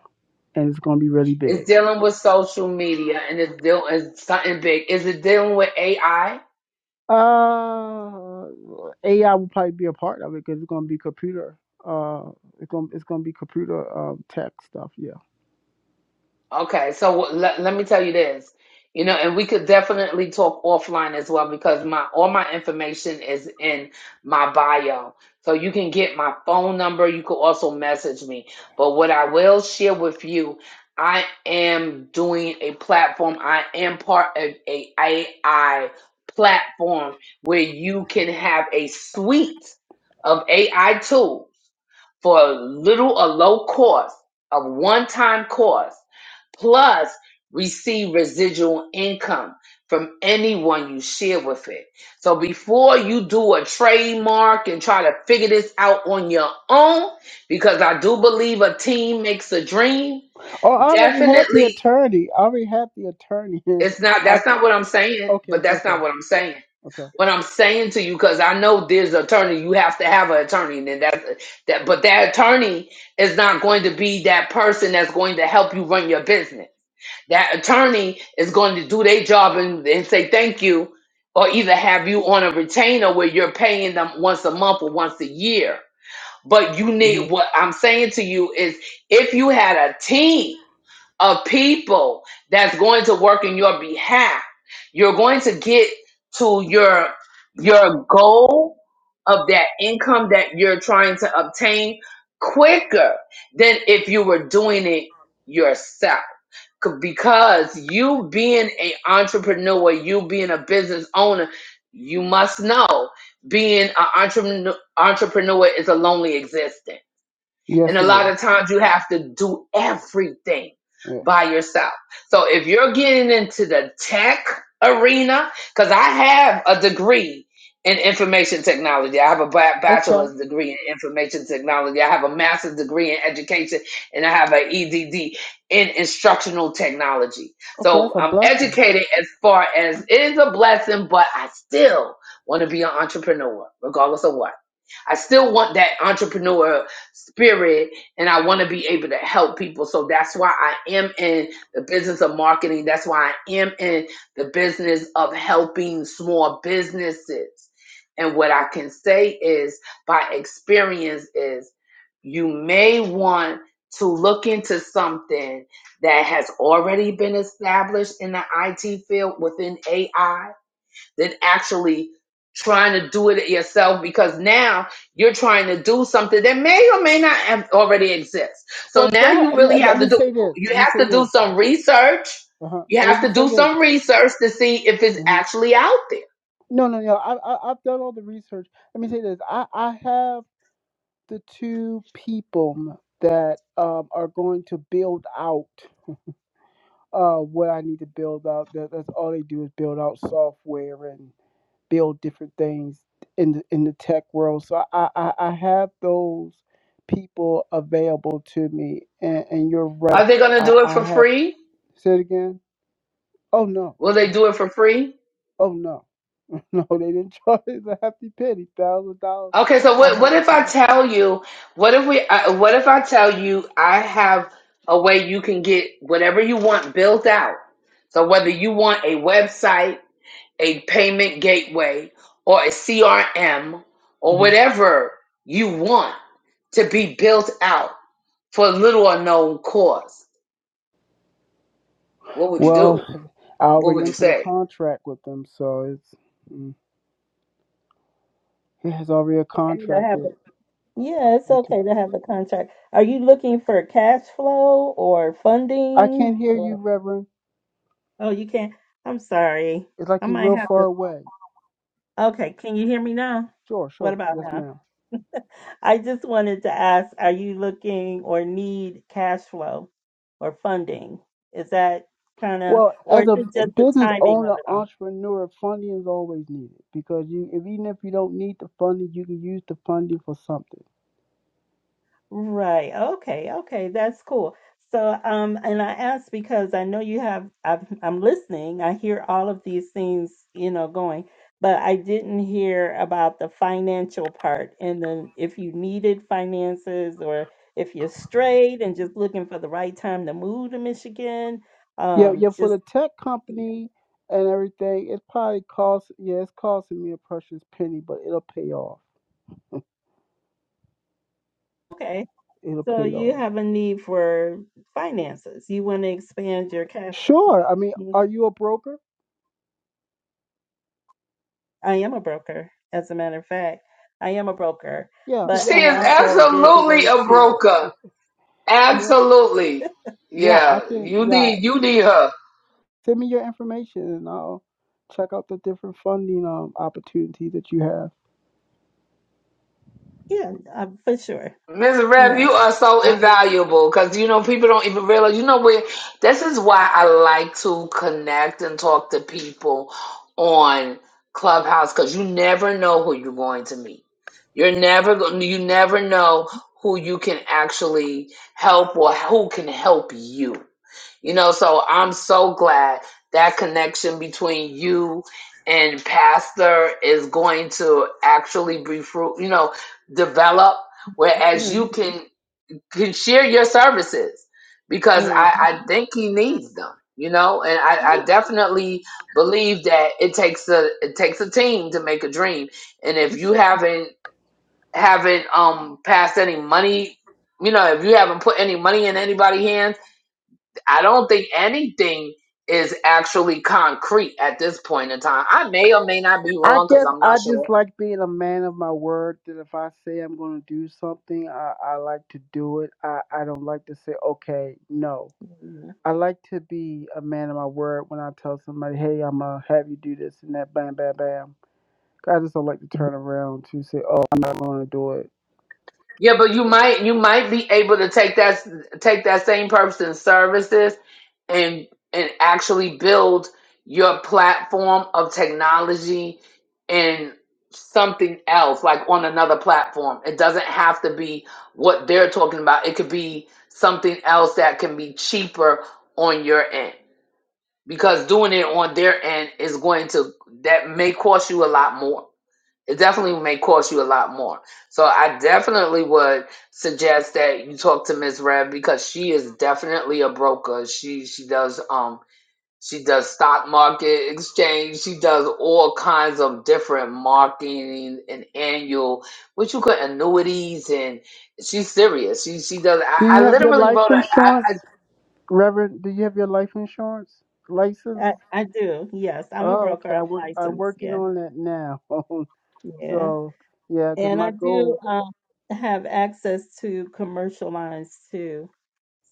and it's going to be really It's big. dealing with social media and it's dealing it's something big. Is it dealing with AI? Uh, AI will probably be a part of it because it's going to be computer. Uh, it's going to it's going to be computer um, tech stuff. Yeah. Okay, so wh- let, let me tell you this, you know, and we could definitely talk offline as well because my all my information is in my bio. So you can get my phone number, you could also message me. But what I will share with you, I am doing a platform. I am part of a AI platform where you can have a suite of AI tools for a little or low cost, a one time cost, plus receive residual income from anyone you share with it. So before you do a trademark and try to figure this out on your own, because I do believe a team makes a dream, Oh, I already had the definitely attorney. I already had the attorney. it's not I that's not what I'm saying, okay, but okay, that's okay, not what I'm saying. okay. What I'm saying to you because I know there's an attorney. You have to have an attorney, and then that that. But that attorney is not going to be that person that's going to help you run your business. That attorney is going to do their job and, and say thank you, or either have you on a retainer where you're paying them once a month or once a year. But you hmm need what I'm saying to you is if you had a team of people that's going to work in your behalf. You're going to get to your your goal of that income that you're trying to obtain quicker than if you were doing it yourself. C- Because you being an entrepreneur, you being a business owner, you must know being an entrepreneur, entrepreneur is a lonely existence and Yes, a it lot is. of times you have to do everything Yes. by yourself. So if you're getting into the tech arena, because I have a degree in information technology, I have a ba- Okay. bachelor's degree in information technology, I have a master's degree in education, and I have an EDD in instructional technology. Okay, that's So a I'm blessing. educated as far as it is a blessing, but I still want to be an entrepreneur, regardless of what. I still want that entrepreneur spirit and I want to be able to help people. So that's why I am in the business of marketing. That's why I am in the business of helping small businesses. And what I can say is by experience is you may want to look into something that has already been established in the IT field within AI than actually trying to do it yourself because now you're trying to do something that may or may not have already exist. Well, So now God, you really let me, let have to me do say this. you Let me say have to do this. some research. Uh-huh. You Let have me to say do this. some research to see if it's hmm actually out there. No, no, no. I, I, I've done all the research. Let me say this. I, I have the two people that um, are going to build out uh, what I need to build out. That, that's all they do is build out software and build different things in the, in the tech world. So I, I, I have those people available to me. And, and you're right. Are they going to I, do it I for have. free? Say it again. Oh no. Will they do it for free? Oh no, no, they didn't charge us a hefty penny, thousand dollars. Okay, so I what had what to if pay. I tell you, what if we uh, what if I tell you I have a way you can get whatever you want built out. So whether you want a website a payment gateway or a CRM or hmm whatever you want to be built out for little or no cost, what would you Well, do? I What already would you entered a say? contract with them, so it's mm, it has already a Okay to contract have with. a- yeah, it's okay to have the contract. Are you looking for cash flow or I can't funding hear you, Reverend. Oh, you can't. I'm sorry. It's I like you're might real have far to. away. Okay, can you hear me now? Sure, What sure, about yes, now? ma'am. I just wanted to ask, are you looking or need cash flow or funding? Is that kind of, Well, or as is a it just the business timing of owner, it all? entrepreneur, funding is always needed because you, if, even if you don't need the funding, you can use the funding for something. Right. Okay. Okay. That's cool. So, um, and I asked because I know you have, I've, I'm listening. I hear all of these things, you know, going, but I didn't hear about the financial part. And then if you needed finances or if you're straight and just looking for the right time to move to Michigan, Yeah, um, yeah, for just, the tech company and everything, it probably costs yeah, it's costing me a precious penny, but it'll pay off. okay. It'll So pay you off. have a need for finances. You want to expand your cash. Sure. I mean, are you a broker? I am a broker, as a matter of fact. I am a broker. Yeah, But She yeah, and is I also there's a absolutely way a to broker. yeah. Absolutely. Yeah, I Yeah, can you yeah. need you need her. Send me your information and I'll check out the different funding um opportunities that you have. yeah, uh, for sure. Ms. Rev, Yeah. you are so Um invaluable because you know people don't even realize. You know what? This is why I like to connect and talk to people on Clubhouse because you never know who you're going to meet. You're never going. You never know who you can actually help or who can help you. You know, so I'm so glad that connection between you and pastor is going to actually be fruit, you know, develop whereas mm, you can can share your services because mm, I, I think he needs them, you know, and I, I definitely believe that it takes a it takes a team to make a dream. And if you sure. haven't haven't um passed any money, you know, if you haven't put any money in anybody's hands I don't think anything is actually concrete at this point in time. I may or may not be I wrong because guess I'm not I sure. just like being a man of my word that if I say I'm gonna do something, I, I like to do it. I, I don't like to say, okay, no. Mhm. I like to be a man of my word when I tell somebody, hey, I'm going to have you do this and that, bam, bam, bam. I just don't like to turn around to say, oh, I'm not going to do it. Yeah, but you might you might be able to take that take that same person's services and and actually build your platform of technology and something else like on another platform it doesn't have to be what they're talking about it could be something else that can be cheaper on your end because doing it on their end is going to that may cost you a lot more it definitely may cost you a lot more so i definitely would suggest that you talk to ms Rev because she is definitely a broker she she does um she does stock market exchange she does all kinds of different marketing and annual which you could annuities and she's serious she she does Do i, you I have your literally life wrote a insurance, I Reverend? Do you have your life insurance license? I, I do, yes. I'm a Oh, broker, okay. I I'm work, I'm licensed, working yeah. on that now. Yeah. so, yeah, because And I my do goal. um have access to commercial lines too.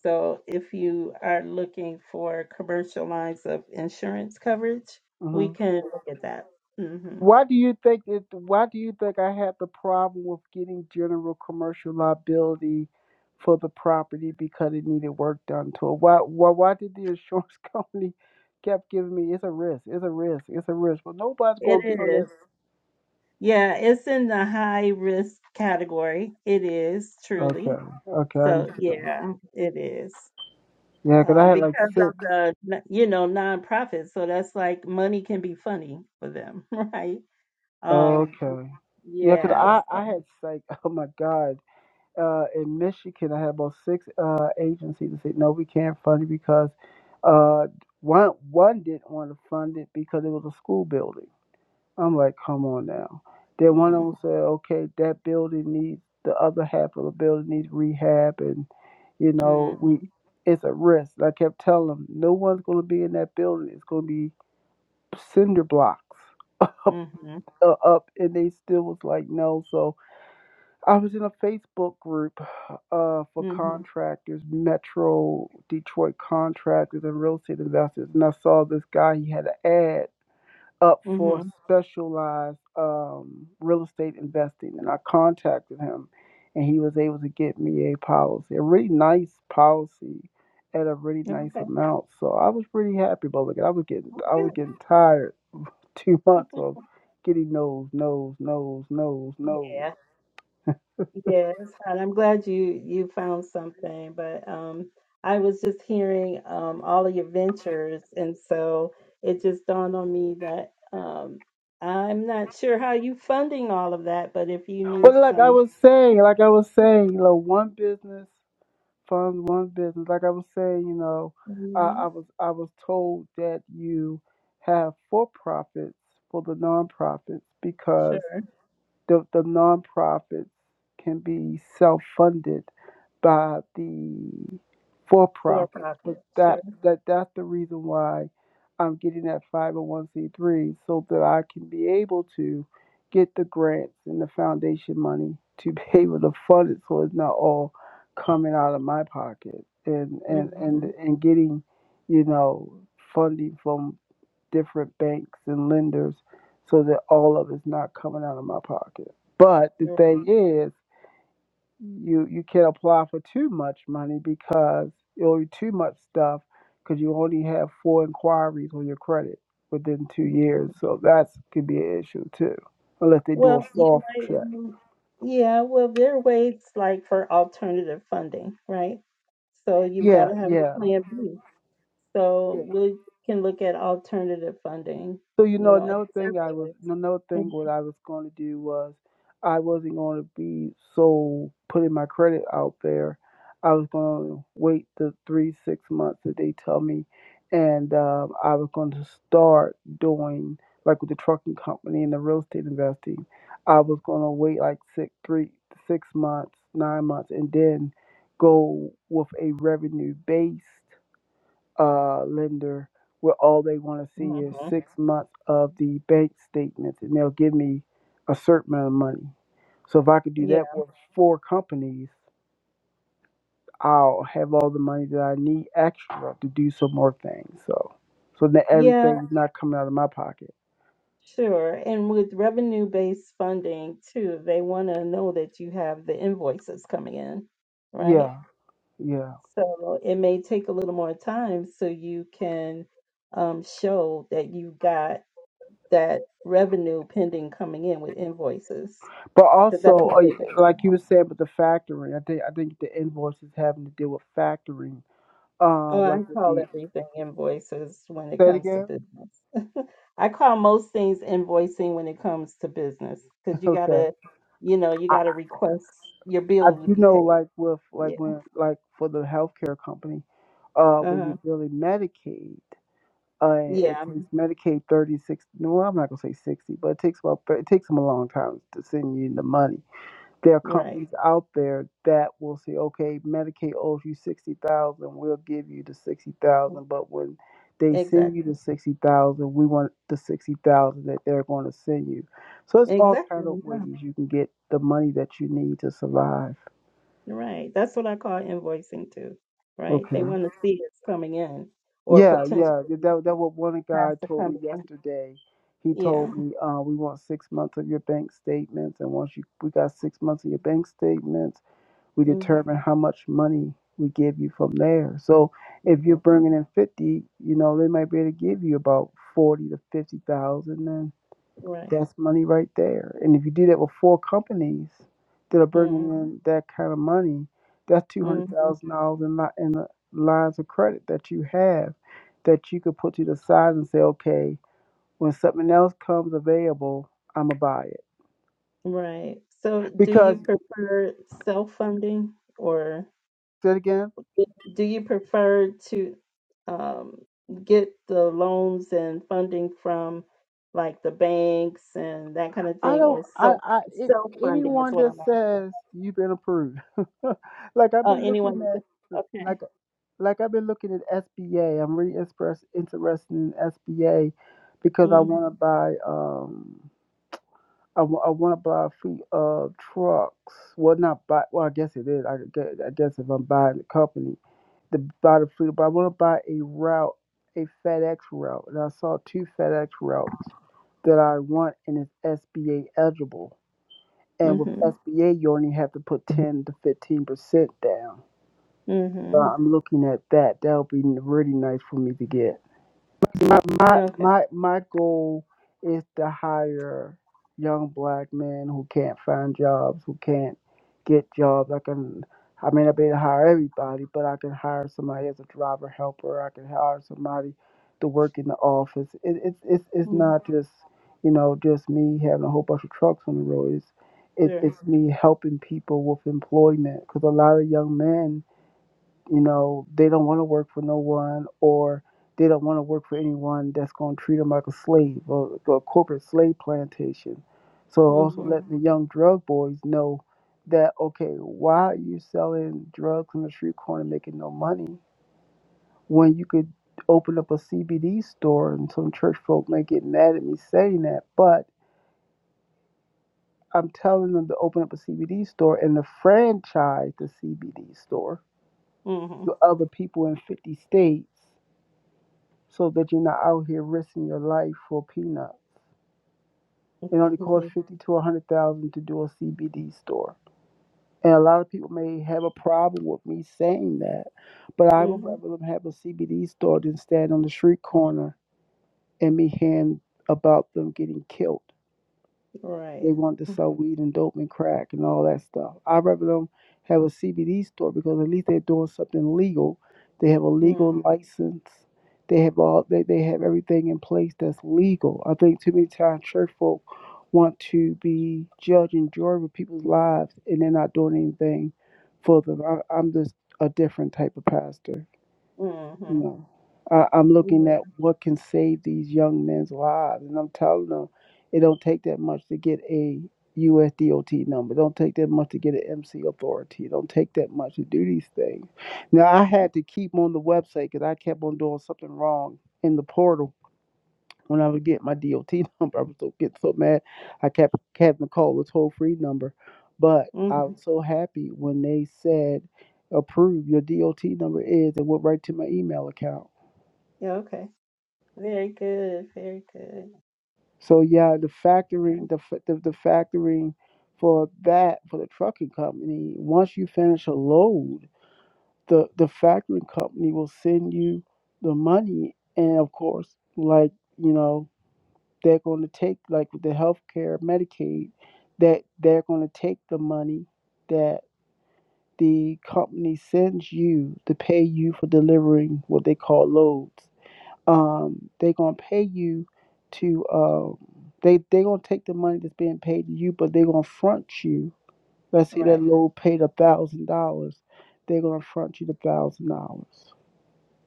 So if you are looking for commercial lines of insurance coverage, we mm-hmm. can look at that. hmm Why do you think it? Why do you think I had the problem with getting general commercial liability for the property because it needed work done to it? Why? Why? Why did the insurance company kept giving me it's a risk, it's a risk, it's a risk? Well, nobody's It going to be on is. that. Yeah, it's in the high risk category. It is truly. Okay, okay, I So understand. yeah, it is. Yeah, 'cause I Um, had like because of six. the n- you know nonprofit, so that's like money can be funny for them, right? Um, Okay, Yeah, because yes. I I had like oh my god. uh, in Michigan, I had about six uh, agencies that said, "No, we can't fund it because uh, one one didn't want to fund it because it was a school building." I'm like, "Come on now." Then one of Mm, them said, "Okay, that building needs the other half of the building needs rehab, and you mm, know we it's a risk." And I kept telling them, "No one's going to be in that building. It's going to be cinder blocks." Up, mm-hmm, uh, up, and they still was like, no. So I was in a Facebook group uh, for mm-hmm, contractors, Metro Detroit contractors, and real estate investors, and I saw this guy. He had an ad up for mm-hmm. specialized um, real estate investing, and I contacted him, and he was able to get me a policy, a really nice policy at a really nice Okay, amount. So I was pretty happy But look, I was getting, well, I was good. getting tired two months of getting no's, no's, no's, no's, no's. Yeah. Yes, and I'm glad you you found something. But um, I was just hearing um, all of your ventures, and so it just dawned on me that um, I'm not sure how you funding all of that. But if you need Well, like I some, was saying, like I was saying, you know, one business funds one business. Like I was saying, you know, I, I Mhm, was I was told that you have for profits for the nonprofits sure, because the the nonprofits can be self funded by the for for profit. profit, But sure. that that that's the reason why I'm getting that 501c3 so that I can be able to get the grants and the foundation money to be able to fund it so it's not all coming out of my pocket and and and hmm and getting you know funding from different banks and lenders so that all of it's not coming out of my pocket. But the thing is you you can't apply for too much money because it'll be too much stuff because you only have four inquiries on your credit within two years. So that's could be an issue too, unless they do a Well, you soft might, check. want- yeah. Well, there are ways like for alternative funding, right? So you've got Yeah, to have your yeah, plan B. yeah. So we can look at alternative funding, So you you know, know, in another several thing I was ways. another thing what I was going to do was I wasn't going to be so putting my credit out there. I was going to wait the three six months that they tell me, and um, I was going to start doing like with the trucking company and the real estate investing. I was going to wait like six three six months nine months and then go with a revenue based uh, lender where all they want to see is Mhm. six months of the bank statements and they'll give me a certain amount of money. So if I could do Yeah. that with four companies, I'll have all the money that I need extra to do some more things. So so that Yeah, everything's not coming out of my pocket. sure. And with revenue-based funding too, they want to know that you have the invoices coming in, right? Yeah, yeah. So it may take a little more time so you can um, show that you got that revenue pending coming in with invoices, But because also, that's what uh, they base it like you on. were saying with the factoring, I think I think the invoice is having to deal with factoring. Uh, Oh, I like with call the everything invoices when it say it comes to again. business. I call most things invoicing when it comes to business because you Okay. gotta, you know, you I, gotta request your I bill to do be know, paid. like with like Yeah. when like for the healthcare company, uh, when Uh-huh. you're billing Medicaid, uh, it Yeah. takes Medicaid thirty six. Well, I'm not gonna say sixty, but it takes about thir- it takes them a long time to send you the money. There are Right. companies out there that will say, okay, Medicaid owes you sixty thousand, we'll give you the sixty thousand, but when they send you Exactly. the sixty thousand, we want the sixty thousand that they're going to send you. So it's all kind Exactly. of ways Yeah. you can get the money that you need to survive. Right. That's what I call invoicing too. Right. Okay. They want to see it's coming in or Yeah, potentially yeah. That that what one has guy to told come me in. yesterday. He told Yeah. me, uh, we want six months of your bank statements, and once you we got six months of your bank statements, we hmm determine how much money we give you from there. So if you're bringing in fifty, you know they might be able to give you about forty to fifty thousand. Right. That's money right there. And if you do that with four companies that are bringing in hmm that kind of money, that's two hundred thousand dollars in li- in the lines of credit that you have that you could put to the side and say, okay, when something else comes available, I'm gonna buy it. Right. So do you Because prefer self-funding or said again, do you prefer to um, get the loans and funding from like the banks and that kind of I thing or don't. I self I it, self-funding is anyone what that I'm asking. says you've been approved, like I've Uh, been anyone? looking that- at. Okay. like. like I've been looking at SBA. I'm really express, interested in SBA because I hmm want to buy um I w- I want to buy a fleet of trucks. Well, not buy. Well, I guess it is. I guess, I guess if I'm buying the company, the buy the fleet. But I want to buy a route, a FedEx route, and I saw two FedEx routes that I want, and it's SBA eligible. And with hmm SBA, you only have to put ten to fifteen percent down. So hmm I'm looking at that. That would be really nice for me to get. my my Okay. my my goal is to hire young black men who can't find jobs, who can't get jobs. I can I may not be able to hire everybody, but I can hire somebody as a driver helper. I can hire somebody to work in the office. It, it's it's it's Mm, not just you know just me having a whole bunch of trucks on the road. It's it, Sure. it's me helping people with employment because a lot of young men you know they don't want to work for no one or they don't want to work for anyone that's going to treat them like a slave or a corporate slave plantation so also hmm let the young drug boys know that okay why are you selling drugs on the street corner making no money when you could open up a cbd store and some church folk may get mad at me saying that but i'm telling them to open up a cbd store and to franchise the cbd store hmm to other people in 50 states so that you're not out here risking your life for a peanut. It only costs fifty to a hundred thousand to do a CBD store, and a lot of people may have a problem with me saying that, but I would hmm rather them have a CBD store than stand on the street corner and me hearing about them getting killed. Right. They want to sell weed and dope and crack and all that stuff. I'd rather them have a CBD store because at least they're doing something legal. They have a Mm-hmm. legal license. They have all they, they have everything in place that's legal. I think too many times church folk want to be judge and jury with people's lives and they're not doing anything for them. I, I'm just a different type of pastor. Mm-hmm. No. I, I'm looking at Yeah. what can save these young men's lives. And I'm telling them it don't take that much to get a USDOT number. Don't take that much to get an MC authority. Don't take that much to do these things. Now, I had to keep on the website because I kept on doing something wrong in the portal when I would get my DOT number. I was so getting so mad. I kept, kept having to call the toll free number. But I hmm was so happy when they said, approve your DOT number is and went right to my email account. Yeah, okay. Very good, very good. So yeah, the factoring, the fa- the, the factoring for that for the trucking company. Once you finish a load, the the factoring company will send you the money, and of course, like you know, they're going to take like with the healthcare Medicaid, that they're going to take the money that the company sends you to pay you for delivering what they call loads um, they're gonna pay you to uh, they they're gonna take the money that's being paid to you, but they're gonna front you. Let's say that Right. low paid a thousand dollars, they're gonna front you the thousand dollars,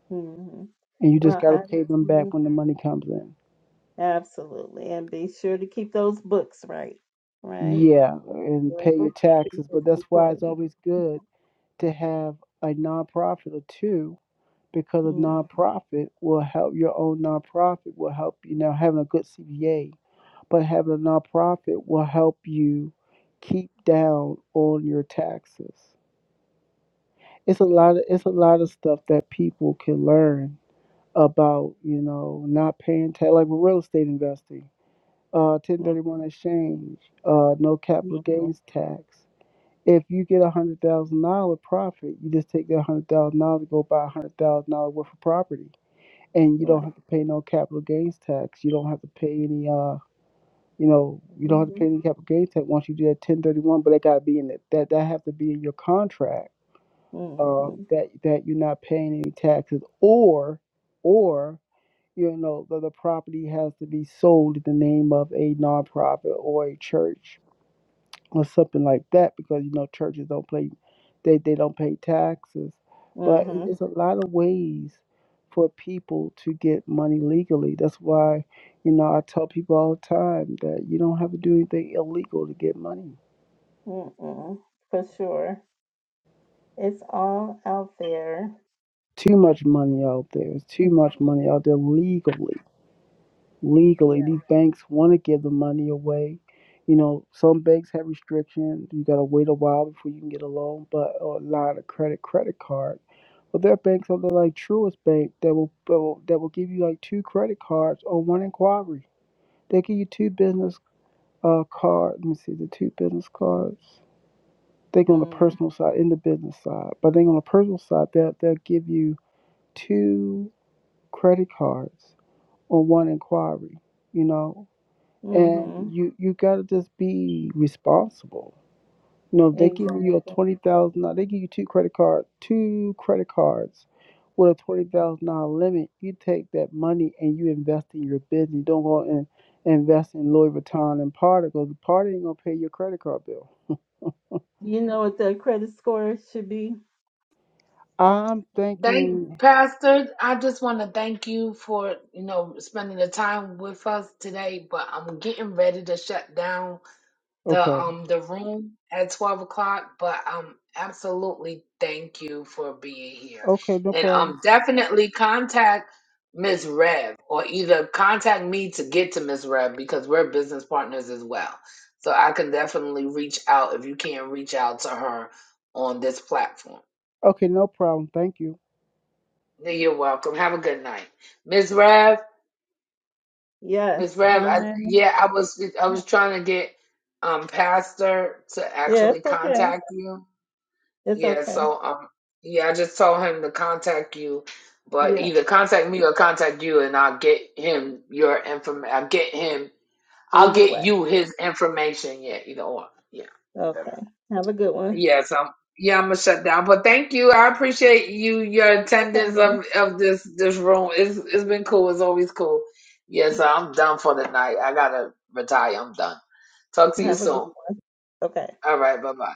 hmm and you just Well, gotta I pay them back Mhm. when the money comes in. absolutely, and be sure to keep those books right. Right. Yeah, and Your pay your bookkeeping taxes. is But that's why it's important. always good to have a nonprofit or two because a hmm nonprofit will help your own nonprofit will help you now having a good CVA. but having a nonprofit will help you keep down on your taxes. It's a lot of it's a lot of stuff that people can learn about, you know, not paying tax like with real estate investing, uh, ten hmm thirty one exchange, uh, no capital gains tax. If you get a hundred thousand dollar profit, you just take that hundred thousand dollars and go buy a hundred thousand dollar worth of property, and you don't Right. have to pay no capital gains tax. You don't have to pay any. uh You know, you don't have to hmm pay any capital gains tax once you do that 1031, but that got to be in it. That that have to be in your contract uh, hmm that that you're not paying any taxes, or or you know the, the property has to be sold in the name of a nonprofit or a church or something like that because you know churches don't play they they don't pay taxes, but it- hmm it's a lot of ways for people to get money legally. That's why, you know, I tell people all the time that you don't have to do anything illegal to get money. hmm For sure, it's all out there. Too much money out there. There's too much Mhm. money out there legally. Yeah. Legally, these banks want to give the money away. You know, some banks have restrictions. You got to wait a while before you can get a loan, but or a lot of credit, credit cards. But there are banks out there like Truist Bank that will, that will that will give you like two credit cards on one inquiry. They give you two business uh cards. Let me see the two business cards. They go on the Mm. personal side and the business side, but then on the personal side, they'll they'll give you two credit cards on one inquiry. You know, hmm and you you gotta just be responsible No, if they give you a Exactly. twenty thousand, they give you two credit cards, two credit cards with a twenty thousand dollar limit. You take that money and you invest in your business. You don't go and invest in Louis Vuitton and Prada because the Prada ain't gonna pay your credit card bill. You know what the credit score should be? I'm Thank thinking, Pastor. I just want to thank you for you know spending the time with us today. But I'm getting ready to shut down the okay, um the room at twelve o'clock. But um absolutely thank you for being here, okay, no and problem, um definitely contact Miss Rev or either contact me to get to Miss Rev because we're business partners as well. So I can definitely reach out if you can't reach out to her on this platform. okay, no problem. Thank you. You're welcome. Have a good night, Miss Rev. Yes, Miss Rev, I, I. yeah, I was I was trying to get um Pastor to Yes. actually Okay. contact you. It's Yeah, okay. so um yeah, I just told him to contact you, but Yeah. either contact me or contact you, and I'll get him your information. I'll get him. I'll Either get way. you his information. Yeah, either or. Yeah, either. Okay. Have a good one. Yes, I'm. Yeah, I'm gonna shut down. But thank you. I appreciate you your No attendance problem. of of this this room. It's it's been cool. It's always cool. Yes, I'm done for the night. I gotta retire. I'm done. Talk to you Have a good soon. one. Okay. All right. Bye bye.